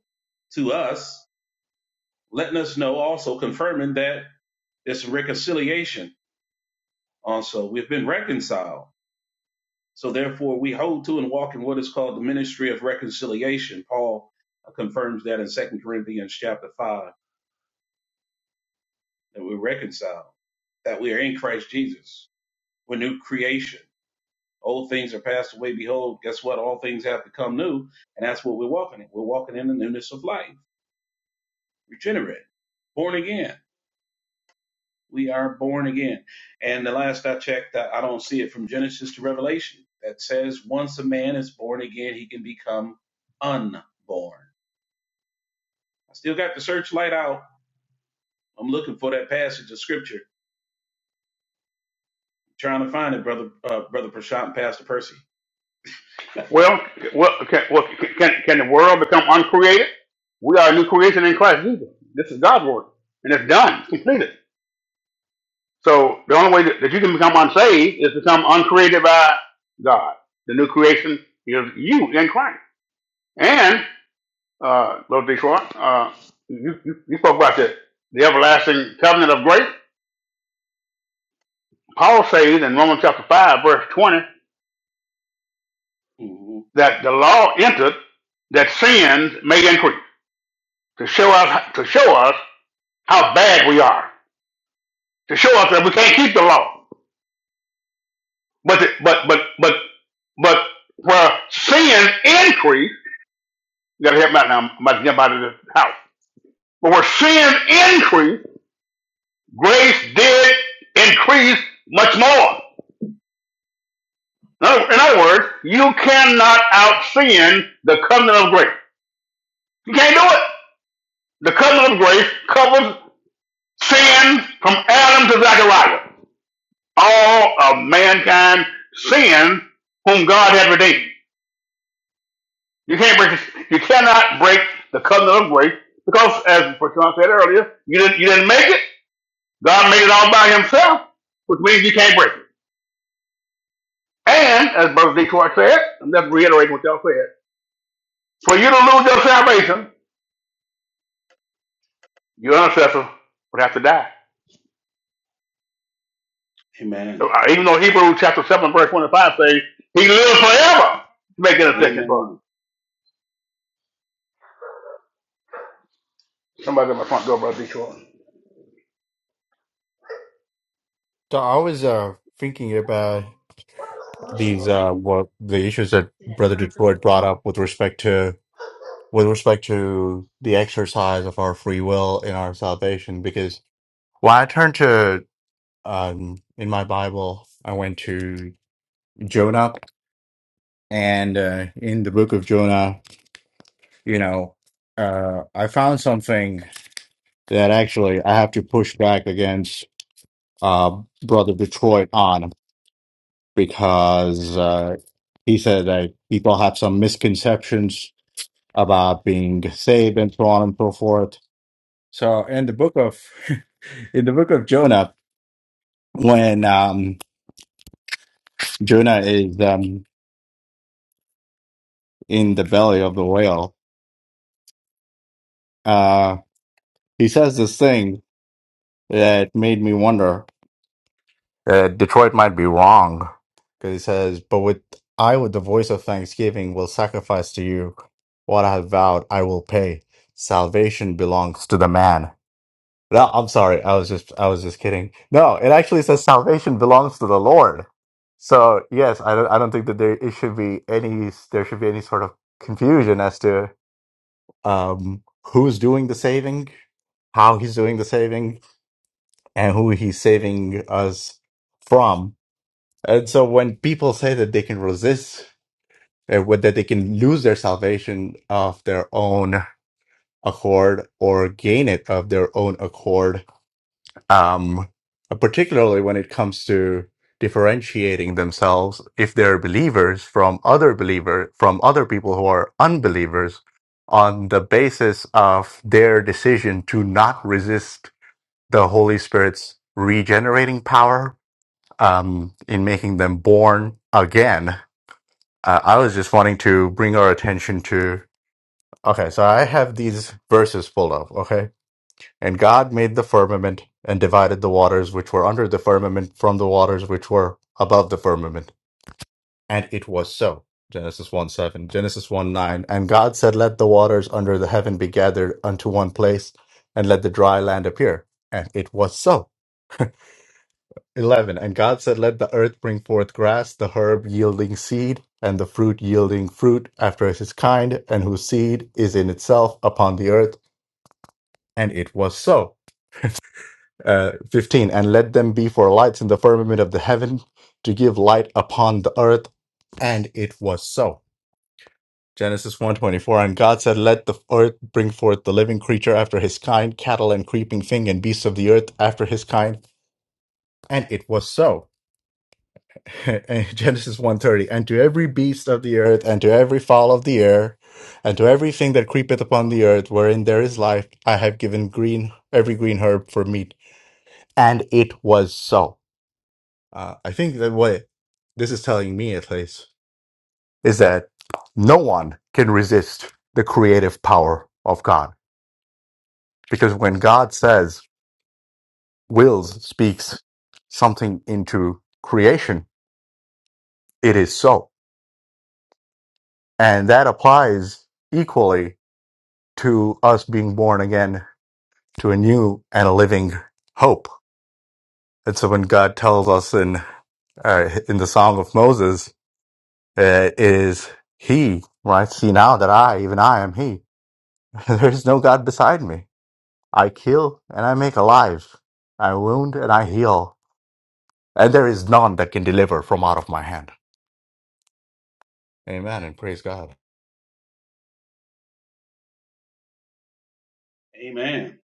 Speaker 1: to us, letting us know also confirming that there's reconciliation. Also, we've been reconciled So therefore, we hold to and walk in what is called the ministry of reconciliation. Paul confirms that in Second Corinthians chapter 5, that we're reconciled, that we are in Christ Jesus. We're new creation. Old things are passed away. Behold, guess what? All things have become new. And that's what we're walking in. We're walking in the newness of life, regenerated, born again. We are born again. And the last I checked, I I don't see it from Genesis to Revelation that says once a man is born again, he can become unborn I still got the searchlight out. I'm looking for that passage of scripture, trying to find it, brother, uh, brother Prashant and Pastor Percy.
Speaker 3: Well, well, can, well, can, can the world become uncreated? We are a new creation in Christ Jesus. This is God's word, and it's done, it's completed. So the only way that, that you can become unsaved is to become uncreated by God. The new creation is you in Christ. And uh, Brother Detroit, uh, you, you, you spoke about the, the everlasting covenant of grace. Paul says in Romans chapter five, verse twenty,
Speaker 1: hmm
Speaker 3: that the law entered that sins may increase to show
Speaker 1: That's
Speaker 3: us
Speaker 1: right.
Speaker 3: to show us how bad we are, to show us that we can't keep the law. But the, but but but but where sin increased You gotta help me out now. I'm about to jump out of this house. But where sin increased, grace did increase much more. In other in other words, you cannot out sin the covenant of grace. You can't do it. The covenant of grace covers sin from Adam to Zechariah. All of mankind sin whom God had redeemed. You can't break. You cannot break the covenant of grace because, as John said earlier, you didn't. You didn't make it. God made it all by himself, which means you can't break it. And as Brother Detroit said, I'm just reiterating what y'all said, for you to lose your salvation, your ancestor would have to die. Uh,
Speaker 1: Amen.
Speaker 3: Even though Hebrews chapter 7, verse 25 says, He lives forever to make intercession for us.
Speaker 1: Amen.
Speaker 3: Somebody at my front door, Brother Detroit.
Speaker 2: So I was uh, thinking about these uh, what the issues that Brother Detroit brought up with respect to with respect to the exercise of our free will in our salvation. Because when I turned to um, in my Bible, I went to Jonah, and uh, in the book of Jonah, you know, uh, I found something that actually I have to push back against uh, Brother Detroit on because uh, he said that people have some misconceptions about being saved and so on and so forth. So in the book of <laughs> in the book of Jonah, when um, Jonah is um, in the belly of the whale, uh, he says this thing that made me wonder. Uh, Detroit might be wrong because he says, "But with I, with the voice of thanksgiving, will sacrifice to you what I have vowed. I will pay. Salvation belongs to the man." No, I'm sorry. I was just I was just kidding. No, it actually says salvation belongs to the Lord. So yes, I don't I don't think that there it should be any there should be any sort of confusion as to um, who's doing the saving, how he's doing the saving, and who he's saving us from and so when people say that they can resist, uh, what- that they can lose their salvation of their own accord or gain it of their own accord, um, particularly when it comes to differentiating themselves, if they're believers from other believer from other people who are unbelievers, on the basis of their decision to not resist the Holy Spirit's regenerating power um, in making them born again Uh, I was just wanting to bring our attention to. Okay, so I have these verses full of. Okay. And God made the firmament and divided the waters which were under the firmament from the waters which were above the firmament. And it was so. Genesis 1 7, Genesis 1 9. And God said, Let the waters under the heaven be gathered unto one place, and let the dry land appear. And it was so. 11 And God said, Let the earth bring forth grass, the herb yielding seed, and the fruit yielding fruit after his kind, and whose seed is in itself upon the earth. And it was so. Uh, 15 And let them be for lights in the firmament of the heaven to give light upon the earth. And it was so. Genesis one twenty four and God said let the earth bring forth the living creature after his kind cattle and creeping thing and beasts of the earth after his kind and it was so <laughs> Genesis one thirty, and to every beast of the earth, and to every fowl of the air, and to everything that creepeth upon the earth, wherein there is life, I have given green every green herb for meat. And it was so. Uh, I think that what this is telling me, at least, is that no one can resist the creative power of God, because when God says, wills, speaks something into creation, it is so, and that applies equally to us being born again to a new and a living hope. And so when God tells us in uh, in the Song of Moses, uh, is He right? See now that I, even I, am He. <laughs> there is no God beside me. I kill and I make alive. I wound and I heal, and there is none that can deliver from out of my hand. Amen and praise God.
Speaker 1: Amen.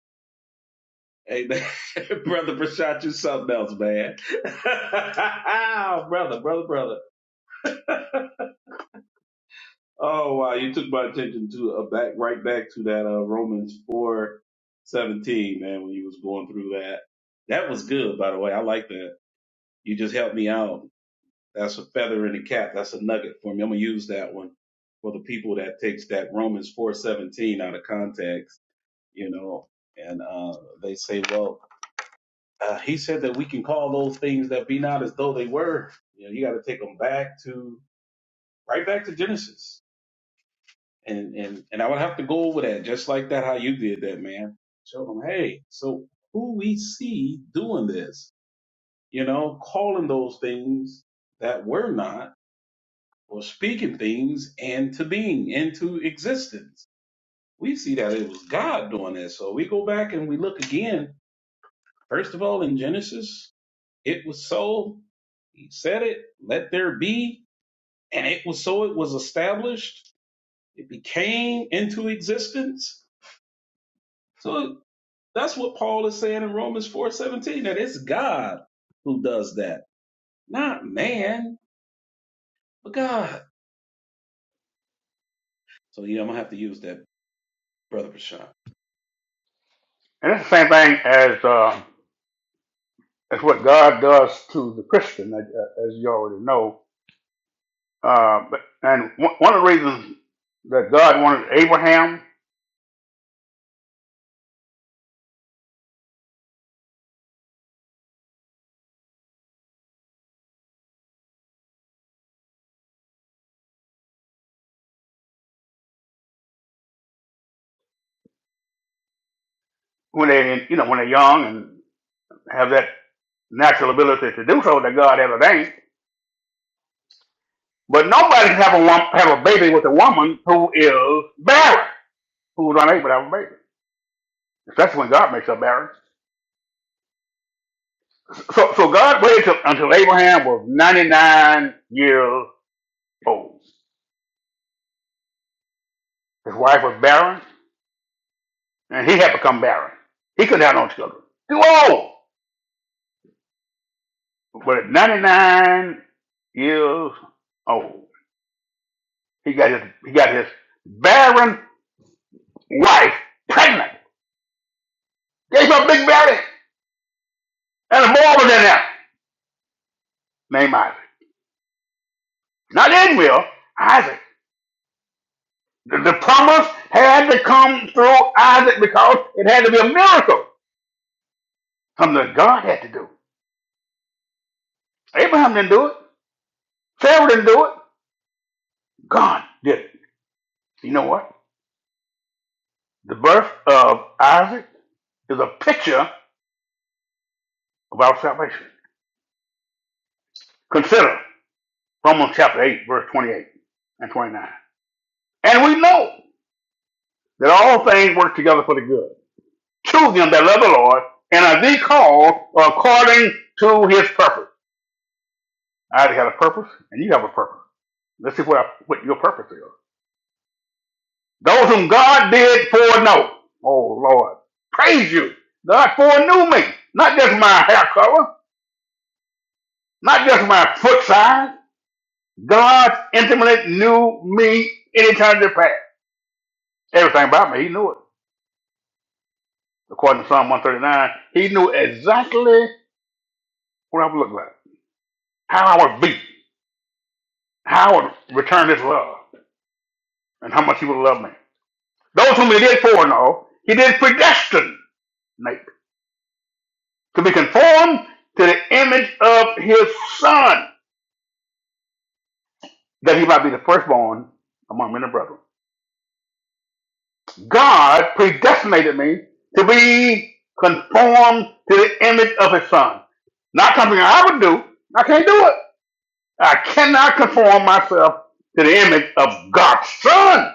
Speaker 1: Amen. <laughs> brother Prashant, you something else, man. <laughs> Oh, brother, brother, brother. <laughs> Oh wow, you took my attention to uh, back right back to that uh, Romans four seventeen, man. When you was going through that, that was good. By the way, I like that. You just helped me out That's a feather in the cap. That's a nugget for me. I'm gonna use that one for the people that takes that Romans 4:17 out of context, you know, and uh, they say, well, uh, he said that we can call those things that be not as though they were. You know, you got to take them back to right back to Genesis, and and and I would have to go over that just like that how you did that, man. Show them, hey, so who we see doing this, you know, calling those things that were not or speaking things into being, into existence. We see that it was God doing that. So we go back and we look again. First of all, in Genesis, it was so. He said it, let there be. And it was so, it was established. It became into existence. So that's what Paul is saying in Romans four seventeen. that it's God who does that, not man, but God. So yeah, I'm going to have to use that, Brother Prashant.
Speaker 3: And it's the same thing as, uh, as what God does to the Christian, as, uh, as you already know. Uh, but, and one one of the reasons that God wanted Abraham when they, you know, when they're young have that natural ability to do so that God ordained. But nobody can have a wom- have a baby with a woman who is barren, who is unable to have a baby. That's when God makes her barren. So so God waited until Abraham was 99 years old. His wife was barren, and he had become barren. He couldn't have no children. Too old. But at 99 years old, he got his he got his barren wife pregnant. Gave her a big belly. And the boy was in there named Isaac. Not Israel, Isaac. The, the promise had to come through Isaac because it had to be a miracle. Something that God had to do. Abraham didn't do it. Sarah didn't do it. God did it. You know what? The birth of Isaac is a picture of our salvation. Consider Romans chapter 8, verse 28 and 29. And we know that all things work together for the good. To them that love the Lord and are the called according to his purpose. I already have a purpose, and you have a purpose. Let's see what, I, what your purpose is. Those whom God did foreknow. Oh, Lord. Praise you. God foreknew me. Not just my hair color, not just my foot size. God intimately knew me in eternity past. Everything about me, He knew it. According to Psalm 139, He knew exactly what I would look like, how I would be, how I would return His love, and how much He would love me. Those whom He did foreknow, He did predestine to be conformed to the image of his son, that he might be the firstborn among many brethren. God predestinated me to be conformed to the image of his son. Not something I would do. I can't do it. I cannot conform myself to the image of God's son.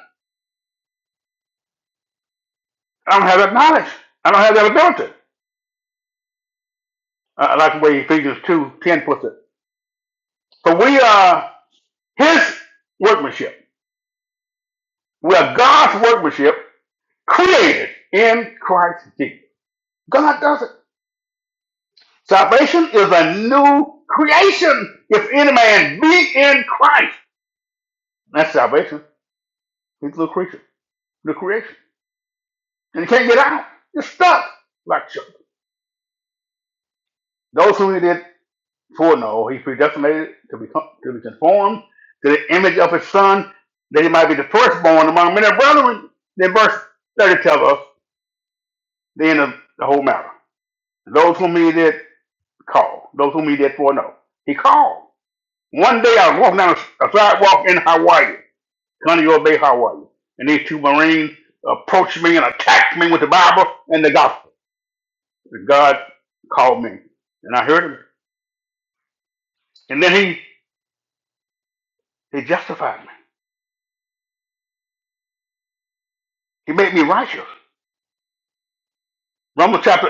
Speaker 3: I don't have that knowledge. I don't have that ability. I like the way Ephesians two ten puts it. So we are his workmanship. We are God's workmanship created in Christ Jesus. God does it. Salvation is a new creation. If any man be in Christ, that's salvation. He's a new creature, new creation. And he can't get out. You're stuck like children. Those whom he did foreknow, no, he predestinated to be, to be conformed to the image of his son, that he might be the firstborn among many brethren. Then verse 30 tells us the end of the whole matter. Those whom he did call, those whom he did foreknow, he called. One day I was walking down a sidewalk in Hawaii, Conneaut Bay, Hawaii, and these two Marines approached me and attacked me with the Bible and the gospel. And God called me, and I heard him. And then he, he justified me. He made me righteous. Romans chapter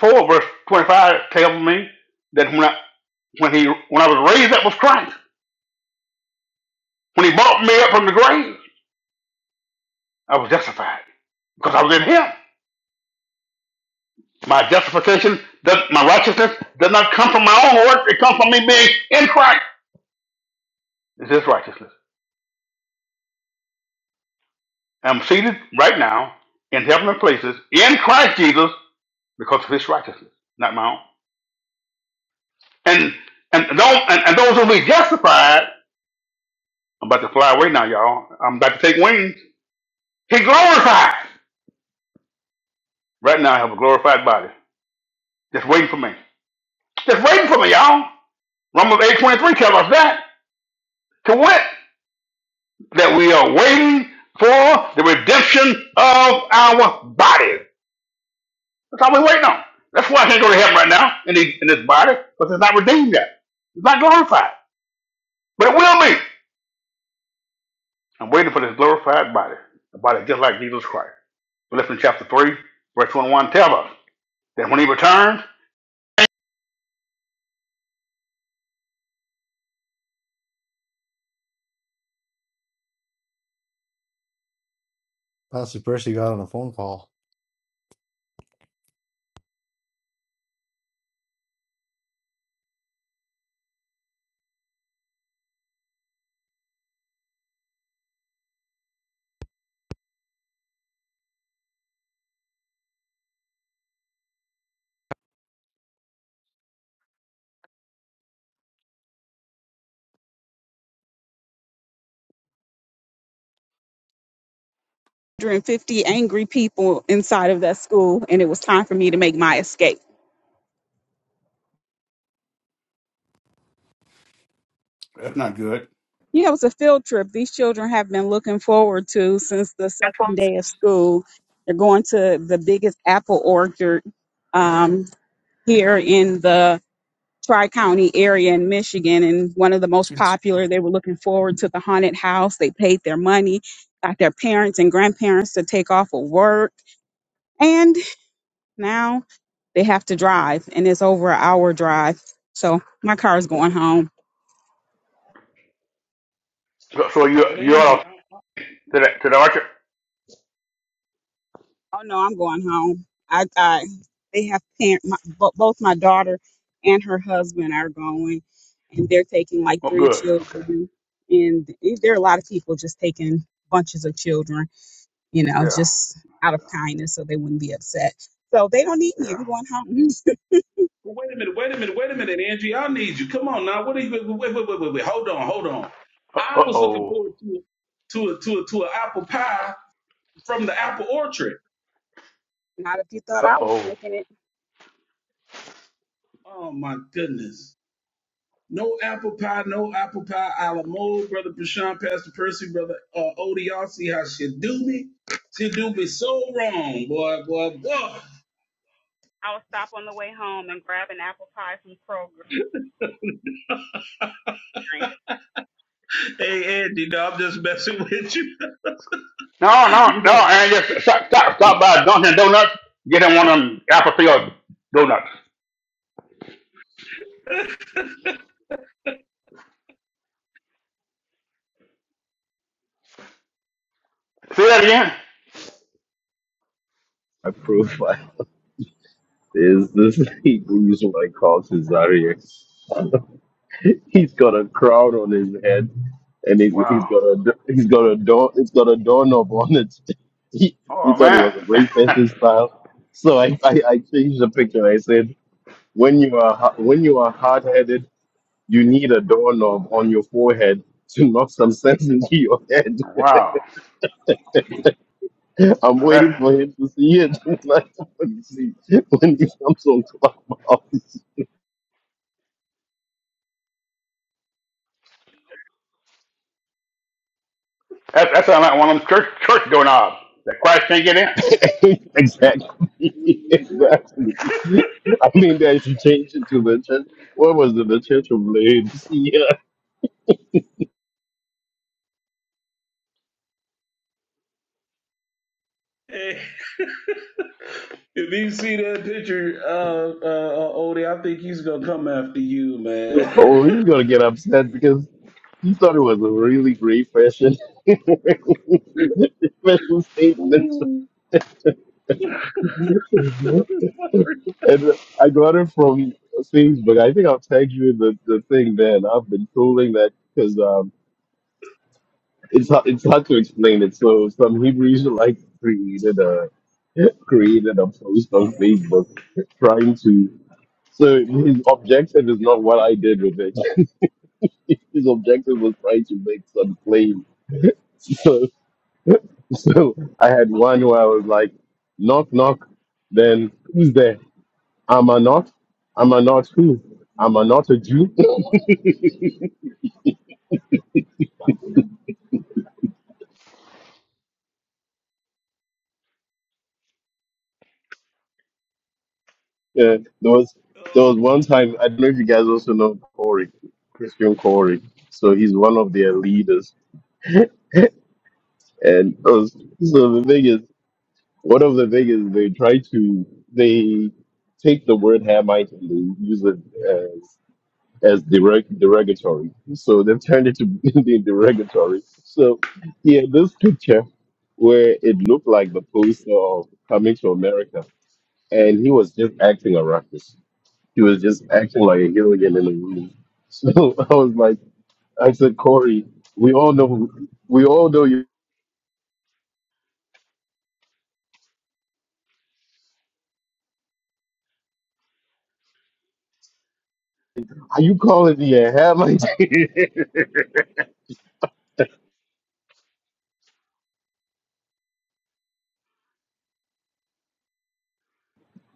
Speaker 3: 4, verse 25 tells me that when I, when, he, when I was raised up with Christ, when he brought me up from the grave, I was justified because I was in Him. My justification, does, my righteousness does not come from my own work. It comes from me being in Christ. is his righteousness. I'm seated right now in heavenly places in Christ Jesus because of his righteousness, not my own. And and those and, and those who be justified, I'm about to fly away now, y'all. I'm about to take wings. He glorified. Right now I have a glorified body. Just waiting for me. Just waiting for me, y'all. Romans 8:23 tells us that. To what? That we are waiting for the redemption of our bodies. That's all we're waiting on. That's why I can't go to heaven right now in, the, in this body, because it's not redeemed yet. It's not glorified, but it will be. I'm waiting for this glorified body, a body just like Jesus Christ. Philippians chapter 3, verse 21 tells us that when he returns,
Speaker 2: Pastor Percy got on a phone call.
Speaker 4: 150 angry people inside of that school, and it was time for me to make my escape.
Speaker 3: That's not good.
Speaker 4: Yeah, it was a field trip. These children have been looking forward to since the second day of school. They're going to the biggest apple orchard um, here in the Tri County area in Michigan, and one of the most popular. They were looking forward to the haunted house. They paid their money, got their parents and grandparents to take off of work. and. Now they have to drive, and it's over an hour drive. So my car is going home.
Speaker 3: so, so you,
Speaker 1: But
Speaker 3: you
Speaker 1: Angie,
Speaker 3: ought to, to the, to the archer.
Speaker 4: Oh no, I'm going home. I, I they have parent, my, bo- both my daughter and her husband are going, and they're taking like
Speaker 3: Oh,
Speaker 4: three
Speaker 3: good. Okay.
Speaker 4: children, and there are a lot of people just taking bunches of children, you know,
Speaker 3: Yeah,
Speaker 4: just out of kindness, so they wouldn't be upset. So they don't need me.
Speaker 3: yeah.
Speaker 4: I'm going home.
Speaker 1: Well, wait a minute, wait a minute, wait a minute, Angie. I need you. Come on now. What are you? Wait, wait, wait, wait, wait. wait. Hold on, hold on.
Speaker 3: Uh
Speaker 1: I was looking
Speaker 3: oh.
Speaker 1: forward to to a, to a, to an apple pie from the apple orchard.
Speaker 4: Not if you thought
Speaker 3: Uh
Speaker 4: I was
Speaker 3: oh.
Speaker 4: making it.
Speaker 1: Oh my goodness. No apple pie, no apple pie. A la mode, brother Prashant, Pastor Percy, brother uh, Odie. Y'all see how she do me? She do me so wrong, boy, boy, boy.
Speaker 4: I'll stop on the way home and grab an apple pie from Kroger.
Speaker 1: Hey, Andy, no, I'm just messing with you. <laughs>
Speaker 3: No, no,
Speaker 1: You know.
Speaker 3: no, and just stop, stop, stop by Dunkin' Donuts, get him one of them apple field donuts. Say that again?
Speaker 5: I approve. <laughs> There's this Hebrew Israelite called Caesarea. <laughs> he's got a crown on his head, and he's he's
Speaker 3: Wow.
Speaker 5: got a he's got a door it's got a doorknob on it. <laughs> He, he
Speaker 3: Oh
Speaker 5: thought it was
Speaker 3: man!
Speaker 5: a great
Speaker 3: <laughs>
Speaker 5: fashion style, so I, I I changed the picture. I said, when you are ha- when you are hard headed, you need a doorknob on your forehead to knock some sense into your head.
Speaker 3: wow.
Speaker 5: <laughs> I'm
Speaker 3: Now
Speaker 5: waiting
Speaker 3: that
Speaker 5: for him to see it. <laughs> Like, when he when he comes on Clubhouse.
Speaker 3: that that sounds like one of them church church doorknobs that Christ can't get in.
Speaker 5: <laughs> exactly. <laughs> exactly. I mean, that should change it to Vincenzo. What was the Vincenzo Blade? <laughs> Yeah.
Speaker 1: Hey, <laughs> if you see that picture, uh, uh, Odie, I think he's gonna come after you, man.
Speaker 5: Oh, he's gonna get upset because he thought it was a really great fashion, <laughs> fashion
Speaker 1: <laughs>
Speaker 5: statement.
Speaker 1: Ooh.
Speaker 5: and I got it from Facebook. I think I'll tag you in the, the thing, man. I've been trolling that because it's hard, it's hard to explain it. So some Hebrew Israelites created a <laughs> created a post on Facebook trying to. So his objective is not what I did with it. <laughs> His objective was trying to make some claim. So <laughs> so I had one where I was like, knock knock. Then who's there? Am I not? Am I not who? Am I not a Jew? <laughs> Yeah, there was there
Speaker 1: oh,
Speaker 5: was one time I don't know if you guys also know Corey, Christian Corey. So he's one of their leaders, and it was, so the thing is, one of the thing is they try to they take the word Hamite and they use it as as derog- derogatory. So they've turned it to <laughs> be derogatory. So yeah, this picture where it looked like the poster of Coming to America, and he was just acting a ruckus He was just acting like a Gilligan in the room. So <laughs> I was like, I said, Corey, we all know, who- we all know you. Are you calling me a ham? <laughs>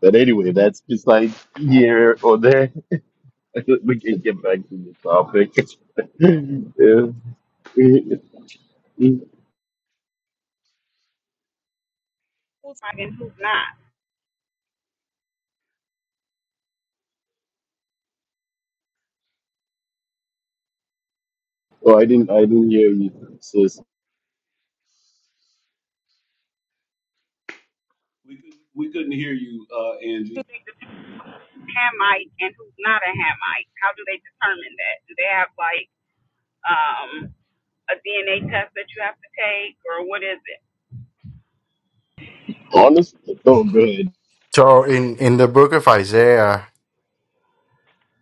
Speaker 5: but anyway, that's beside here or there. <laughs> we can get back to the topic. <laughs> yeah.
Speaker 4: Who's buying? Who's not?
Speaker 5: Oh, I didn't, I didn't hear you, sis.
Speaker 1: we couldn't, we couldn't hear you, uh,
Speaker 4: do
Speaker 1: Angie.
Speaker 4: they determine Hamite and who's not a Hamite? How do they determine that? Do they have like um, a DNA test that you have to take, or what is it?
Speaker 5: honestly, Oh, good.
Speaker 2: So in in the book of Isaiah,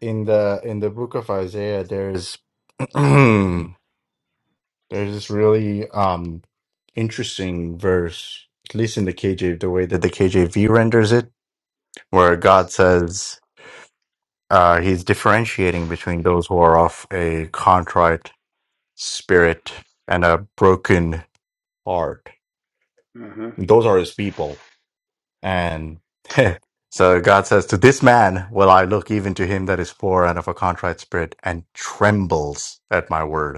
Speaker 2: in the in the book of Isaiah, there's <clears throat> There's this really um interesting verse, at least in the KJ, the way that the KJV renders it, where God says uh, He's differentiating between those who are of a contrite spirit and a broken heart.
Speaker 3: hmm
Speaker 2: Those are His people, and <laughs> so God says, "To this man will I look, even to him that is poor and of a contrite spirit, and trembles at my word."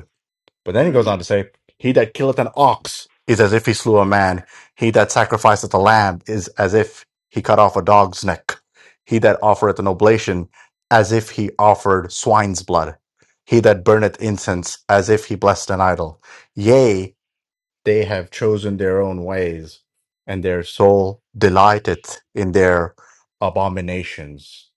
Speaker 2: But then he goes
Speaker 3: Mm.
Speaker 2: on to say, He that killeth an ox is as if he slew a man. He that sacrificeth a lamb is as if he cut off a dog's neck. He that offereth an oblation, as if he offered swine's blood. He that burneth incense, as if he blessed an idol. Yea, they have chosen their own ways, and their soul delighteth in their abominations.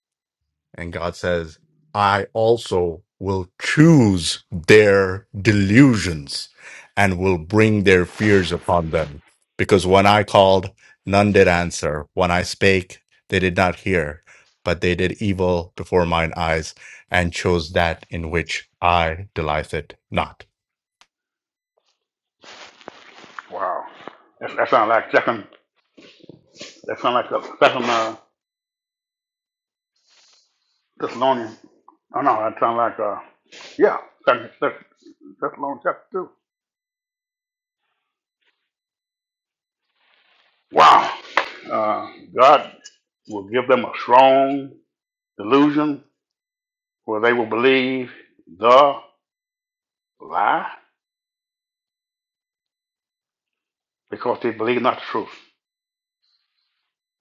Speaker 2: And God says, I also will choose their delusions and will bring their fears upon them. Because when I called, none did answer. When I spake, they did not hear, but they did evil before mine eyes and chose that in which I delighteth not.
Speaker 3: Wow. That, that sounds like second. That sounds like the second uh, Thessalonians. Oh no, that sounds like uh, yeah, second Thess- Thessalonians chapter two. Wow. Uh, God will give them a strong delusion where they will believe the lie because they believe not the truth.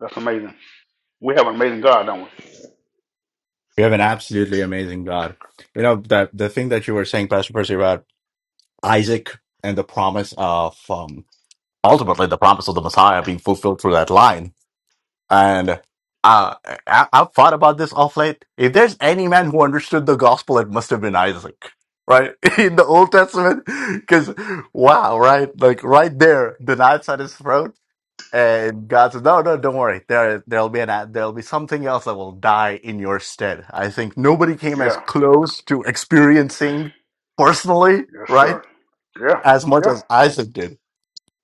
Speaker 3: That's amazing. We have an amazing God, don't we?
Speaker 2: We have an absolutely amazing God. You know, that the thing that you were saying, Pastor Percy, about Isaac and the promise of um, ultimately the promise of the Messiah being fulfilled through that line And uh, I, I've thought about this off late. If there's any man who understood the gospel, it must have been Isaac, right? <laughs> In the Old Testament. Because, wow, right? Like right there, the knife's at his throat. And God says, "No, no, don't worry. There, there'll be an, there'll be something else that will die in your stead." I think nobody came as
Speaker 3: Yeah.
Speaker 2: close to experiencing personally,
Speaker 3: Yes,
Speaker 2: right,
Speaker 3: sir. Yeah.
Speaker 2: as much
Speaker 3: Yeah.
Speaker 2: as Isaac did.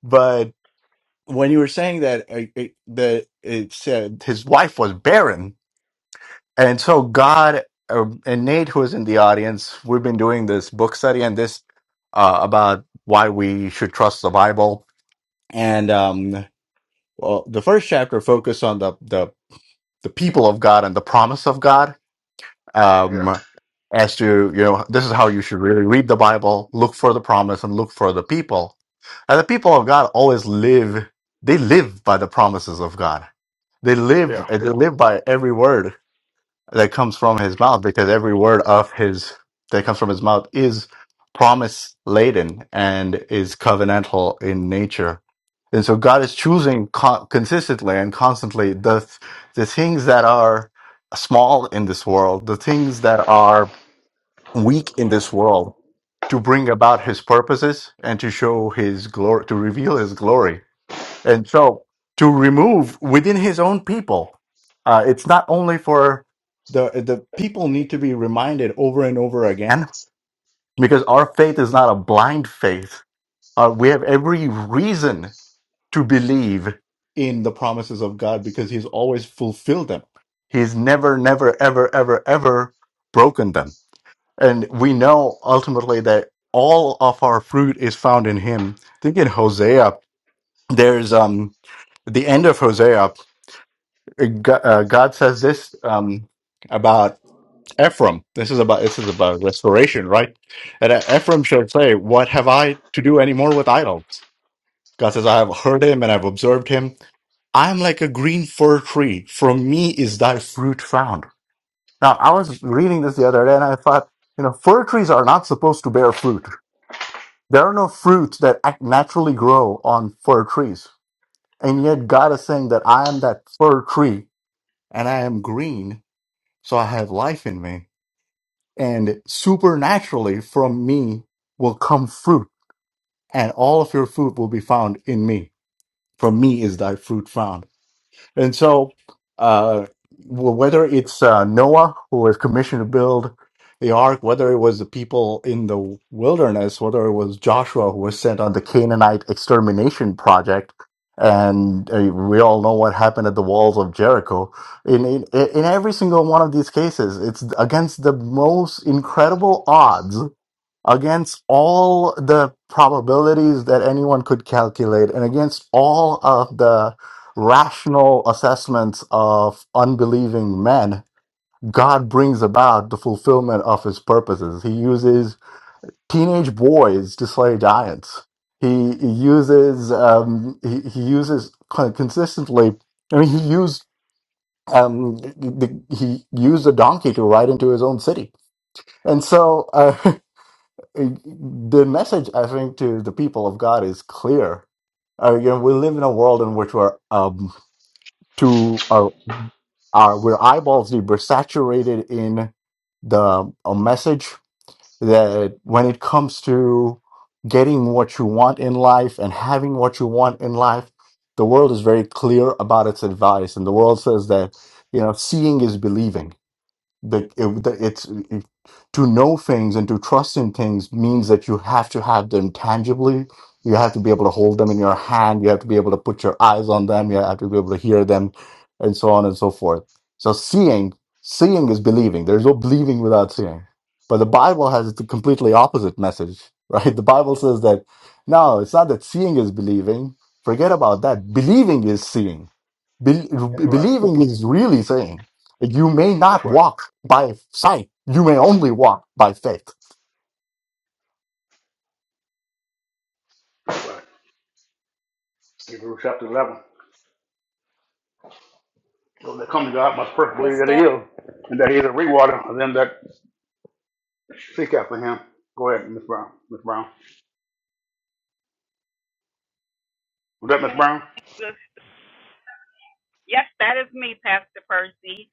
Speaker 2: but when you were saying that uh, it, the it said his wife was barren, and so God uh, and Nate, who is in the audience, we've been doing this book study and this uh, about why we should trust the Bible, and um, well, the first chapter focused on the the the people of God and the promise of God,
Speaker 3: Yeah.
Speaker 2: um, as to you know this is how you should really read the Bible, look for the promise, and look for the people. And the people of God always live; they live by the promises of God. They
Speaker 3: Yeah.
Speaker 2: live. They live by every word that comes from his mouth because every word of his that comes from his mouth is promise laden and is covenantal in nature. And so God is choosing co- consistently and constantly the th- the things that are small in this world, the things that are weak in this world to bring about his purposes and to show his glory to reveal his glory and so to remove within his own people, uh, it's not only for the the people need to be reminded over and over again because our faith is not a blind faith. Uh, we have every reason to believe in the promises of God because He's always fulfilled them. He's never, never, ever, ever, ever broken them. And we know ultimately that all of our fruit is found in Him. Think in Hosea there's um, the end of Hosea. G- uh, God says this um, about Ephraim. This is about this is about restoration, right? And uh, Ephraim shall say, "What have I to do anymore with idols?" God says, "I have heard him and I've observed him. I am like a green fir tree. From me is thy fruit found." Now, I was reading this the other day, and I thought, you know, fir trees are not supposed to bear fruit. There are no fruits that act naturally grow on fir trees And yet God is saying that I am that fir tree and I am green, so I have life in me. And supernaturally from me will come fruit, and all of your fruit will be found in me. From me is thy fruit found. And so, uh, w- whether it's uh, Noah who was commissioned to build the ark, whether it was the people in the wilderness, whether it was Joshua who was sent on the Canaanite extermination project, and uh, we all know what happened at the walls of Jericho. In, in in every single one of these cases, it's against the most incredible odds against all the probabilities that anyone could calculate and against all of the rational assessments of unbelieving men, God brings about the fulfillment of his purposes. He uses teenage boys to slay giants. He uses um, he, he uses con- consistently. I mean, he used um, the, he used a donkey to ride into his own city, and so. Uh, <laughs> it- the message I think to the people of God is clear. Uh, you know, we live in a world in which we're um to our our we're eyeballs deep. We're saturated in the a message that when it comes to getting what you want in life and having what you want in life, the world is very clear about its advice, and the world says that you know seeing is believing the, it, the it's it, to know things and to trust in things means that you have to have them tangibly you have to be able to hold them in your hand you have to be able to put your eyes on them you have to be able to hear them and so on and so forth so seeing seeing is believing there's no believing without seeing but the bible has the completely opposite message <laughs> right the bible says that no it's not that seeing is believing forget about that believing is seeing Bel
Speaker 3: That's right.
Speaker 2: believing is really seeing you may
Speaker 3: That's
Speaker 2: not
Speaker 3: right.
Speaker 2: walk by sight. You may only walk by faith.
Speaker 3: That's right. Hebrews chapter 11. So they come to God must first
Speaker 4: Good
Speaker 3: believe that he
Speaker 4: stuff.
Speaker 3: is, and that he is a rewarder of them that seek after him. Go ahead, Miss Brown. Miss Brown. Was that Miss
Speaker 4: Good.
Speaker 3: Brown?
Speaker 4: Yes, that is me, Pastor Percy,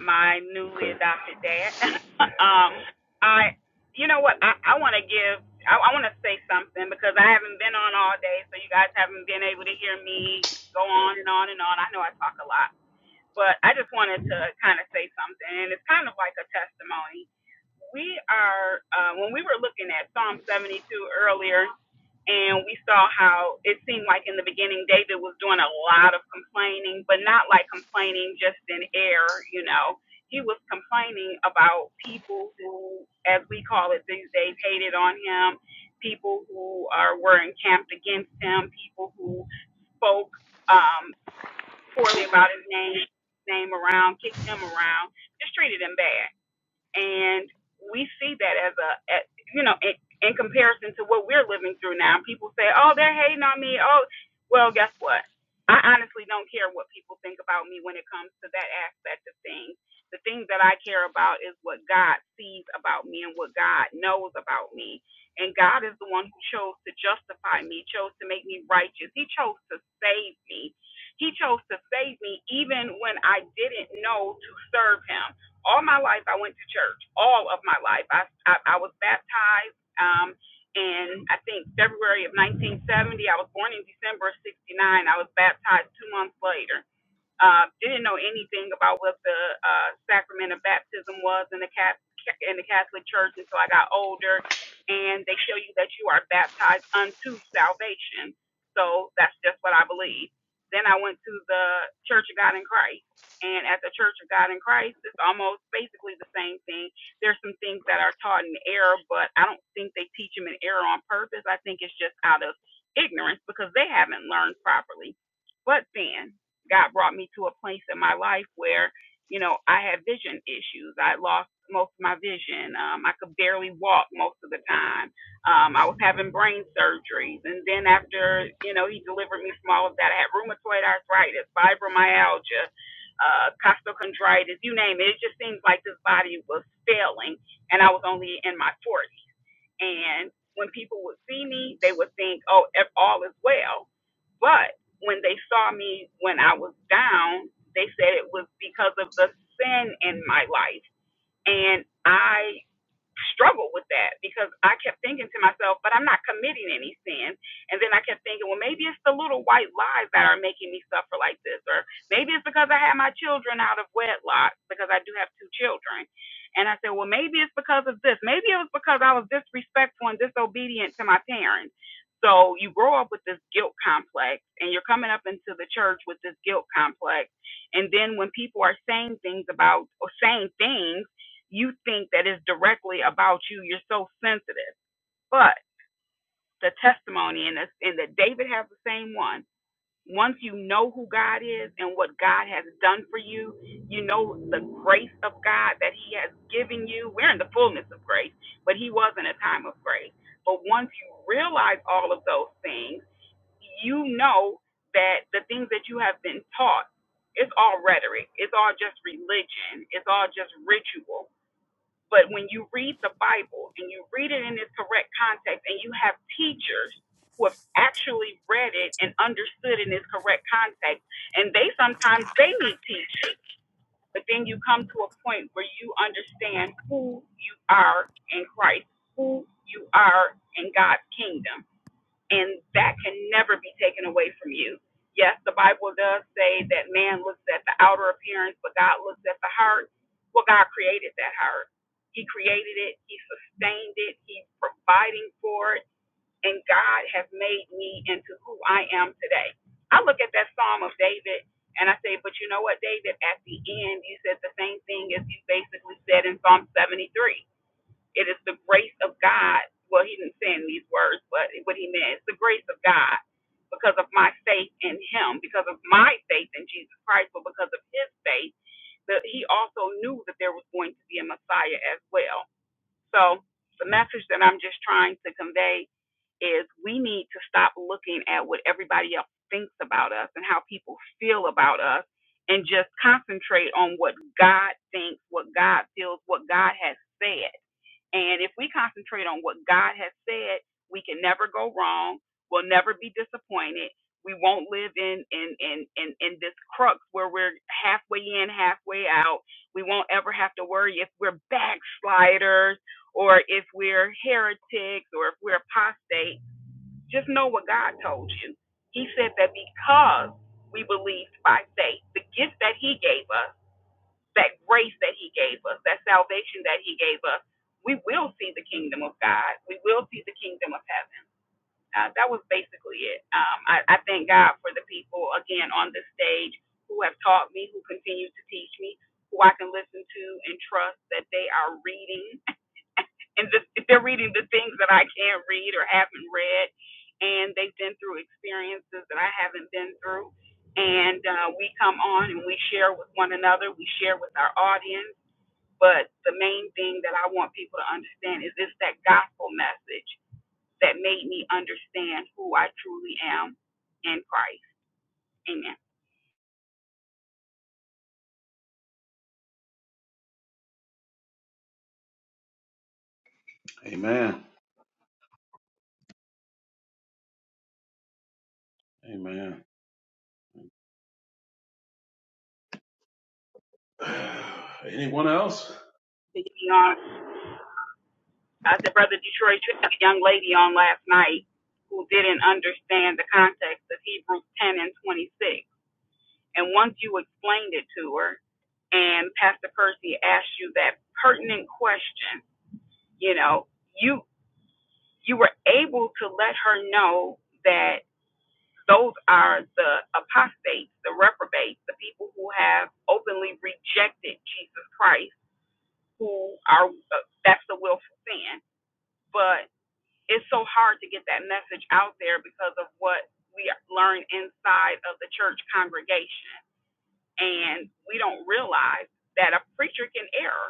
Speaker 4: my newly
Speaker 3: Okay.
Speaker 4: adopted dad. <laughs> um, I, you know what? I, I want to give. I, I want to say something because I haven't been on all day, so you guys haven't been able to hear me go on and on and on. I know I talk a lot, but I just wanted to kind of say something, and it's kind of like a testimony. We are, uh, when we were looking at Psalm 72 earlier, and we saw how it seemed like in the beginning David was doing a lot of complaining, but not like complaining just in air, you know. He was complaining about people who, as we call it these days, hated on him, people who are, were encamped against him, people who spoke. Um, poorly about his name name around, kicked him around, just treated him bad and we see that as a, a- you know in, in comparison to what we're living through now people say oh they're hating on me oh well guess what i honestly don't care what people think about me when it comes to that aspect of things the things that i care about is what god sees about me and what god knows about me and god is the one who chose to justify me chose to make me righteous he chose to save me he chose to save me even when i didn't know to serve him all my life, I went to church. All of my life, I I, I was baptized. Um, in I think February of 1970, I was born in December of '69. I was baptized two months later uh, didn't know anything about what the uh, sacrament of baptism was in the Catholic in the Catholic Church until I got older, and they show you that you are baptized unto salvation. So that's just what I believe. Then I went to the Church of God in Christ, and at the Church of God in Christ, it's almost basically the same thing. There's some things that are taught in error, but I don't think they teach them in error on purpose. I think it's just out of ignorance because they haven't learned properly. But then God brought me to a place in my life where, you know, I had vision issues. I lost most of my vision. Um, I could barely walk most of the time. Um, I was having brain surgeries. And then after, you know, he delivered me from all of that, I had rheumatoid arthritis, fibromyalgia, uh, costochondritis, you name it. It just seems like this body was failing and I was only in my 40s. And when people would see me, they would think, oh, all is well. But when they saw me when I was down, they said it was because of the sin in my life. And I struggled with that because I kept thinking to myself, but I'm not committing any sin. And then I kept thinking, well, maybe it's the little white lies that are making me suffer like this, or maybe it's because I had my children out of wedlock because I do have two children. And I said, well, maybe it's because of this. Maybe it was because I was disrespectful and disobedient to my parents. So you grow up with this guilt complex and you're coming up into the church with this guilt complex. And then when people are saying things about or saying things you think that is directly about you. You're so sensitive. But the testimony and, this- and that David has the same one. Once you know who God is and what God has done for you, you know the grace of God that He has given you. We're in the fullness of grace, but He was in a time of grace. But once you realize all of those things, you know that the things that you have been taught, it's all rhetoric, it's all just religion, it's all just ritual but when you read the Bible and you read it in its correct context and you have teachers who have actually read it and understood in its correct context, and they sometimes they need teachers. But then you come to a point where you understand who you are in Christ, who you are in God's kingdom and that can never be taken away from you. Yes, the Bible does say that man looks at the outer appearance, but God looks at the heart. Well, God created that heart. He created it, He sustained it, He's providing for it, and God has made me into who I am today. I look at that Psalm of David and I say, but you know what, David, at the end, you said the same thing as you basically said in Psalm 73 it is the grace of God. Well, he didn't say in these words, but what he meant is the grace of God because of my faith in him, because of my faith in Jesus Christ, but because of his faith, that he also knew that there was going to be a Messiah as well. So the message that I'm just trying to convey is we need to stop looking at what everybody else thinks about us and how people feel about us and just concentrate on what God thinks, what God feels, what God has said. And if we concentrate on what God has said, we can never go wrong. We'll never be disappointed. We won't live in in in in, in this crux where we're halfway in, halfway out. We won't ever have to worry if we're backsliders or if we're heretics or if we're apostate. Just know what God told you. He said that because we believed by faith, the gift that He gave us that grace that he gave us, that salvation that he gave us, we will see the kingdom of God. We will see the kingdom of heaven. Uh, that was basically it. Um, I, I thank God for the people, again, on this stage who have taught me, who continue to teach me, who I can listen to and trust that they are reading. <laughs> And the, they're reading the things that I can't read or haven't read. And they've been through experiences that I haven't been through and uh, we come on and we share with one another, we share with our audience, but the main thing that I want people to understand is it's that gospel message that made me understand who I truly am in Christ. Amen.
Speaker 1: Amen. Amen. <sighs> Anyone else?
Speaker 4: You know, I said, Brother Detroit, you had a young lady on last night who didn't understand the context of Hebrews 10 and 26. And once you explained it to her, and Pastor Percy asked you that pertinent question, you know, you you were able to let her know that Those are the apostates, the reprobates, the people who have openly rejected Jesus Christ, who are, uh, that's the willful sin. But it's so hard to get that message out there because of what we learn inside of the church congregation. And we don't realize that a preacher can err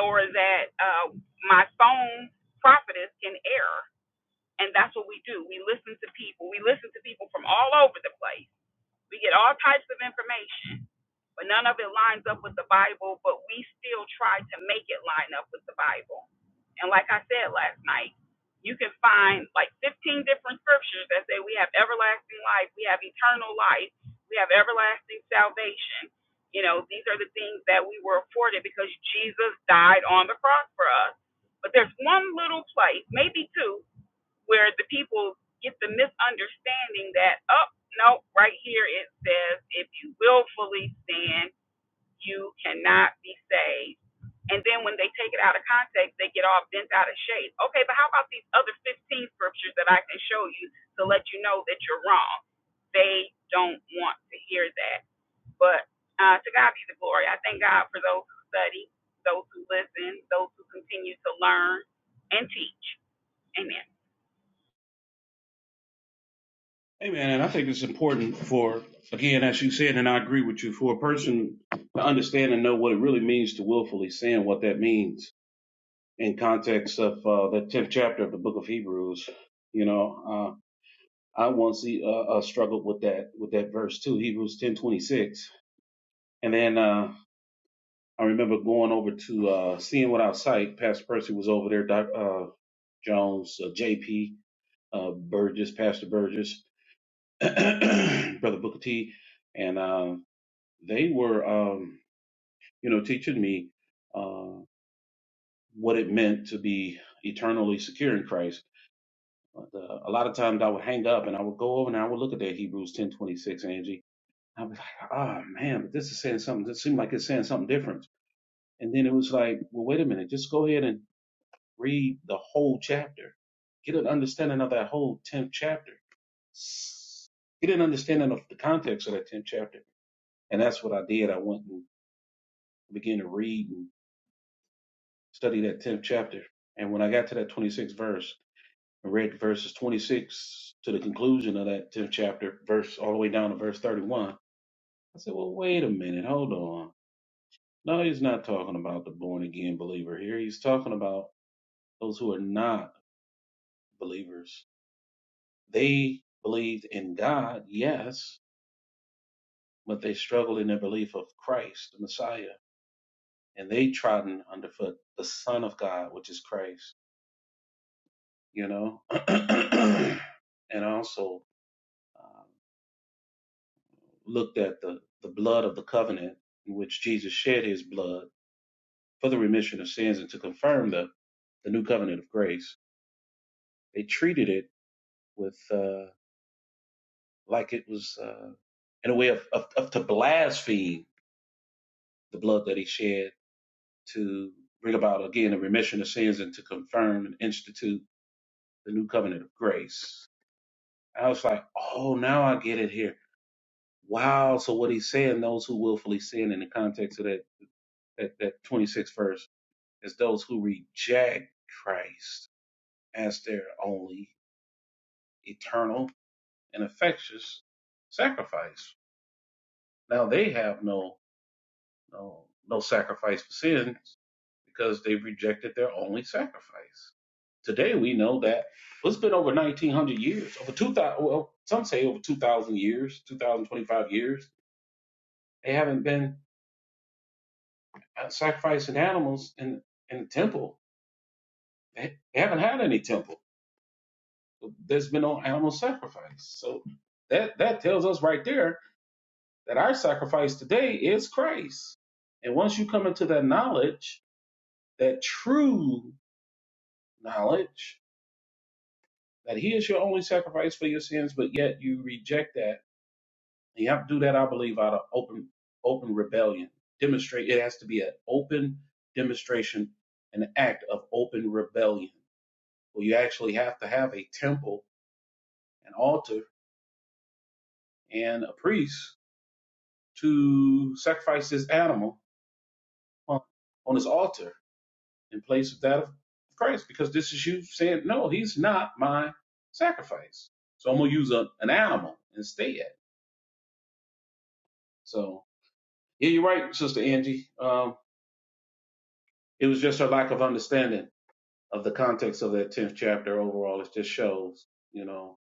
Speaker 4: or that uh, my phone prophetess can err. And that's what we do. We listen to people. We listen to people from all over the place We get all types of information, but none of it lines up with the Bible, but we still try to make it line up with the Bible. And like I said last night, you can find like 15 different scriptures that say we have everlasting life, we have eternal life, we have everlasting salvation. You know, these are the things that we were afforded because Jesus died on the cross for us. But there's one little place, maybe two, where the people get the misunderstanding that, oh, no, right here it says, if you willfully sin, you cannot be saved. And then when they take it out of context, they get all bent out of shape. Okay, but how about these other 15 scriptures that I can show you to let you know that you're wrong? They don't want to hear that. But uh, to God be the glory. I thank God for those who study, those who listen, those who continue to learn and teach. Amen.
Speaker 1: Hey, man, I think it's important for, again, as you said, and I agree with you, for a person to understand and know what it really means to willfully sin, what that means in context of uh, the 10th chapter of the book of Hebrews. You know, uh, I once uh, uh, struggled with that with that verse too, Hebrews ten twenty six. And then uh, I remember going over to uh, seeing without sight. Pastor Percy was over there, Doc, uh, Jones, uh, JP, uh, Burgess, Pastor Burgess, <clears throat> Brother Booker T, and uh, they were, um, you know, teaching me uh, what it meant to be eternally secure in Christ. But, uh, a lot of times I would hang up and I would go over and I would look at that Hebrews ten twenty six, Angie, I was like, oh man, but this is saying something. This seemed like it's saying something different. And then it was like, well, wait a minute, just go ahead and read the whole chapter. Get an understanding of that whole 10th chapter. Get an understanding of the context of that 10th chapter. And that's what I did. I went and began to read and study that 10th chapter. And when I got to that 26th verse and read verses 26 to the conclusion of that 10th chapter, verse all the way down to verse 31, I said, well, wait a minute, hold on No, he's not talking about the born again believer here. He's talking about those who are not believers. They believed in God, yes, but they struggled in their belief of Christ, the Messiah, and they trodden underfoot the Son of God, which is Christ, you know, <clears throat> and also um, looked at the, the blood of the covenant in which Jesus shed his blood for the remission of sins and to confirm the, the new covenant of grace. They treated it with. Uh, like it was uh, in a way of, of, of to blaspheme the blood that he shed to bring about again a remission of sins and to confirm and institute the new covenant of grace. I was like, oh, now I get it here. Wow. So what he's saying, those who willfully sin in the context of that that, that 26th verse is those who reject Christ as their only eternal and effectuous sacrifice. Now they have no no no sacrifice for sin because they rejected their only sacrifice. Today we know that well, it's been over 1900 years, over 2000, well, some say over 2000 years, 2025 years. They haven't been uh, sacrificing animals in, in the temple. They, they haven't had any temple. There's been no animal sacrifice. So that, that tells us right there that our sacrifice today is Christ. And once you come into that knowledge, that true knowledge, that he is your only sacrifice for your sins, but yet you reject that. And you have to do that, I believe, out of open open rebellion. Demonstrate it has to be an open demonstration, an act of open rebellion. Well, you actually have to have a temple, an altar, and a priest to sacrifice this animal on, on his altar in place of that of Christ, because this is you saying, No, he's not my sacrifice. So I'm gonna use a, an animal instead. So Yeah, you're right, Sister Angie. Um, it was just her lack of understanding of the context of that tenth chapter overall. It just shows, you know,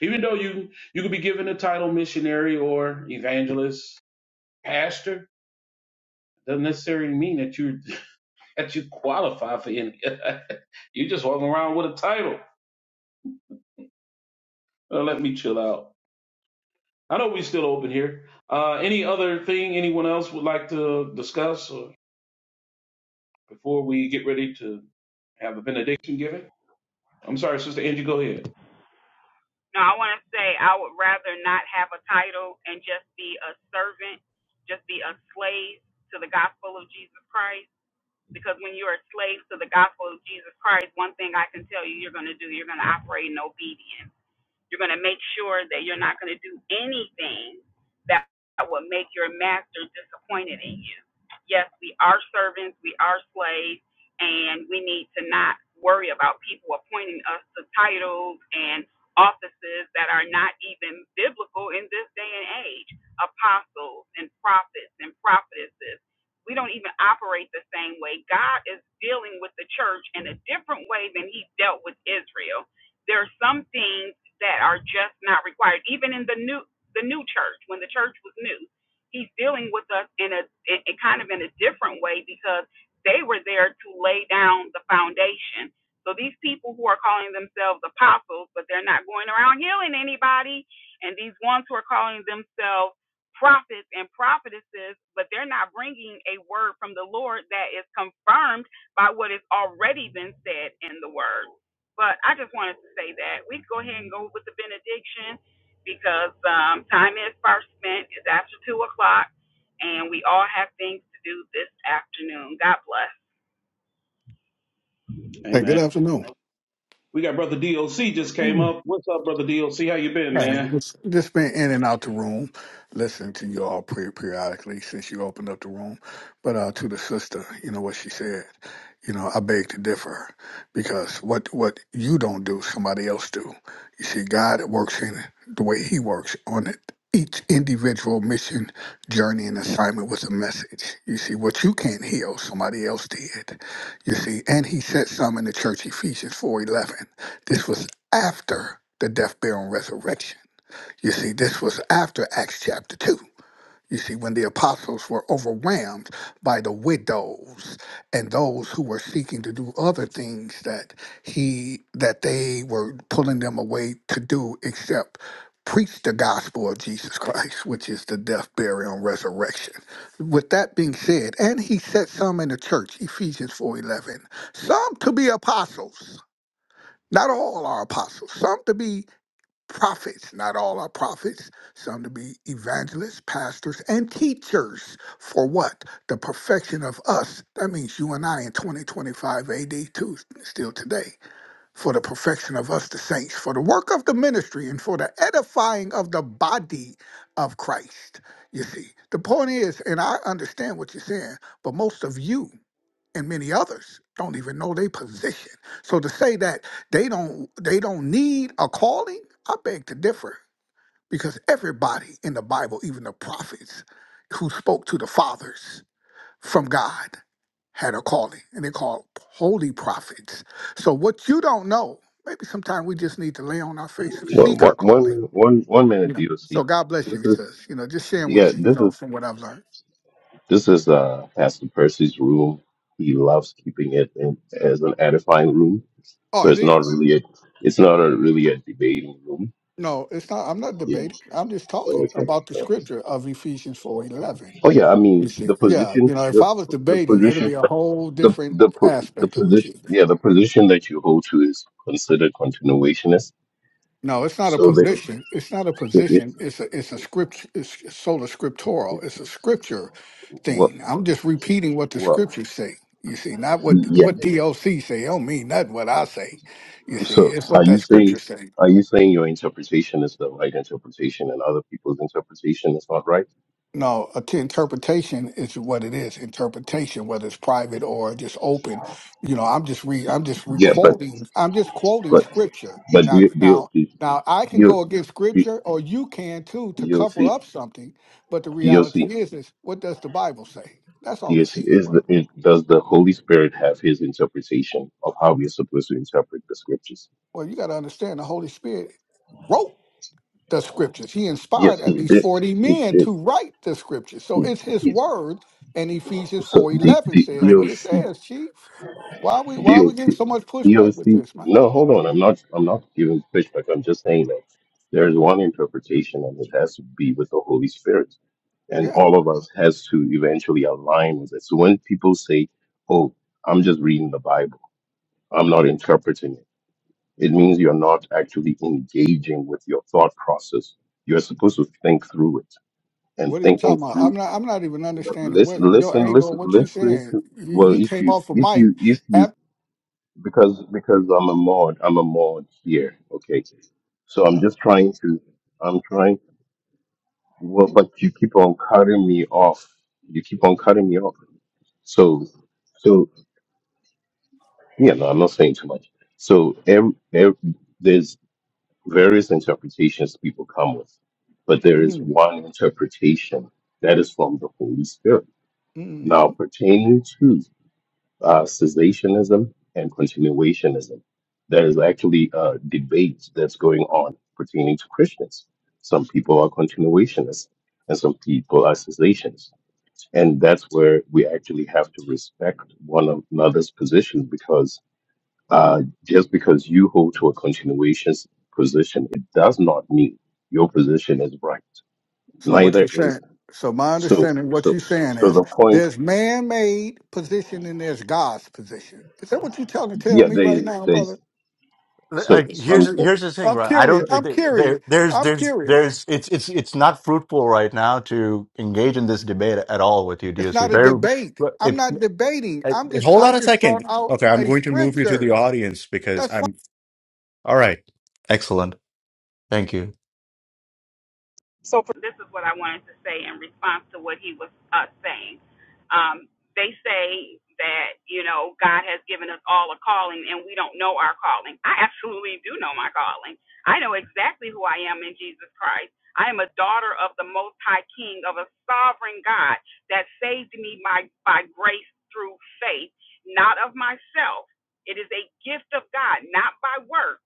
Speaker 1: even though you you could be given the title missionary or evangelist, pastor, doesn't necessarily mean that you <laughs> that you qualify for any. <laughs> you just walking around with a title. Uh, let me chill out. I know we still open here. Uh, any other thing anyone else would like to discuss or before we get ready to have a benediction given? I'm sorry, Sister Angie, go ahead.
Speaker 4: No, I want to say I would rather not have a title and just be a servant, just be a slave to the gospel of Jesus Christ. Because when you're a slave to the gospel of Jesus Christ, one thing I can tell you, you're going to do, you're going to operate in obedience. You're going to make sure that you're not going to do anything that will make your master disappointed in you. Yes, we are servants, we are slaves, and we need to not worry about people appointing us to titles and offices that are not even biblical in this day and age. Apostles and prophets and prophetesses. We don't even operate the same way. God is dealing with the church in a different way than he dealt with Israel. There are some things that are just not required. Even in the new the new church, when the church was new, he's dealing with us in a in, in kind of in a different way because they were there to lay down the foundation. So these people who are calling themselves apostles, but they're not going around healing anybody, and these ones who are calling themselves prophets and prophetesses, but they're not bringing a word from the Lord that is confirmed by what has already been said in the word. But I just wanted to say that we can go ahead and go with the benediction because um, time is first spent. It's after 2 o'clock, and we all have things to do this afternoon. God bless.
Speaker 7: Hey, good
Speaker 1: Amen.
Speaker 7: afternoon.
Speaker 1: We got brother DOC just came up. What's up, brother DOC? How you been,
Speaker 7: Man,
Speaker 1: man?
Speaker 4: Answer
Speaker 7: just, just been in and out the room, listening to you all pre- periodically since you opened up the room. But uh, to the sister, you know what she said. You know, I beg to differ because what what you don't do, somebody else do. You see, God works in the way He works on it. Each individual mission, journey, and assignment was a message. You see, what you can't heal, somebody else did. You see, and he said some in the church, Ephesians four eleven. This was after the death, burial, and resurrection. You see, this was after Acts chapter 2. You see, when the apostles were overwhelmed by the widows and those who were seeking to do other things that he that they were pulling them away to do except preach the gospel of Jesus Christ, which is the death, burial, and resurrection. With that being said, and he set some in the church, Ephesians 4:11, some to be apostles not all are apostles, some to be prophets, not all are prophets, some to be evangelists, pastors, and teachers. For what? The perfection of us. That means you and I in 2025 AD, too, still today. For the perfection of us, the saints, for the work of the ministry, and for the edifying of the body of Christ. You see, the point is, and I understand what you're saying, but most of you and many others don't even know their position. So to say that they don't they don't need a calling, I beg to differ because everybody in the Bible, even the prophets who spoke to the fathers from God had a calling and they called holy prophets. So what you don't know, maybe sometimes we just need to lay on our face and
Speaker 5: Well,
Speaker 7: seek
Speaker 5: one,
Speaker 7: our
Speaker 5: one,
Speaker 7: calling.
Speaker 5: minute- one, one
Speaker 7: You
Speaker 5: minute,
Speaker 7: know.
Speaker 5: DOC.
Speaker 7: So God bless you,
Speaker 5: This is,
Speaker 7: sis. You know, just sharing with
Speaker 5: yeah,
Speaker 7: you, you
Speaker 5: this is
Speaker 7: know, from what I've learned.
Speaker 5: This is uh, Pastor Percy's room. He loves keeping it in, as an edifying room,
Speaker 7: Oh,
Speaker 5: so
Speaker 7: it
Speaker 5: it's not
Speaker 7: is.
Speaker 5: really a it's not a, really a debating room.
Speaker 7: No, it's not. I'm not
Speaker 5: Yeah.
Speaker 7: debating. I'm just
Speaker 5: Oh,
Speaker 7: talking
Speaker 5: okay.
Speaker 7: about the scripture of Ephesians 4:11.
Speaker 5: Oh yeah. I
Speaker 7: You
Speaker 5: mean
Speaker 7: see,
Speaker 5: the
Speaker 7: yeah,
Speaker 5: position
Speaker 7: you know, if
Speaker 5: the
Speaker 7: I was
Speaker 5: the
Speaker 7: debating,
Speaker 4: that
Speaker 7: it'd
Speaker 5: position
Speaker 7: be a whole
Speaker 5: the
Speaker 7: different
Speaker 5: the po- the
Speaker 7: aspect of
Speaker 5: position
Speaker 7: achievement.
Speaker 5: yeah the position that you hold to is considered continuationist.
Speaker 7: No, it's not a
Speaker 5: So that
Speaker 7: position. It's not a
Speaker 5: it, it,
Speaker 7: position. It's a it's a script. It's sola scriptural.
Speaker 5: it,
Speaker 7: It's a scripture
Speaker 5: what
Speaker 7: thing. I'm just repeating what the
Speaker 5: what
Speaker 7: scriptures say. You see, not what
Speaker 5: yeah.
Speaker 7: what DOC say. It Don't mean nothing what I say. You see,
Speaker 5: So
Speaker 7: it's
Speaker 5: are
Speaker 7: what
Speaker 5: you
Speaker 7: that scripture
Speaker 5: saying
Speaker 7: say.
Speaker 5: are you saying your interpretation is the right interpretation and other people's interpretation is not right?
Speaker 7: No, a- to interpretation is what it is. Interpretation, whether it's private or just open, you know, I'm just re I'm just re
Speaker 5: Yeah, but
Speaker 7: quoting. I'm just quoting
Speaker 5: but
Speaker 7: scripture.
Speaker 5: but
Speaker 7: Now,
Speaker 5: D-
Speaker 7: now,
Speaker 5: DOC
Speaker 7: now, I can
Speaker 5: DOC
Speaker 7: go against scripture, or you can too, to
Speaker 5: DOC
Speaker 7: cover up something. But the
Speaker 5: DOC
Speaker 7: reality is, is what does the Bible say? That's all it
Speaker 5: DOC
Speaker 7: says.
Speaker 5: is the is, does the Holy Spirit have His interpretation of how we are supposed to interpret the scriptures?
Speaker 7: Well, you got to understand the Holy Spirit wrote the scriptures. He inspired
Speaker 5: Yes,
Speaker 7: at
Speaker 5: He
Speaker 7: least
Speaker 5: did.
Speaker 7: forty
Speaker 5: He
Speaker 7: men
Speaker 5: did.
Speaker 7: to write the scriptures. So
Speaker 5: He,
Speaker 7: it's His
Speaker 5: he,
Speaker 7: word. And Ephesians
Speaker 5: so
Speaker 7: four
Speaker 5: D,
Speaker 7: eleven
Speaker 5: D,
Speaker 7: says what
Speaker 2: Like,
Speaker 7: it
Speaker 5: DOC
Speaker 7: says, Chief. Why are we why are we getting
Speaker 5: DOC
Speaker 7: so much pushback
Speaker 5: DOC.
Speaker 7: with this, man?
Speaker 5: No, hold on. I'm not. I'm not giving pushback. I'm just saying that there is one interpretation, and it has to be with the Holy Spirit. and
Speaker 7: Yeah.
Speaker 5: all of us has to eventually align with it. So when people say, "Oh, I'm just reading the Bible. I'm not interpreting it." It means you're not actually engaging with your thought process. You're supposed to think through it and
Speaker 7: What are you
Speaker 5: thinking
Speaker 7: talking about? I'm
Speaker 5: through
Speaker 7: not I'm not even understanding what
Speaker 5: listen
Speaker 7: your
Speaker 5: listen
Speaker 7: angle, and
Speaker 5: listen
Speaker 7: what you
Speaker 5: listen
Speaker 7: saying.
Speaker 5: to
Speaker 7: You,
Speaker 5: well
Speaker 7: you
Speaker 5: if
Speaker 7: came
Speaker 5: you
Speaker 7: off a
Speaker 5: if
Speaker 7: mic,
Speaker 5: you if you
Speaker 7: after
Speaker 5: because because I'm a mod, I'm a mod here, okay? So I'm just trying to I'm trying Well, but you keep on cutting me off. You keep on cutting me off. So, so yeah, no, I'm not saying too much. So, every, every, there's various interpretations people come with, but there is
Speaker 7: mm,
Speaker 5: one interpretation that is from the Holy Spirit. Now,
Speaker 7: hmm
Speaker 5: pertaining to uh, cessationism and continuationism, there is actually a debate that's going on pertaining to Christians. Some people are continuationists, and some people are cessationists and that's where we actually have to respect one another's position because uh, just because you hold to a continuation position, it does not mean your position is right.
Speaker 7: So what you
Speaker 5: Neither is
Speaker 7: saying? So my
Speaker 5: so.
Speaker 7: understanding, what
Speaker 5: So,
Speaker 7: you saying
Speaker 5: so
Speaker 7: is
Speaker 5: the point,
Speaker 7: there's man-made position and there's God's position. Is that what you trying to tell
Speaker 5: yeah,
Speaker 7: me
Speaker 5: there,
Speaker 7: right now, brother?
Speaker 5: there's so
Speaker 2: like here's
Speaker 5: something.
Speaker 2: here's the thing,
Speaker 7: I'm
Speaker 2: right? I
Speaker 7: curious.
Speaker 2: don't
Speaker 7: I'm curious.
Speaker 2: there there's
Speaker 7: I'm
Speaker 2: there's
Speaker 7: curious.
Speaker 2: there's it's it's it's not fruitful right now to engage in this debate at all with you,
Speaker 7: It's not
Speaker 2: DOC.
Speaker 7: a
Speaker 2: Very,
Speaker 7: debate. I'm
Speaker 2: it,
Speaker 7: not debating. I'm
Speaker 2: it,
Speaker 7: just
Speaker 2: hold
Speaker 7: I'm
Speaker 2: on a
Speaker 7: just
Speaker 2: second.
Speaker 7: brought out
Speaker 2: Okay, I'm
Speaker 7: a
Speaker 2: going to move you to the
Speaker 7: scripture.
Speaker 2: audience because
Speaker 7: That's
Speaker 2: I'm all right. Excellent, thank you.
Speaker 4: So for, this is what I wanted to say in response to what he was uh, saying. Um, they say that you know God has given us all a calling, and we don't know our calling. I absolutely do know my calling. I know exactly who I am in Jesus Christ. I am a daughter of the Most High King, of a sovereign God that saved me by, by grace through faith, not of myself. It is a gift of God, not by works.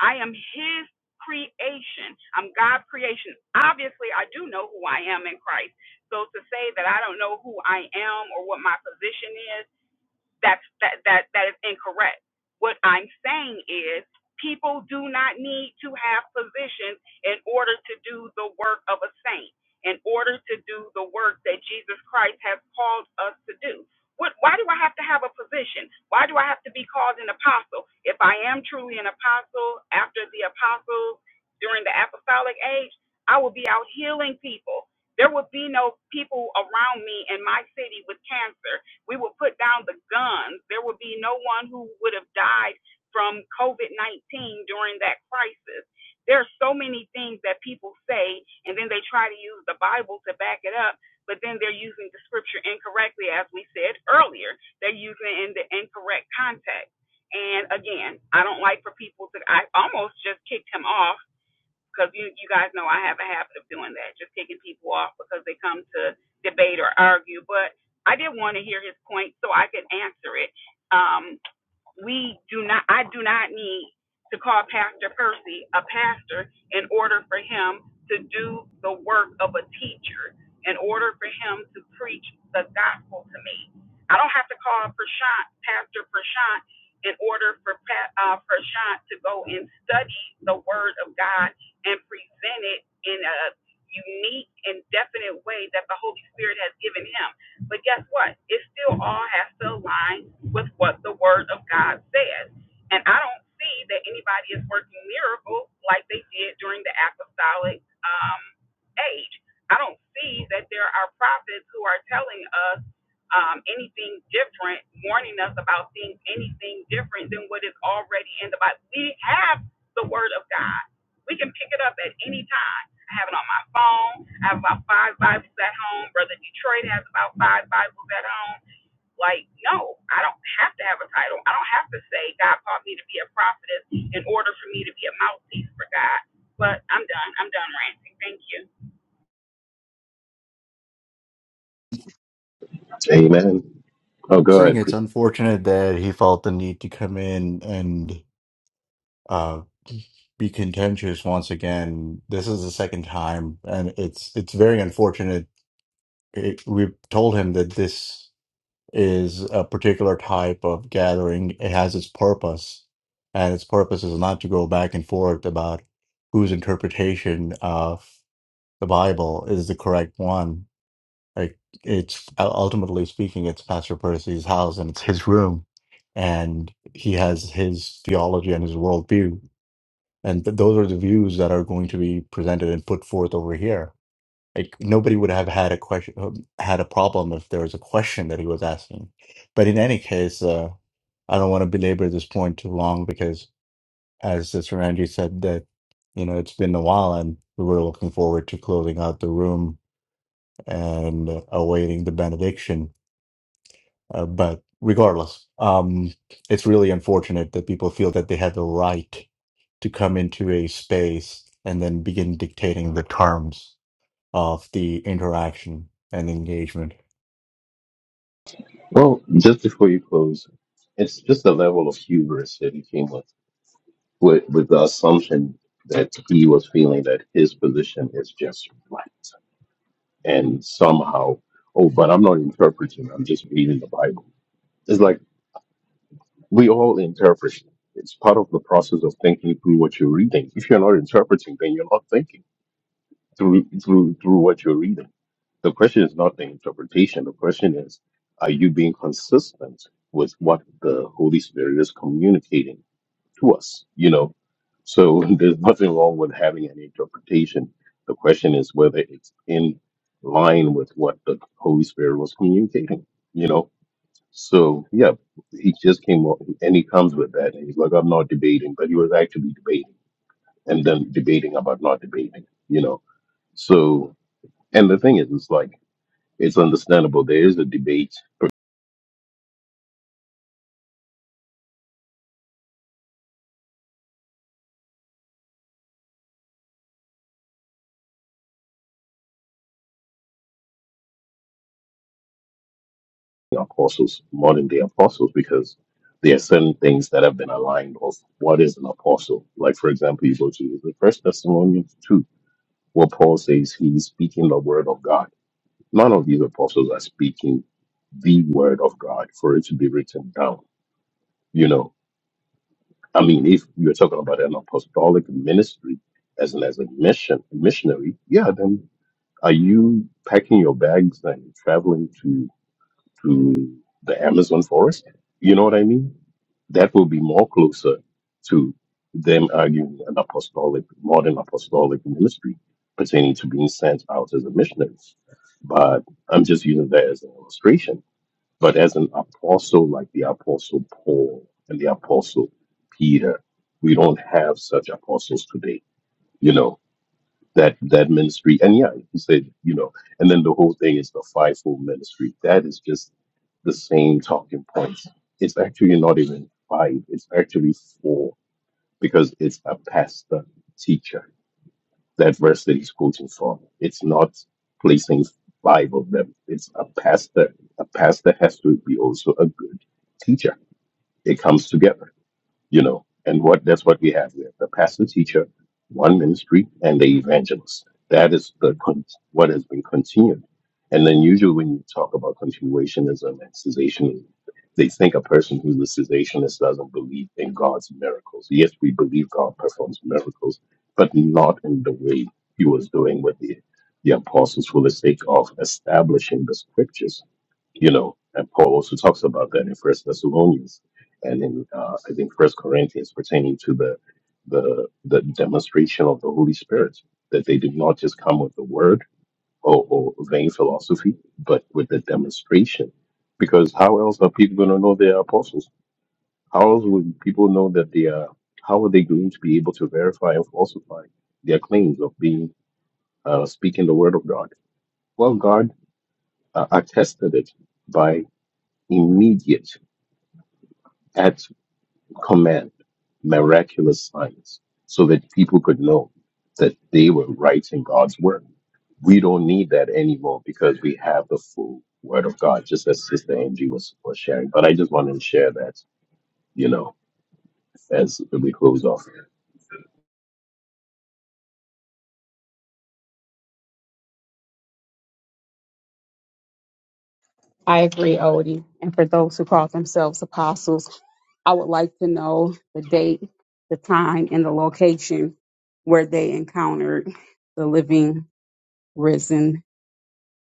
Speaker 4: I am his creation. I'm God's creation. Obviously, I do know who I am in Christ. So to say that I don't know who I am or what my position is that's that that that is incorrect. What I'm saying is people do not need to have positions in order to do the work of a saint, in order to do the work that Jesus Christ has called us to do. What, why do I have to have a position? Why do I have to be called an apostle? If I am truly an apostle after the apostles during the apostolic age, I will be out healing people. There would be no people around me in my city with cancer we will put down the guns. There will be no one who would have died from COVID 19 during that crisis. There are so many things that people say, and then they try to use the Bible to back it up, but then they're using the scripture incorrectly, as we said earlier. They're using it in the incorrect context. And again, I don't like for people to, I almost just kicked him off because you, you guys know I have a habit of doing that, just taking people off because they come to debate or argue. But I did want to hear his point so I could answer it. Um, we do not I do not need to call Pastor Percy a pastor in order for him to do the work of a teacher, in order for him to preach the gospel to me. I don't have to call Prashant, Pastor Prashant in order for Pa- uh, Prashant to go and study the word of God and present it in a unique and definite way that the Holy Spirit has given him. But guess what? It still all has to align with what the Word of God says. And I don't see that anybody is working miracles like they did during the apostolic um, age. I don't see that there are prophets who are telling us um, anything different, warning us about things, anything different than what is already in the Bible. We have the Word of God. We can pick it up at any time. I have it on my phone. I have about five Bibles at home. Brother Detroit has about five Bibles at home. Like, no, I don't have to have a title. I don't have to say God called me to be a prophetess in order for me to be a mouthpiece for God. But I'm done. I'm done ranting. Thank you.
Speaker 5: Amen. Oh, go
Speaker 2: Saying
Speaker 5: ahead.
Speaker 2: it's
Speaker 5: Chris.
Speaker 2: unfortunate that he felt the need to come in and. uh, be contentious once again. This is the second time, and it's it's very unfortunate. It, we've told him that this is a particular type of gathering. It has its purpose, and its purpose is not to go back and forth about whose interpretation of the Bible is the correct one. Like it's ultimately speaking, it's Pastor Percy's house and it's his room, and he has his theology and his worldview and th those are the views that are going to be presented and put forth over here. Like nobody would have had a question, um, had a problem if there was a question that he was asking. But in any case, uh, I don't want to belabor this point too long because, as Sister Angie said, that you know it's been a while, and we were looking forward to closing out the room and uh, awaiting the benediction. Uh, but regardless, um, it's really unfortunate that people feel that they have the right to come into a space and then begin dictating the terms of the interaction and engagement.
Speaker 5: Well, just before you close, it's just the level of hubris that he came with, with, with the assumption that he was feeling that his position is just right. and somehow, oh, but I'm not interpreting, I'm just reading the Bible. It's like we all interpret. It's part of the process of thinking through what you're reading. If you're not interpreting, then you're not thinking through through through what you're reading. The question is not the interpretation. The question is, are you being consistent with what the Holy Spirit is communicating? to us, you know. So <laughs> there's nothing wrong with having an interpretation. The question is whether it's in line with what the Holy Spirit was communicating, you know. So yeah, he just came up and he comes with that and he's like, I'm not debating, but he was actually debating and then debating about not debating, you know. So and the thing is it's like it's understandable there is a debate the apostles modern day apostles because there are certain things that have been aligned of what is an apostle. Like for example, you go to the First Thessalonians two, where Paul says he's speaking the word of God. None of these apostles are speaking the word of God for it to be written down. You know, I mean, if you're talking about an apostolic ministry as an as a mission missionary, yeah, then are you packing your bags and traveling to? to the Amazon forest. You know what I mean? That will be more closer to them arguing an apostolic, modern apostolic ministry pertaining to being sent out as a missionary. But I'm just using that as an illustration. But as an apostle like the apostle Paul and the apostle Peter, we don't have such apostles today. You know, that that ministry and yeah he said you know and then the whole thing is the fivefold ministry that is just the same talking points it's actually not even five it's actually four because it's a pastor teacher that verse that he's quoting from it's not placing five of them it's a pastor a pastor has to be also a good teacher it comes together you know and what that's what we have here the pastor teacher one ministry and the evangelist that is the con- what has been continued and then usually when you talk about continuationism and cessationism they think a person who's a cessationist doesn't believe in god's miracles yes we believe god performs miracles but not in the way he was doing with the the apostles for the sake of establishing the scriptures you know, and Paul also talks about that in First Thessalonians and in uh, I think First Corinthians pertaining to the the the demonstration of the Holy Spirit that they did not just come with the word or, or vain philosophy, but with the demonstration. Because how else are people going to know they are apostles? How else would people know that they are? How are they going to be able to verify and falsify their claims of being uh, speaking the word of God? Well, God uh, attested it by immediate at command miraculous signs so that people could know that they were writing God's word. We don't need that anymore because we have the full word of God, just as Sister Angie was, was sharing. But I just wanted to share that, you know, as we close off.
Speaker 4: I agree, Odie. And for those who call themselves apostles, I would like to know the date, the time, and the location where they encountered the living, risen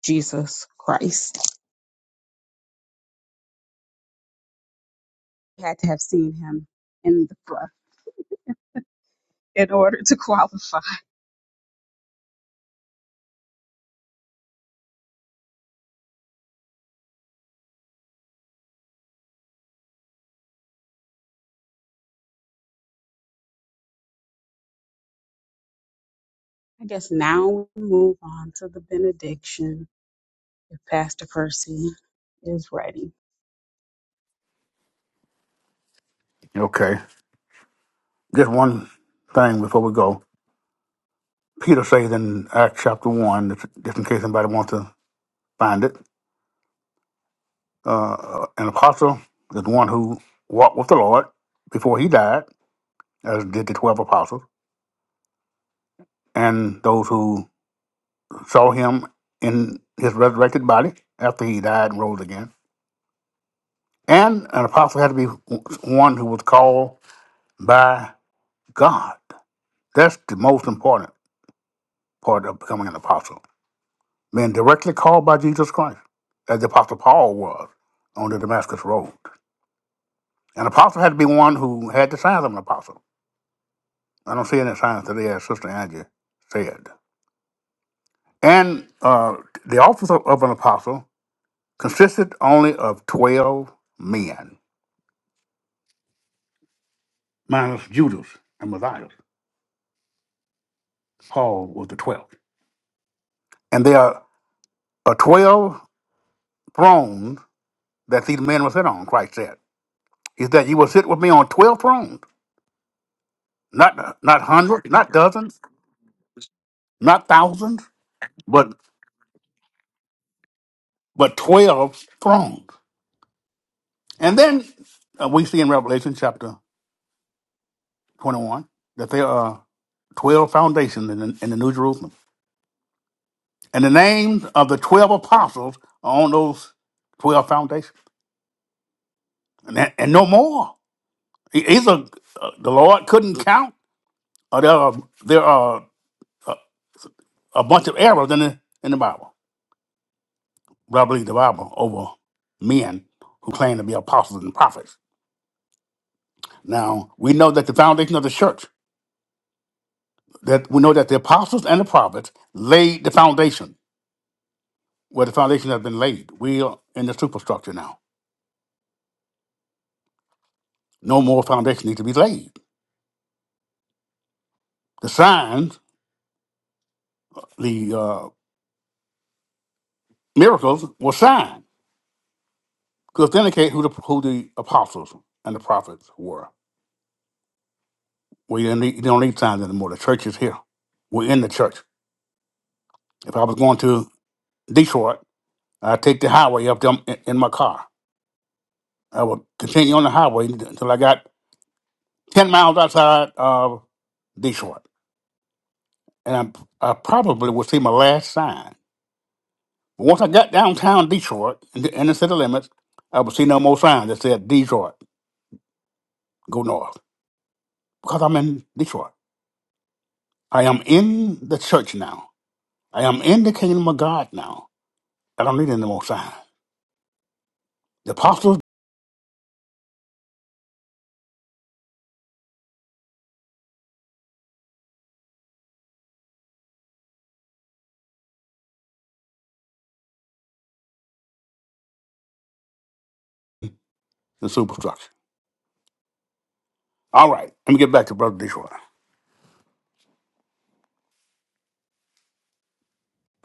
Speaker 4: Jesus Christ. I guess now we move on to the benediction if Pastor Percy is ready.
Speaker 3: Okay. Just one thing before we go. Peter says in Acts chapter 1, just in case anybody wants to find it, uh, an apostle is one who walked with the Lord before he died, as did the 12 apostles and those who saw him in his resurrected body after he died and rose again. And an apostle had to be one who was called by God. That's the most important part of becoming an apostle, being directly called by Jesus Christ, as the apostle Paul was on the Damascus Road. An apostle had to be one who had the signs of an apostle. I don't see any signs today, as Sister Angie said. And uh, the office of of an apostle consisted only of 12 men, minus Judas and Matthias. Paul was the 12th. And there are are 12 thrones that these men will sit on, Christ said. He said, You will sit with me on 12 thrones, not not hundreds, not dozens, not thousands, but, but 12 thrones. And then uh, we see in Revelation chapter 21 that there are 12 foundations in the, in the New Jerusalem. And the names of the 12 apostles are on those 12 foundations. and, that- and no more. E- Either uh, the Lord couldn't count, or there are there are a, a bunch of errors in the in the Bible. But I believe the Bible over men who claim to be apostles and prophets. Now we know that the foundation of the church, that we know that the apostles and the prophets laid the foundation. Where the foundation has been laid, we are in the superstructure now. No more foundation needs to be laid. The signs, the uh, miracles, were signs. To authenticate who the who the apostles and the prophets were. We didn't need, you don't need signs anymore. The church is here. We're in the church. If I was going to Detroit, I'd take the highway up them in, in my car. I would continue on the highway until I got ten miles outside of Detroit, and I, I probably would see my last sign. But once I got downtown Detroit in the, in the city limits, I would see no more signs that said Detroit, go north, because I'm in Detroit. I am in the church now. I am in the kingdom of God now. I don't need any more sign. The apostles, the superstructure. All right, let me get back to Brother Dishwater.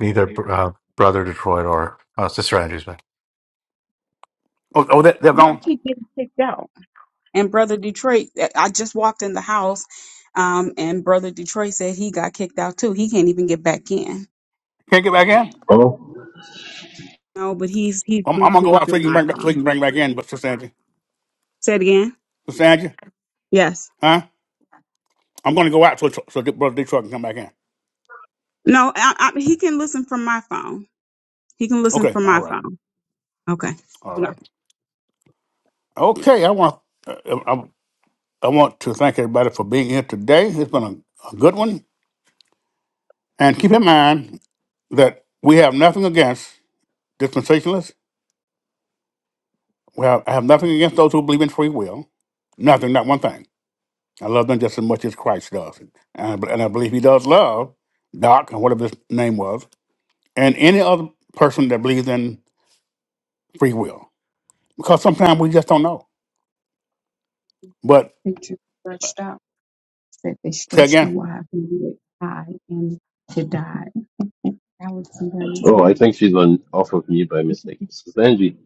Speaker 2: Neither uh, Brother Detroit or uh, Sister Andrews, man.
Speaker 3: Oh, oh that, they're
Speaker 4: Yeah, I
Speaker 3: gone.
Speaker 4: keep getting kicked out. And Brother Detroit, eh, I just walked in the house, um, and Brother Detroit said he got kicked out too. He can't even get back in.
Speaker 3: Can't get back in?
Speaker 5: Oh,
Speaker 4: No, but he's he's
Speaker 3: I'm, I'm going to go
Speaker 4: listening
Speaker 3: out so
Speaker 4: through
Speaker 3: you can
Speaker 4: my
Speaker 3: bring back, so you
Speaker 4: phone.
Speaker 3: can bring back in, but Sister Angie.
Speaker 4: Say it again.
Speaker 3: Sister Angie,
Speaker 4: Yes.
Speaker 3: huh? I'm going to go out so, so so that Brother Detroit can come back in.
Speaker 4: No, I, I, he can listen from my phone. He can listen
Speaker 3: Okay,
Speaker 4: from my
Speaker 3: all right,
Speaker 4: phone. Okay.
Speaker 3: all
Speaker 4: Hold on.
Speaker 3: right. Okay, I want, uh, I, I want to thank everybody for being here today. It's been a, a good one. And keep in mind that we have nothing against dispensationalists Well, I have nothing against those who believe in free will. Nothing, not one thing. I love them just as much as Christ does. And I, and I believe he does love Doc, or whatever his name was, and any other person that believes in free will. Because sometimes we just don't know. But
Speaker 4: picture
Speaker 3: uh,
Speaker 4: stretched out, said they
Speaker 3: say
Speaker 4: stretched it
Speaker 3: again?
Speaker 4: wide and it high and to die." That was and Brandon's
Speaker 5: oh,
Speaker 4: like,
Speaker 5: I think she's on off of mute by mistake. Sister Angie,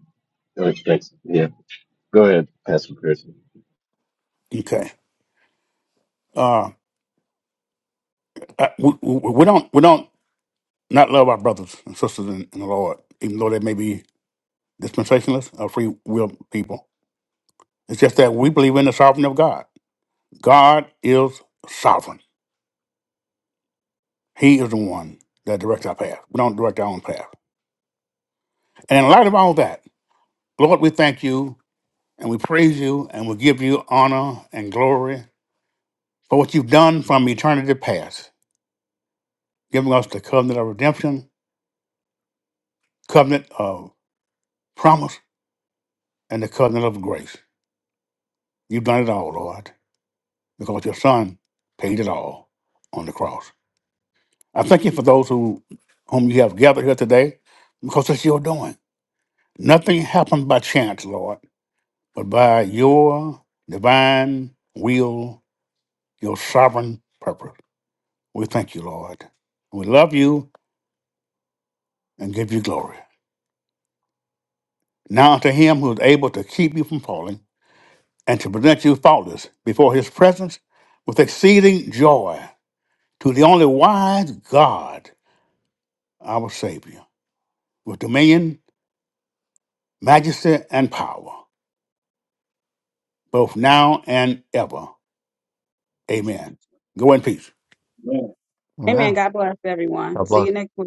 Speaker 5: oh, thanks. Yeah, go ahead, Pastor Chris.
Speaker 3: Okay. Uh, I- we, we we don't, we don't not love our brothers and sisters in, in the Lord, even though they may be dispensationalists or free will people. It's just that we believe in the sovereignty of God. God is sovereign. He is the one that directs our path. We don't direct our own path. And in light of all that, Lord, we thank you and we praise you and we give you honor and glory for what you've done from eternity past, giving us the covenant of redemption, covenant of promise, and the covenant of grace. You've done it all, Lord, because your Son paid it all on the cross. I thank you for those who whom you have gathered here today, because it's your doing. Nothing happened by chance, Lord. but by your divine will, your sovereign purpose. We thank you, Lord. We love you and give you glory. Now unto him who is able to keep you from falling and to present you faultless before his presence with exceeding joy, to the only wise God, our Savior, with dominion, majesty, and power, both now and ever. Amen. Go in peace.
Speaker 4: Amen.
Speaker 2: Amen.
Speaker 4: God bless everyone.
Speaker 2: God
Speaker 4: See
Speaker 2: bless.
Speaker 4: you next week.